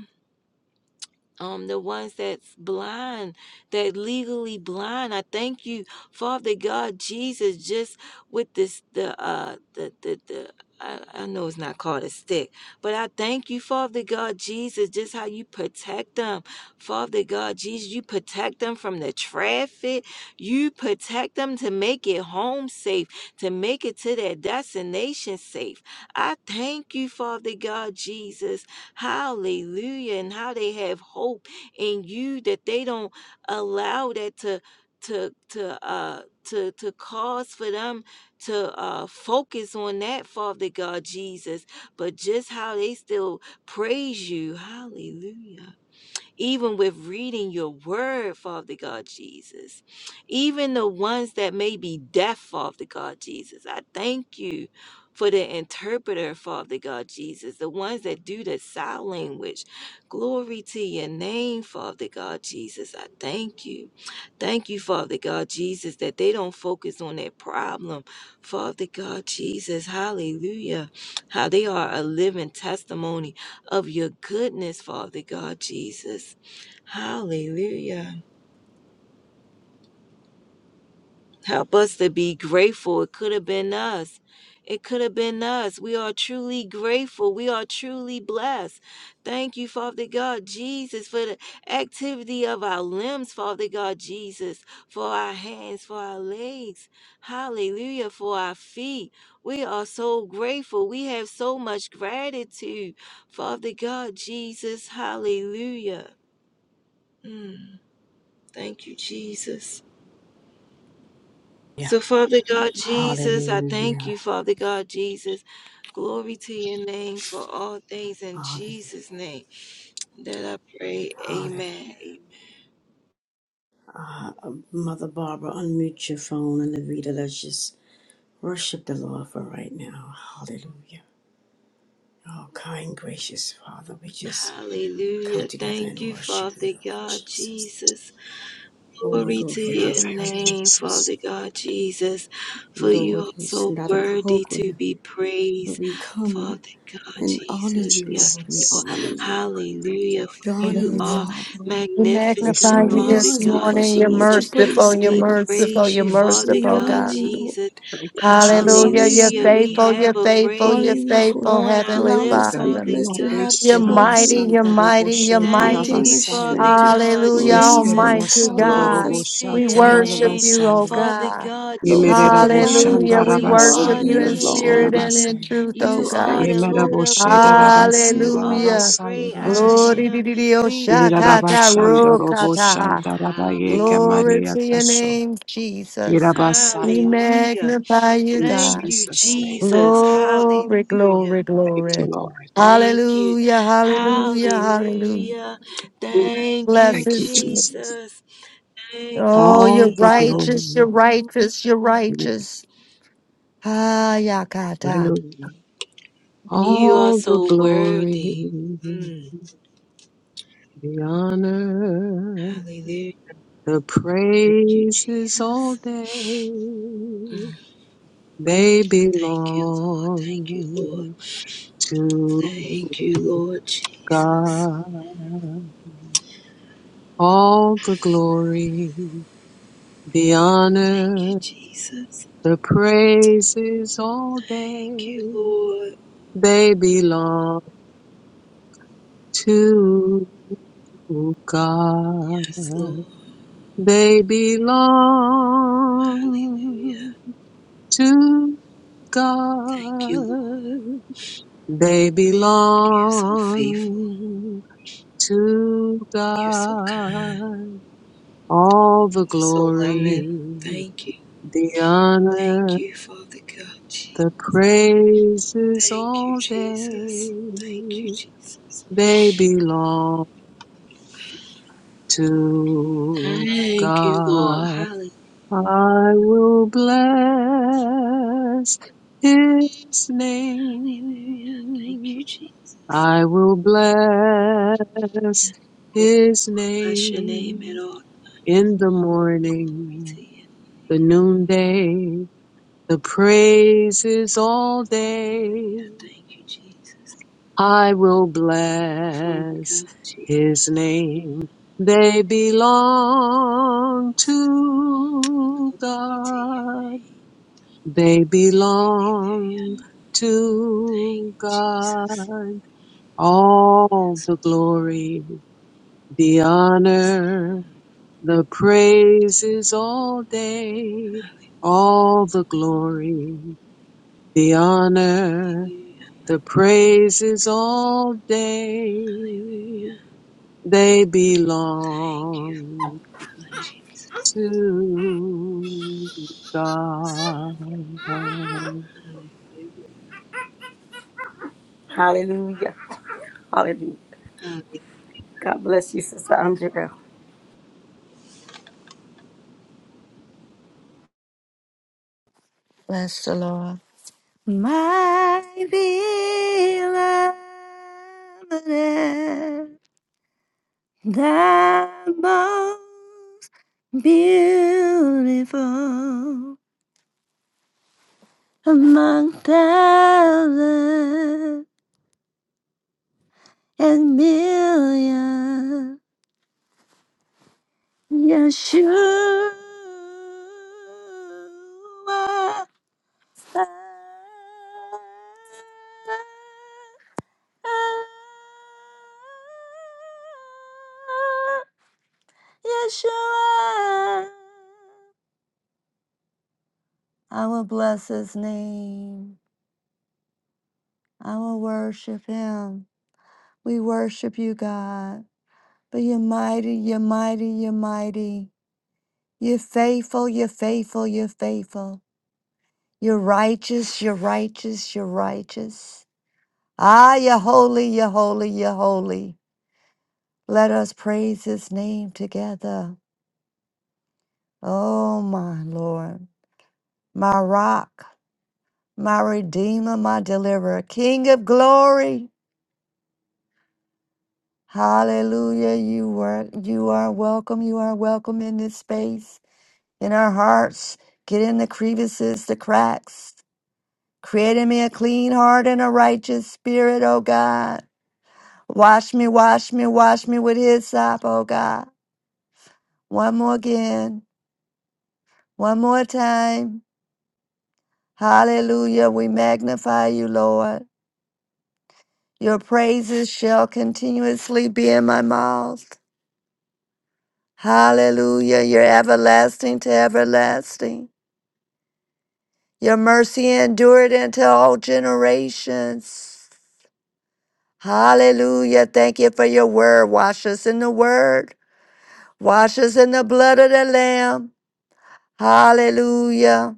F: um the ones that's blind that legally blind i thank you father god jesus just with this the uh the the, the I, I know it's not called a stick, but I thank you, Father God Jesus, just how you protect them. Father God Jesus, you protect them from the traffic. You protect them to make it home safe, to make it to their destination safe. I thank you, Father God Jesus, Hallelujah. And how they have hope in you that they don't allow that to to to uh to to cause for them to uh focus on that Father God Jesus, but just how they still praise you. Hallelujah even with reading your word, Father God Jesus. Even the ones that may be deaf, Father God Jesus. I thank you for the interpreter, Father God Jesus, the ones that do the sign language. Glory to your name, Father God Jesus. I thank you. Thank you, Father God Jesus, that they don't focus on their problem. Father God Jesus, hallelujah. How they are a living testimony of your goodness, Father God Jesus. Hallelujah. Help us to be grateful. It could have been us. It could have been us. We are truly grateful. We are truly blessed. Thank you, Father God Jesus, for the activity of our limbs, Father God Jesus, for our hands, for our legs. Hallelujah, for our feet. We are so grateful. We have so much gratitude, Father God Jesus. Hallelujah. Mm, Thank you, Jesus.
A: Yeah.
F: So, Father God Jesus, I thank
A: Hallelujah.
F: you, Father God Jesus. Glory to your name for all things in
A: Hallelujah.
F: Jesus' name that I pray.
A: Hallelujah.
F: Amen. Amen.
A: Uh, Mother Barbara, unmute your phone and Levita, let's just worship the Lord for right now. Hallelujah. Oh, kind, gracious Father, we just Come
F: Hallelujah.
A: together and
F: Thank you,
A: worship you,
F: Father
A: Lord
F: God
A: Jesus.
F: Jesus.
A: Oh,
F: Glory
A: Lord,
F: to
A: for
C: Yeah,
A: your
F: your
C: Thank you,
A: heavenly
F: name,
A: presence.
C: Jesus.
F: Father God Jesus, for you
A: Lord,
F: are
A: it's
F: so
A: not a
F: worthy to
A: program.
F: be
A: but
F: praised,
A: We come
F: Father God
A: and honor
C: Thank
F: Jesus.
A: you,
C: you,
A: Lord. We
F: Therefore,
C: Jesus.
A: honor
C: Thank you,
A: you.
C: Lord. Thank
F: hallelujah,
C: you.
F: for
A: We honor
F: you
A: you,
F: are
G: Hallelujah.
A: Father.
C: Lord,
G: We
C: we
F: magnificent,
G: magnify
C: start
A: Who
G: you
A: we
C: over
F: Father
A: are
G: this
A: is
C: soon.
F: God
A: because
G: morning.
A: of
G: You're
A: what you
F: Jesus.
A: put
G: merciful. You're
F: We
A: inside us.
G: merciful.
F: praise
G: You're
F: you,
C: Yes.
F: Father
A: We
G: merciful,
A: honor
F: God
G: God.
A: you, Lord.
F: Jesus.
C: Thank you,
A: We
G: Hallelujah.
A: honor
C: Jesus.
G: You're
F: Hallelujah.
C: Thank
A: you.
F: We
C: you,
G: faithful.
C: Lord.
F: have
G: You're
F: a
G: faithful.
A: Honor
G: You're
F: praise
A: you for
G: faithful,
F: on our
G: Heavenly
A: allowing
F: lips,
A: us to
C: Thank
A: be
G: Father.
C: you,
F: Father
A: blessed
C: Lord.
A: to
F: God
A: have
G: You're mighty.
F: Jesus.
A: children.
G: You're
C: Ishtarabasanda robo
G: mighty.
F: We
G: You're
A: Then
F: thank
G: mighty.
A: giving
F: you,
A: us
C: shetarabasaya.
F: Father
A: strength to
F: God,
G: Hallelujah,
A: raise
F: Jesus.
A: them,
G: Almighty
A: Father. I
C: Ishtarabasanda
G: God.
C: robo
F: Glory
A: just
F: to
G: We
F: your
A: thank
G: worship
A: you.
F: name,
G: you, oh
C: shatarabasaya.
F: Father
G: God.
F: God,
A: Lord, for
C: Yemerera
F: Jesus.
A: providing for
G: Hallelujah.
C: boshanda
F: For
A: for
G: We
F: you
A: all
G: worship
F: are
C: rabasaya
G: you
F: the
A: year
G: in
C: yeshe
F: King of
G: spirit
A: long.
G: and
F: kings.
G: in
C: rabasaya.
G: truth,
A: I
G: oh
F: You
A: just
G: God.
F: are the
A: thank
C: Yemera
A: you.
F: Lord of
C: bosheda
F: lords. You
C: rabasira
F: are the
G: Hallelujah.
C: rabasaya
F: great
A: Hallelujah.
F: I
C: rajasho.
G: Glory to
F: am.
G: the Dios,
F: We
C: Ira
F: thank
G: Shakata
F: you.
A: Thank
C: rabashanda
A: you, Jesus.
G: Rokataha.
C: roboshanda
F: Hallelujah.
C: rabayeke
G: Glory
C: Maria
G: to your
C: tasho.
G: name,
C: Ira
G: Jesus. We
C: basaya.
F: Hallelujah.
G: magnify you,
C: In
F: Thank
G: God.
F: you,
C: Jesus' name I
F: Jesus.
C: pray.
F: Hallelujah.
G: Glory, glory,
C: Thank you,
G: glory.
C: Lord.
F: Thank you.
G: Hallelujah, hallelujah, hallelujah.
F: Hallelujah. Thank
G: Bless
F: you,
C: Thank you,
G: his name.
C: Jesus.
F: Jesus. Thank you,
G: Oh,
C: All
G: you're
C: the
F: Jesus.
G: righteous, you're
C: glory.
G: righteous, you're righteous. Ah, Yakata.
C: Hallelujah.
F: You
G: Mm,
F: are
C: All the
F: so
C: glory,
F: worthy. Mm.
C: the honor.
F: Hallelujah.
C: The
F: Thank you,
C: praises all
F: Jesus.
C: day, they
F: Thank you, Lord. Thank you, Lord.
C: belong to
F: Thank you, Lord Jesus.
C: God. All the glory, the
F: Thank you,
C: honor,
F: Jesus.
C: the praises all
F: Thank you,
C: day,
F: Lord.
C: they belong to God.
F: Yes, Lord.
C: They belong
F: Hallelujah.
C: to
F: Thank you, Lord.
C: God. They
F: You're so faithful.
C: belong to
F: You're so kind.
C: God. All the
F: You're so loving.
C: glory,
F: Thank you.
C: the
F: Thank
C: honor,
F: you, Father God. Je-
C: the praises
F: Thank you,
C: all day.
F: Jesus. Thank you, Jesus.
C: They belong to
F: Thank you, Lord.
C: God.
F: Hallelujah.
C: I will bless his
F: Thank
C: name
F: you, Jesus.
C: I will bless
F: Yes, Lord,
C: his
F: bless your name at
C: name
F: all.
C: in the
F: Glory
C: morning,
F: to you.
C: the noonday, the praises all day.
F: Hallelujah. Thank you, Jesus.
C: I will
F: Before we
C: bless
F: go, Jesus.
C: his name. They belong
F: Jesus,
C: to
F: Glory to your
C: God.
F: name.
C: They belong
F: Hallelujah. Thank
C: to
F: you, Jesus.
C: God. All
F: Yes,
C: the
F: Lord.
C: glory The honor, the praises all day,
F: Hallelujah.
C: all the glory. The honor, the praises all day,
F: Hallelujah.
C: they
F: Thank you, Father
C: belong
F: God, Jesus.
C: to God.
F: Hallelujah.
A: Hallelujah. Hallelujah.
F: Hallelujah.
A: God bless you, Sister Andrea.
G: Bless the Lord. My beloved, the most beautiful among thousands and millions, Yeshua. Yeshua. I will bless his name. I will worship him. We worship you, God. But you're mighty, you're mighty, you're mighty. You're faithful, you're faithful, you're faithful. You're righteous, you're righteous, you're righteous. Ah, you're holy, you're holy, you're holy. Let us praise his name together. Oh, my Lord, my rock. my redeemer, my deliverer, King of glory. Hallelujah. You were you are welcome. You are welcome in this space, in our hearts. Get in the crevices, the cracks. Create in me a clean heart and a righteous spirit, O God. Wash me, wash me, wash me with his sop, O God. One more again, one more time. Hallelujah. We magnify you, Lord. Your praises shall continuously be in my mouth. Hallelujah. You're everlasting to everlasting. Your mercy endured into all generations. Hallelujah. Thank you for your word. Wash us in the word. Wash us in the blood of the Lamb. Hallelujah.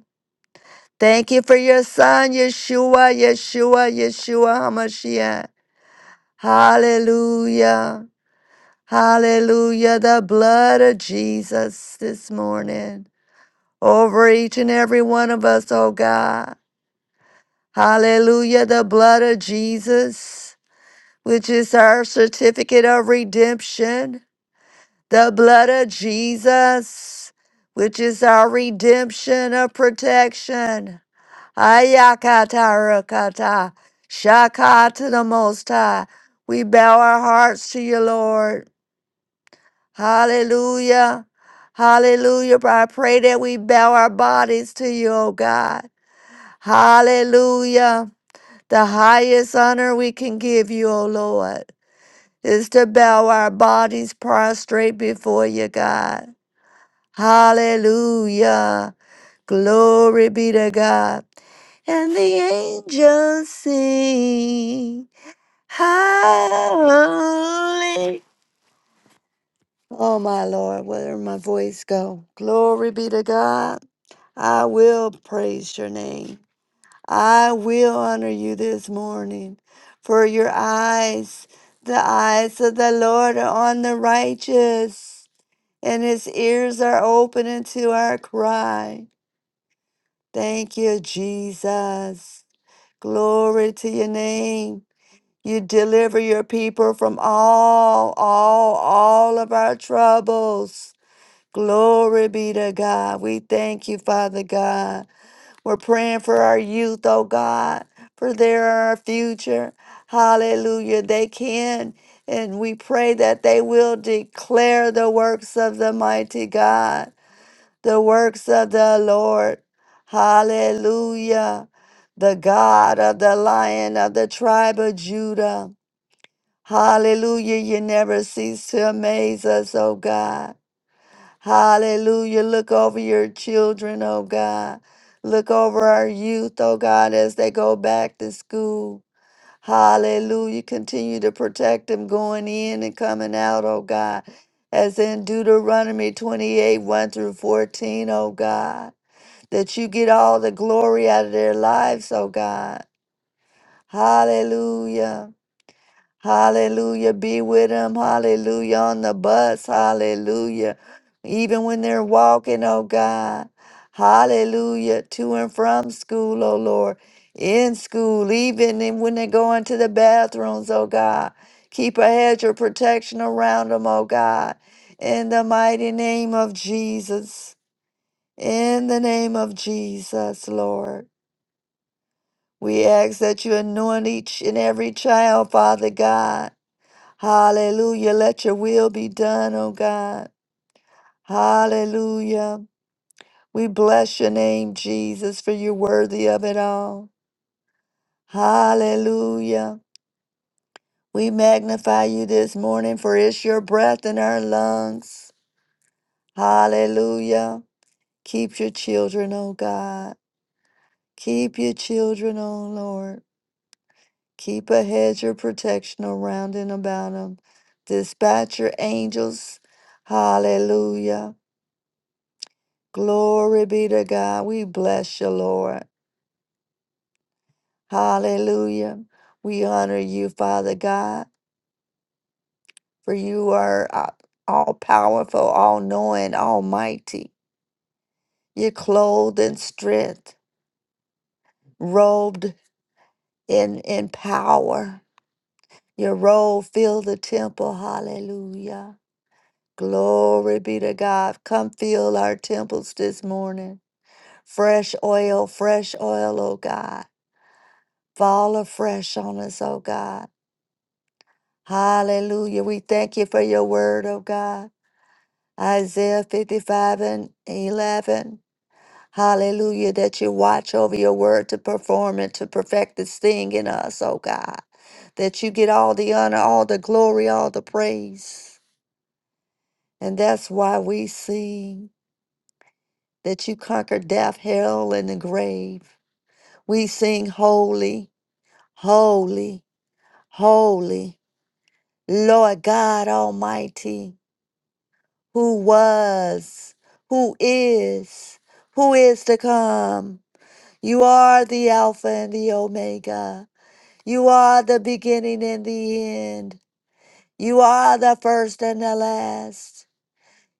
G: Thank you for your son, Yeshua, Yeshua, Yeshua HaMashiach. Hallelujah. Hallelujah. The blood of Jesus this morning over each and every one of us, oh God. Hallelujah, the blood of Jesus, which is our certificate of redemption. The blood of Jesus, which is our redemption of protection. Ayakata rakata, shaka to the Most High. We bow our hearts to you, Lord. Hallelujah. Hallelujah. I pray that we bow our bodies to you, O God. Hallelujah. The highest honor we can give you, O Lord, is to bow our bodies prostrate before you, God. Hallelujah. Glory be to God. And the angels sing. Holy. Oh, my Lord, where did my voice go? Glory be to God. I will praise your name. I will honor you this morning, for your eyes, the eyes of the Lord are on the righteous, and his ears are open unto our cry. Thank you, Jesus. Glory to your name. You deliver your people from all, all, all of our troubles. Glory be to God. We thank you, Father God. We're praying for our youth, oh God, for their future. Hallelujah. They can, and we pray that they will declare the works of the mighty God, the works of the Lord. Hallelujah. The God of the lion of the tribe of Judah. Hallelujah. You never cease to amaze us, oh God. Hallelujah. Look over your children, oh God. Look over our youth, oh God, as they go back to school. Hallelujah. Continue to protect them going in and coming out, oh God. As in Deuteronomy 28 1 through 14, oh God. That you get all the glory out of their lives, oh God. Hallelujah. Hallelujah. Be with them. Hallelujah. On the bus. Hallelujah. Even when they're walking, oh God. Hallelujah. To and from school, oh Lord. In school, even in- when they go into the bathrooms, oh God. Keep a hedge of protection around them, oh God. In the mighty name of Jesus. In the name of Jesus, Lord. We ask that you anoint each and every child, Father God. Hallelujah. Let your will be done, oh God. Hallelujah. We bless your name, Jesus, for you're worthy of it all. Hallelujah. We magnify you this morning, for it's your breath in our lungs. Hallelujah. Keep your children, oh God. Keep your children, oh Lord. Keep a hedge of protection around and about them. Dispatch your angels. Hallelujah Glory be to God. We bless you, Lord. Hallelujah. We honor you, Father God, for you are uh, all powerful, all knowing, almighty. You're clothed in strength, robed in, in power. Your robe fill the temple. Hallelujah. Glory be to God. Come fill our temples this morning. Fresh oil, fresh oil, oh God. Fall afresh on us, oh God. Hallelujah. We thank you for your word, oh God. Isaiah 55 and 11. Hallelujah. That you watch over your word to perform and to perfect this thing in us, oh God. That you get all the honor, all the glory, all the praise. And that's why we sing that you conquer death, hell, and the grave. We sing holy, holy, holy, Lord God Almighty. who was, who is, who is to come. You are the Alpha and the Omega. You are the beginning and the end. You are the first and the last.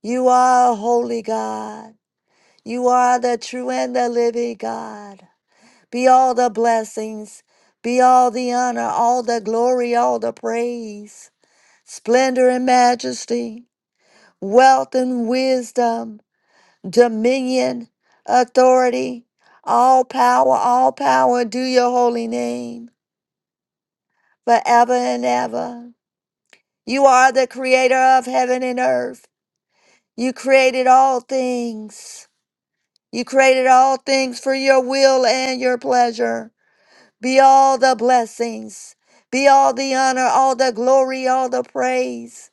G: You are a holy God. You are the true and the living God. Be all the blessings, be all the honor, all the glory, all the praise, splendor and majesty, wealth and wisdom, dominion, authority, all power, all power, do your holy name forever and ever. You are the creator of heaven and earth. You created all things. You created all things for your will and your pleasure. Be all the blessings, be all the honor, all the glory, all the praise.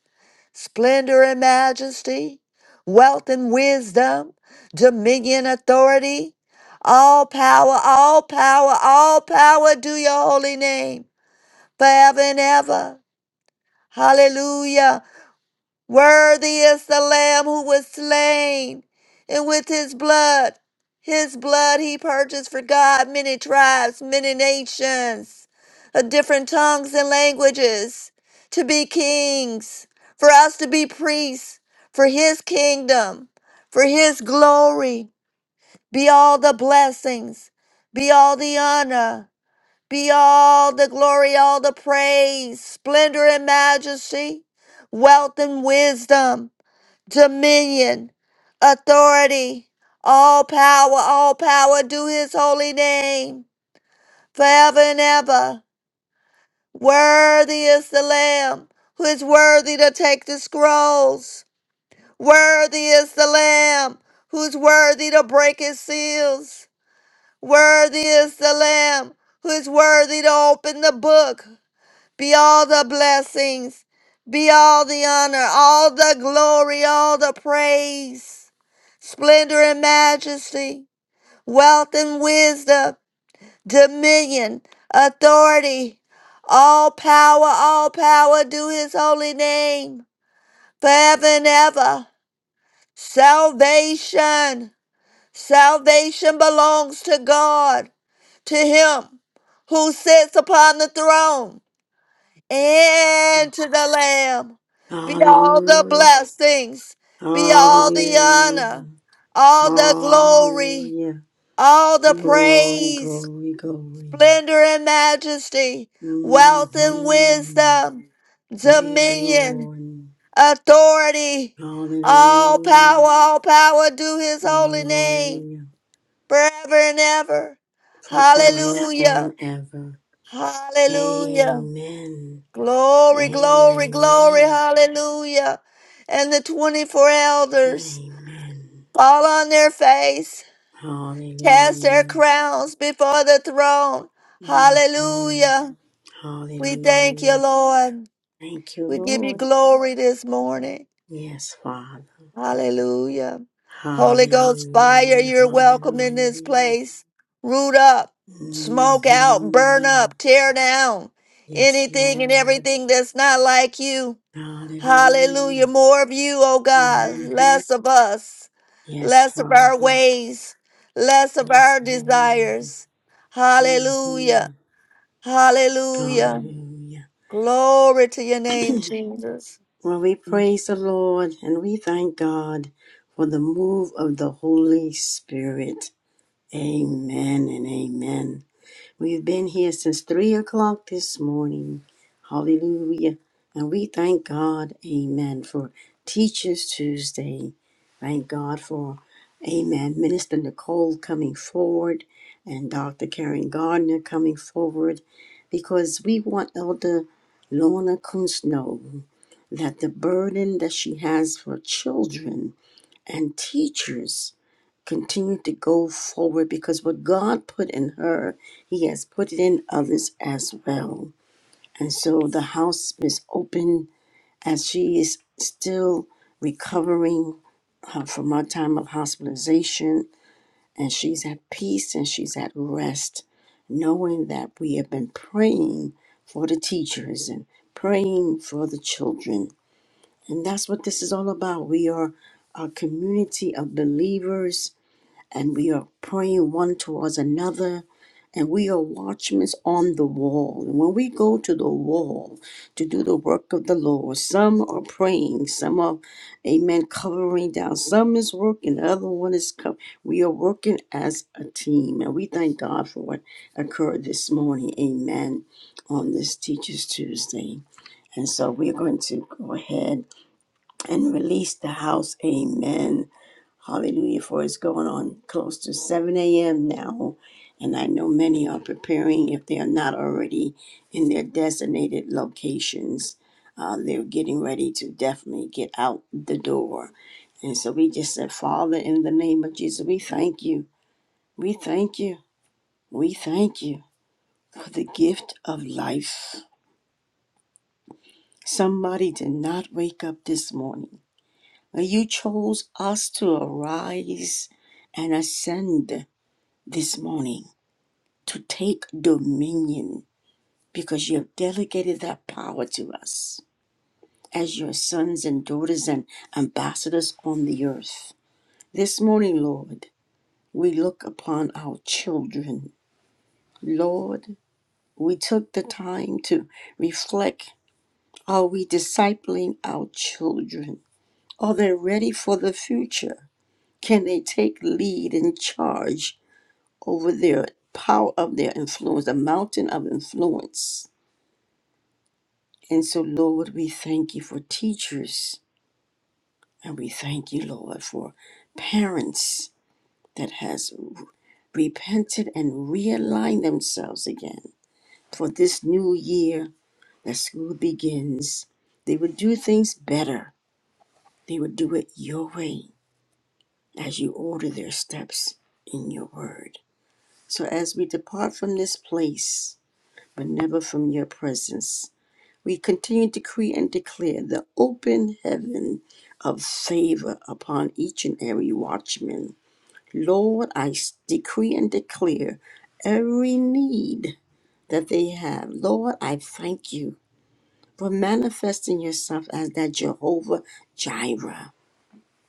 G: splendor and majesty, wealth and wisdom, dominion, authority, all power, all power, all power do your holy name forever and ever. Hallelujah. Worthy is the Lamb who was slain, and with his blood, his blood he purchased for God many tribes, many nations, of different tongues and languages, to be kings, for us to be priests, for his kingdom, for his glory. Be all the blessings, be all the honor, be all the glory, all the praise, splendor and majesty, wealth and wisdom dominion, authority, all power, all power, do his holy name forever and ever. Worthy is the Lamb who is worthy to take the scrolls. Worthy is the Lamb who's worthy to break his seals. Worthy is the Lamb who is worthy to open the book. Be all the blessings, be all the honor, all the glory, all the praise. splendor and majesty, wealth and wisdom, dominion, authority, all power, all power, do his holy name forever and ever. Salvation, salvation belongs to God, to him who sits upon the throne and to the Lamb. Be all the
A: Hallelujah.
G: blessings, be all the
A: Hallelujah.
G: honor, all the glory
A: Hallelujah.
G: all the
A: Glory,
G: praise,
A: glory, glory.
G: splendor, and majesty, wealth and
A: hmm
G: wisdom,
A: Praise the
G: dominion,
A: Lord.
G: authority, all
A: Hallelujah.
G: power, all power, do his holy
A: Hallelujah.
G: name forever and ever.
A: forever
G: Hallelujah,
A: and ever.
G: hallelujah,
A: Amen.
G: glory, glory, glory,
A: Amen.
G: hallelujah. And the 24 elders
A: Amen.
G: fall on their face cast their
A: Hallelujah.
G: crowns before the throne.
A: hmm
G: Hallelujah. We thank you,
A: Hallelujah.
G: Lord.
A: Thank you,
G: We give you
A: Lord.
G: glory this morning.
A: Yes, Father.
G: Hallelujah. Holy Ghost fire,
A: Hallelujah.
G: you're welcome in this
A: Hallelujah.
G: place. Root up, smoke out, burn
A: hmm
G: up, tear down
A: Yes,
G: anything and
A: Lord.
G: everything that's not like you. Hallelujah.
A: Hallelujah.
G: More of you, oh God,
A: hmm
G: less of us.
A: Yes,
G: less of our
A: Father.
G: ways, less of
A: Yes,
G: our
A: Lord.
G: desires. Hallelujah.
A: hmm
G: Hallelujah.
A: Hallelujah.
G: Glory to your name, Jesus.
A: Well, we praise the Lord and we thank God for the move of the Holy Spirit. Amen and amen. We've been here since three o'clock this morning. Hallelujah. And we thank God, amen, for Teachers Tuesday. Thank God for, amen, Minister Nicole coming forward and Dr. Karen Gardner coming forward because we want Elder Lorna Kunzno that the burden that she has for children and teachers continue to go forward because what God put in her, He has put it in others as well. And so the house is open as she is still recovering uh, from her time of hospitalization, and she's at peace and she's at rest, knowing that we have been praying for the teachers and praying for the children and that's what this is all about. We are a community of believers and we are praying one towards another. And we are watchmen on the wall. And when we go to the wall to do the work of the Lord, some are praying, some are, amen, covering down. Some is working, the other one is covering. We are working as a team. And we thank God for what occurred this morning, amen, on this Teachers Tuesday. And so we're going to go ahead and release the house. Amen. Hallelujah. For it's going on close to 7 a.m. now. And I know many are preparing, if they are not already in their designated locations, uh, they're getting ready to definitely get out the door. And so we just said, Father, in the name of Jesus, we thank you. We thank you. We thank you. Gift life. Somebody did not wake up this morning. You chose us to arise and ascend this morning. to take dominion because you have delegated that power to us as your sons and daughters and ambassadors on the earth. This morning, Lord, we look upon our children. Lord, we took the time to reflect are we discipling our children? Are they ready for the future? Can they take lead and charge over their power of their influence, the mountain of influence? And so, Lord, we thank you for teachers, and we thank you, Lord, for parents that has repented and realigned themselves again for this new year that school begins. They would do things better. They would do it your way as you order their steps in your word. So as we depart from this place, but never from your presence, We continue to decree and declare the open heaven of favor upon each and every watchman. Lord, I s- decree and declare every need that they have. Lord, I thank you for manifesting yourself as that Jehovah Jireh.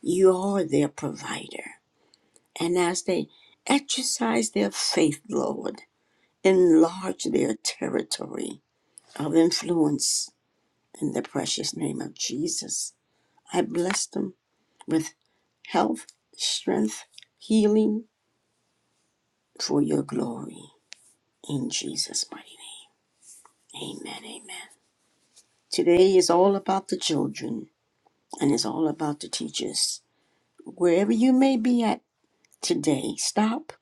A: You are their provider. And as they exercise their faith, Lord, enlarge their territory of influence in the precious name of Jesus. I bless them with health, strength, healing for your glory. In Jesus' mighty name. Amen. Amen. Today is all about the children and it's all about the teachers. Wherever you may be at today, stop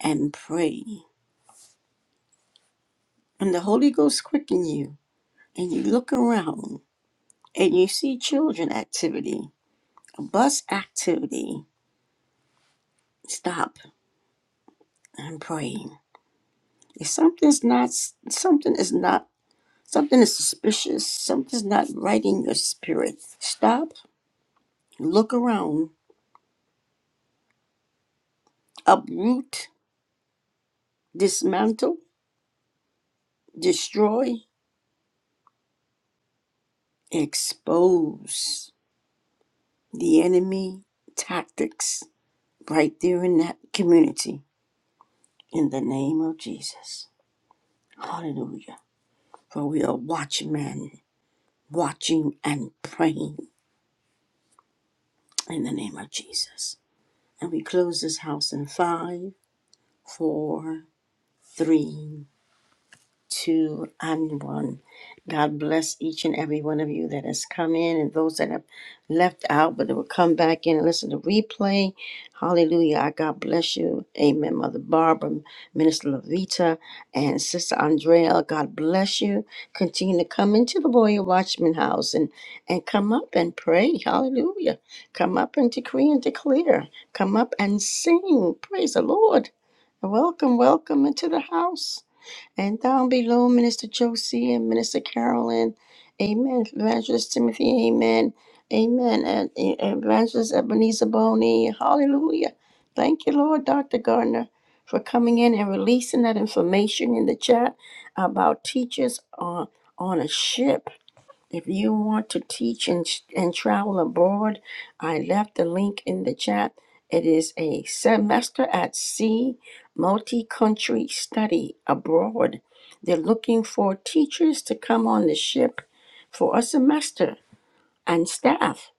A: and pray. And the Holy Ghost quicken you and you look around and you see children activity, a bus activity. Stop and pray. If something's not something is not Something is suspicious. Something's not right in your spirit. Stop, look around, uproot, dismantle, destroy, expose the enemy tactics right there in that community in the name of Jesus. Hallelujah. For we are watchmen, watching and praying in the name of Jesus. And we close this house in five, four, three. two and one. God bless each and every one of you that has come in and those that have left out, but they will come back in and listen to replay. Hallelujah. I God bless you. Amen. Mother Barbara, Minister Levita, and Sister Andrea, God bless you. Continue to come into the Warrior Watchman house and, and come up and pray. Hallelujah. Come up and decree and declare. Come up and sing. Praise the Lord. Welcome, welcome into the house. And down below, Minister Josie and Minister Carolyn. Amen. Evangelist Timothy. Amen. Amen. And and Evangelist Ebenezer Boney. Hallelujah. Thank you, Lord, Dr. Gardner, for coming in and releasing that information in the chat about teachers on, on a ship. If you want to teach and, and travel abroad, I left the link in the chat. It is a semester at sea multi country study abroad. They're looking for teachers to come on the ship for a semester and staff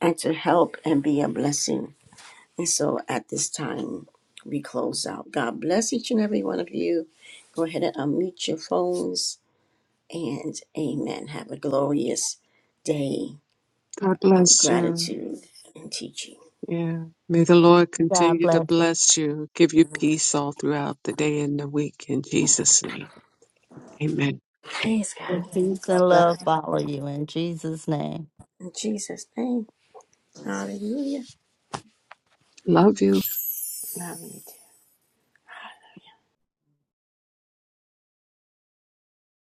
A: and to help and be a blessing. And so at this time, we close out. God bless each and every one of you. Go ahead and unmute your phones and amen. Have a glorious day
C: God
A: of
C: bless you.
A: gratitude and teaching.
C: Yeah. May the Lord
G: God
C: continue to
G: bless you.
C: bless you, give you peace all throughout the day and the week. In Jesus' name, amen.
A: Praise God.
G: Peace and love follow you in Jesus' name.
A: In Jesus' name. Hallelujah.
C: Love you.
A: Love you too.